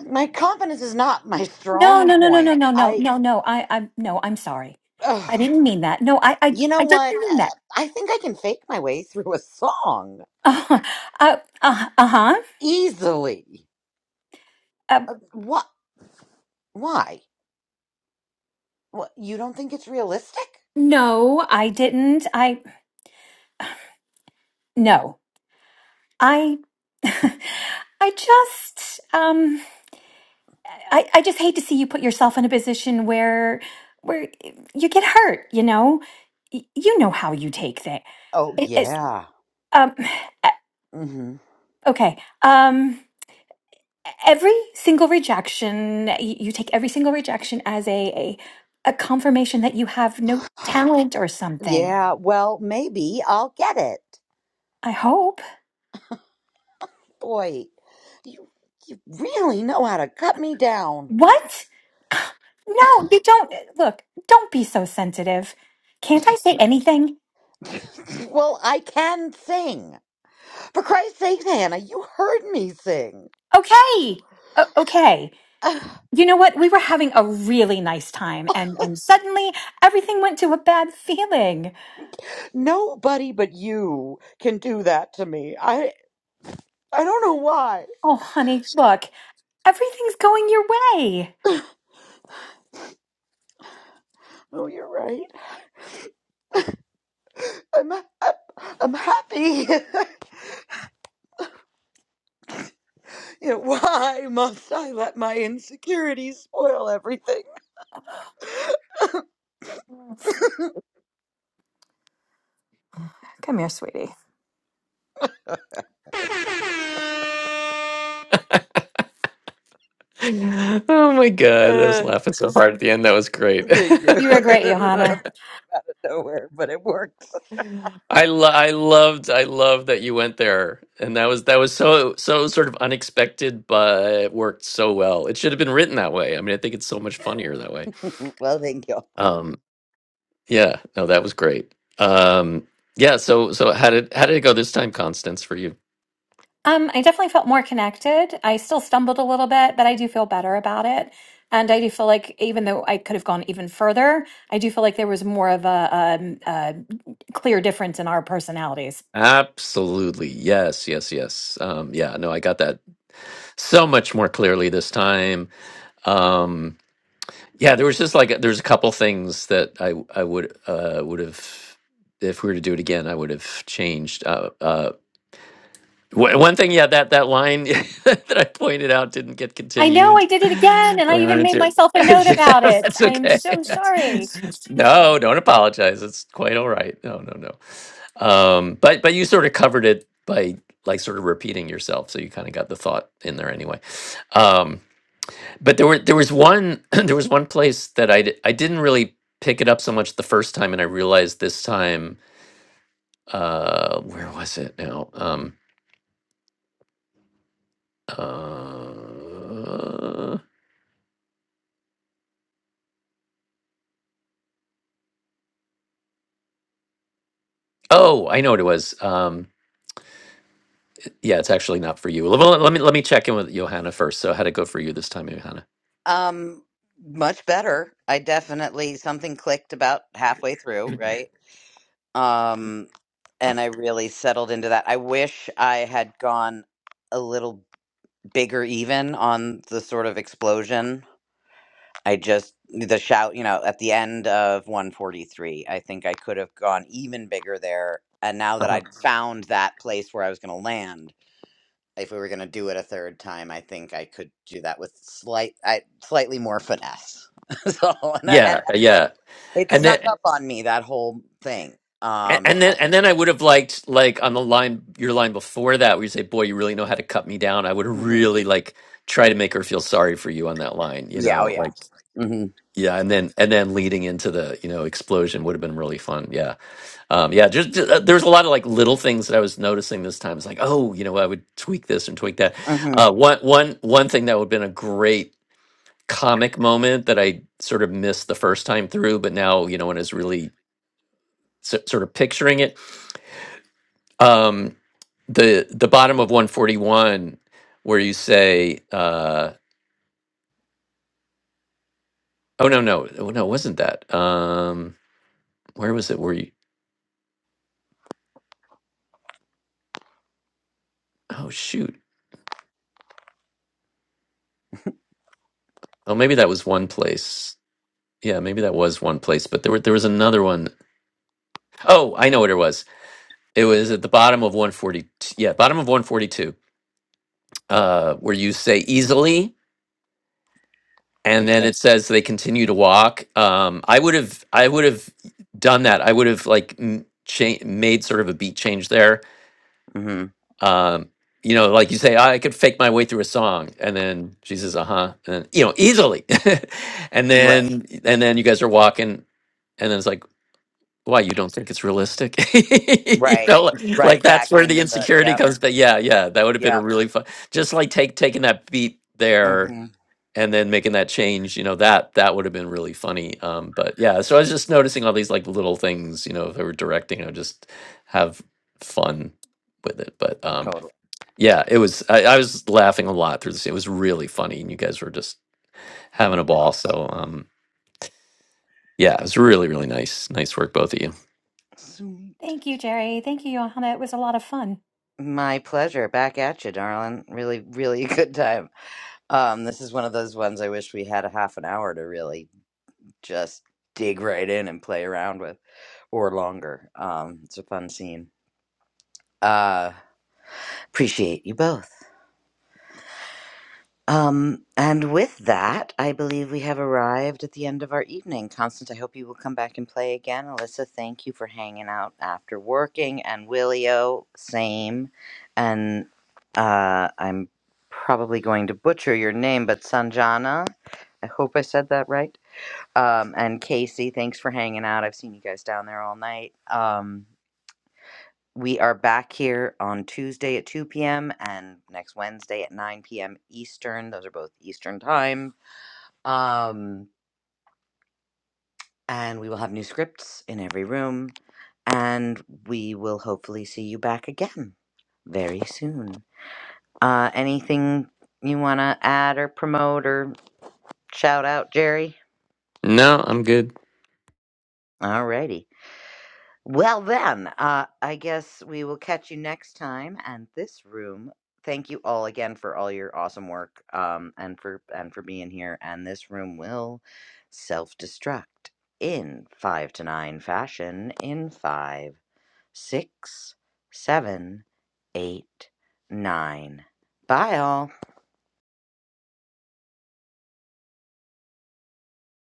[SPEAKER 2] my confidence is not my
[SPEAKER 6] No,
[SPEAKER 2] strong
[SPEAKER 6] no, no, no, no,
[SPEAKER 2] point.
[SPEAKER 6] no, no,
[SPEAKER 2] I,
[SPEAKER 6] no, no. I I no. I'm sorry. I
[SPEAKER 2] ugh,
[SPEAKER 6] didn't mean that. No, I I
[SPEAKER 2] you know
[SPEAKER 6] I didn't
[SPEAKER 2] what?
[SPEAKER 6] mean that.
[SPEAKER 2] I I think I can fake my way through a song
[SPEAKER 6] Uh uh uh huh.
[SPEAKER 2] easily.
[SPEAKER 6] Uh,
[SPEAKER 2] Uh, What? Why? What? You don't think it's realistic?
[SPEAKER 6] no, I didn't. I no. I I just um I I just hate to see you put yourself in a position where where you get hurt. You know. Y- You know how you take things.
[SPEAKER 2] Oh,
[SPEAKER 6] It, it's
[SPEAKER 2] yeah.
[SPEAKER 6] um
[SPEAKER 2] hmm
[SPEAKER 6] okay. Um. every single rejection y- you take every single rejection as a, a a confirmation that you have no talent or something
[SPEAKER 2] Yeah, well, maybe I'll get it.
[SPEAKER 6] i hope
[SPEAKER 2] Boy, you, you really know how to cut me down.
[SPEAKER 6] what no you don't look don't be so sensitive can't i say anything
[SPEAKER 2] Well, I can sing. For Christ's sake, Hannah, you heard me sing.
[SPEAKER 6] okay o- okay
[SPEAKER 2] Ugh,
[SPEAKER 6] you know what we were having a really nice time and and suddenly everything went to a bad feeling
[SPEAKER 2] Nobody but you can do that to me. I I don't know why.
[SPEAKER 6] oh honey look everything's going your way
[SPEAKER 2] Oh, you're right. I'm I'm, I'm happy. you know, why must I let my insecurities spoil everything?
[SPEAKER 6] come here sweetie
[SPEAKER 1] Oh my god, I was
[SPEAKER 2] Uh,
[SPEAKER 1] laughing so hard at the end. That was great.
[SPEAKER 2] thank you.
[SPEAKER 6] You were
[SPEAKER 2] I don't
[SPEAKER 6] great,
[SPEAKER 2] know
[SPEAKER 6] Johanna.
[SPEAKER 2] out of nowhere, but it worked.
[SPEAKER 1] I lo- I loved I loved that you went there, and that was that was so so sort of unexpected, but it worked so well. It should have been written that way. I mean, I think it's so much funnier that way.
[SPEAKER 2] well, thank you.
[SPEAKER 1] Um, yeah, no, that was great. Um, yeah, so so how did how did it go this time, Constance, for you?
[SPEAKER 6] Um, I definitely felt more connected. I still stumbled a little bit, but I do feel better about it. And I do feel like, even though I could have gone even further, I do feel like there was more of a, um a clear difference in our personalities.
[SPEAKER 1] Absolutely, yes, yes, yes. Um, yeah, no, I got that so much more clearly this time. Um, Yeah, there was just like there's a couple things that I I would uh would have if we were to do it again, I would have changed. Uh, uh, w- one thing, yeah, that that line that I pointed out didn't get
[SPEAKER 6] I know I
[SPEAKER 1] continued.
[SPEAKER 6] did it again, and
[SPEAKER 1] So
[SPEAKER 6] I
[SPEAKER 1] I
[SPEAKER 6] even
[SPEAKER 1] wanted
[SPEAKER 6] made
[SPEAKER 1] to-
[SPEAKER 6] myself a note
[SPEAKER 1] yeah,
[SPEAKER 6] about it.
[SPEAKER 1] that's
[SPEAKER 6] I am
[SPEAKER 1] okay.
[SPEAKER 6] so sorry.
[SPEAKER 1] no, don't apologize. It's quite all right. No, no, no. Um, but but you sort of covered it by like sort of repeating yourself, so you kind of got the thought in there anyway. Um, but there were there was one there was one place that I di- I didn't really pick it up so much the first time, and I realized this time. Uh, where was it now? Um, uh, oh, I know what it was. Um, yeah, it's actually not for you. Well, let me let me check in with Johanna first. So, how would it go for you this time, Johanna?
[SPEAKER 2] Um, much better. I definitely something clicked about halfway through, right? um and i really settled into that i wish i had gone a little bigger even on the sort of explosion i just the shout you know at the end of 143 i think i could have gone even bigger there and now that
[SPEAKER 1] uh-huh.
[SPEAKER 2] i'd found that place where i was going to land if we were going to do it a third time i think i could do that with slight I, slightly more finesse so and, I- and
[SPEAKER 1] Yeah, yeah.
[SPEAKER 2] it
[SPEAKER 1] And then
[SPEAKER 2] snuck up on me that whole thing
[SPEAKER 1] And,
[SPEAKER 2] um
[SPEAKER 1] and then
[SPEAKER 2] and,
[SPEAKER 1] and then I would have liked like on the line your line before that where you say, "Boy, you really know how to cut me down." I would have
[SPEAKER 2] mm-hmm.
[SPEAKER 1] really like try to make her feel sorry for you on that line, you
[SPEAKER 2] Yeah. Oh,
[SPEAKER 1] know,
[SPEAKER 2] yeah.
[SPEAKER 1] like
[SPEAKER 2] Mm-hmm.
[SPEAKER 1] yeah, and then and then leading into the you know explosion would have been really fun. Yeah, um, yeah. Just, just uh, there's a lot of like little things that I was noticing this time. It's like, oh, you know, I would tweak this and tweak that.
[SPEAKER 2] Mm-hmm.
[SPEAKER 1] Uh, one one one thing that would have been a great comic moment that I sort of missed the first time through, but now you know when I was really s- sort of picturing it um the the bottom of 141 where you say uh oh no no oh, no it wasn't that um where was it where you oh shoot oh maybe that was one place yeah maybe that was one place but there were, there was another one. Oh, i know what it was it was at the bottom of 142 yeah bottom of 142 uh where you say easily and then
[SPEAKER 2] Yeah.
[SPEAKER 1] it says they continue to walk um i would have i would have done that i would have like m- cha- made sort of a beat change there
[SPEAKER 2] Mm-hmm.
[SPEAKER 1] um, you know, like you say, I could fake my way through a song, and then she says, "Uh huh," and you know, easily, and
[SPEAKER 2] Right.
[SPEAKER 1] then and then you guys are walking, and then it's like, "Why you don't think it's realistic?" you
[SPEAKER 2] Right.
[SPEAKER 1] know, like, like
[SPEAKER 2] Right back
[SPEAKER 1] that's where the
[SPEAKER 2] into the.
[SPEAKER 1] insecurity
[SPEAKER 2] Yep.
[SPEAKER 1] comes. But yeah, yeah, that would have been a
[SPEAKER 2] Yep.
[SPEAKER 1] really fun, just like take taking that beat there
[SPEAKER 2] Mm-hmm.
[SPEAKER 1] and then making that change. You know, that that would have been really funny. Um, but yeah, so I was just noticing all these like little things. You know, if I were directing, I would just have fun with it. But um
[SPEAKER 2] Totally.
[SPEAKER 1] yeah, it was. I, I was laughing a lot through this. It was really funny, and you guys were just having a ball. So, um, yeah, it was really, really nice. Nice work, both of you.
[SPEAKER 2] Sweet.
[SPEAKER 6] Thank you, Jerry. Thank you, Johanna. It was a lot of fun.
[SPEAKER 2] My pleasure. Back at you, darling. Really, really good time. Um, this is one of those ones I wish we had a half an hour to really just dig right in and play around with, or longer. Um, it's a fun scene. Uh, appreciate you both. Um, and with that, I believe we have arrived at the end of our evening. Constance, I hope you will come back and play again. Alyssa, thank you for hanging out after working, and Willio, same. And uh, I'm probably going to butcher your name, but Sanjana, I hope I said that right. Um, and Casey, thanks for hanging out. I've seen you guys down there all night. Um, we are back here on Tuesday at 2 p.m. and next Wednesday at 9 p.m. Eastern. Those are both Eastern time. Um, and we will have new scripts in every room. And we will hopefully see you back again very soon. Uh, anything you want to add or promote or shout out, Jerry?
[SPEAKER 1] No, I'm good.
[SPEAKER 2] Alrighty. Well, then, uh, I guess we will catch you next time. And this room, thank you all again for all your awesome work, um, and for and for being here. And this room will self-destruct in five to nine fashion in five, six, seven, eight, nine. Bye, all.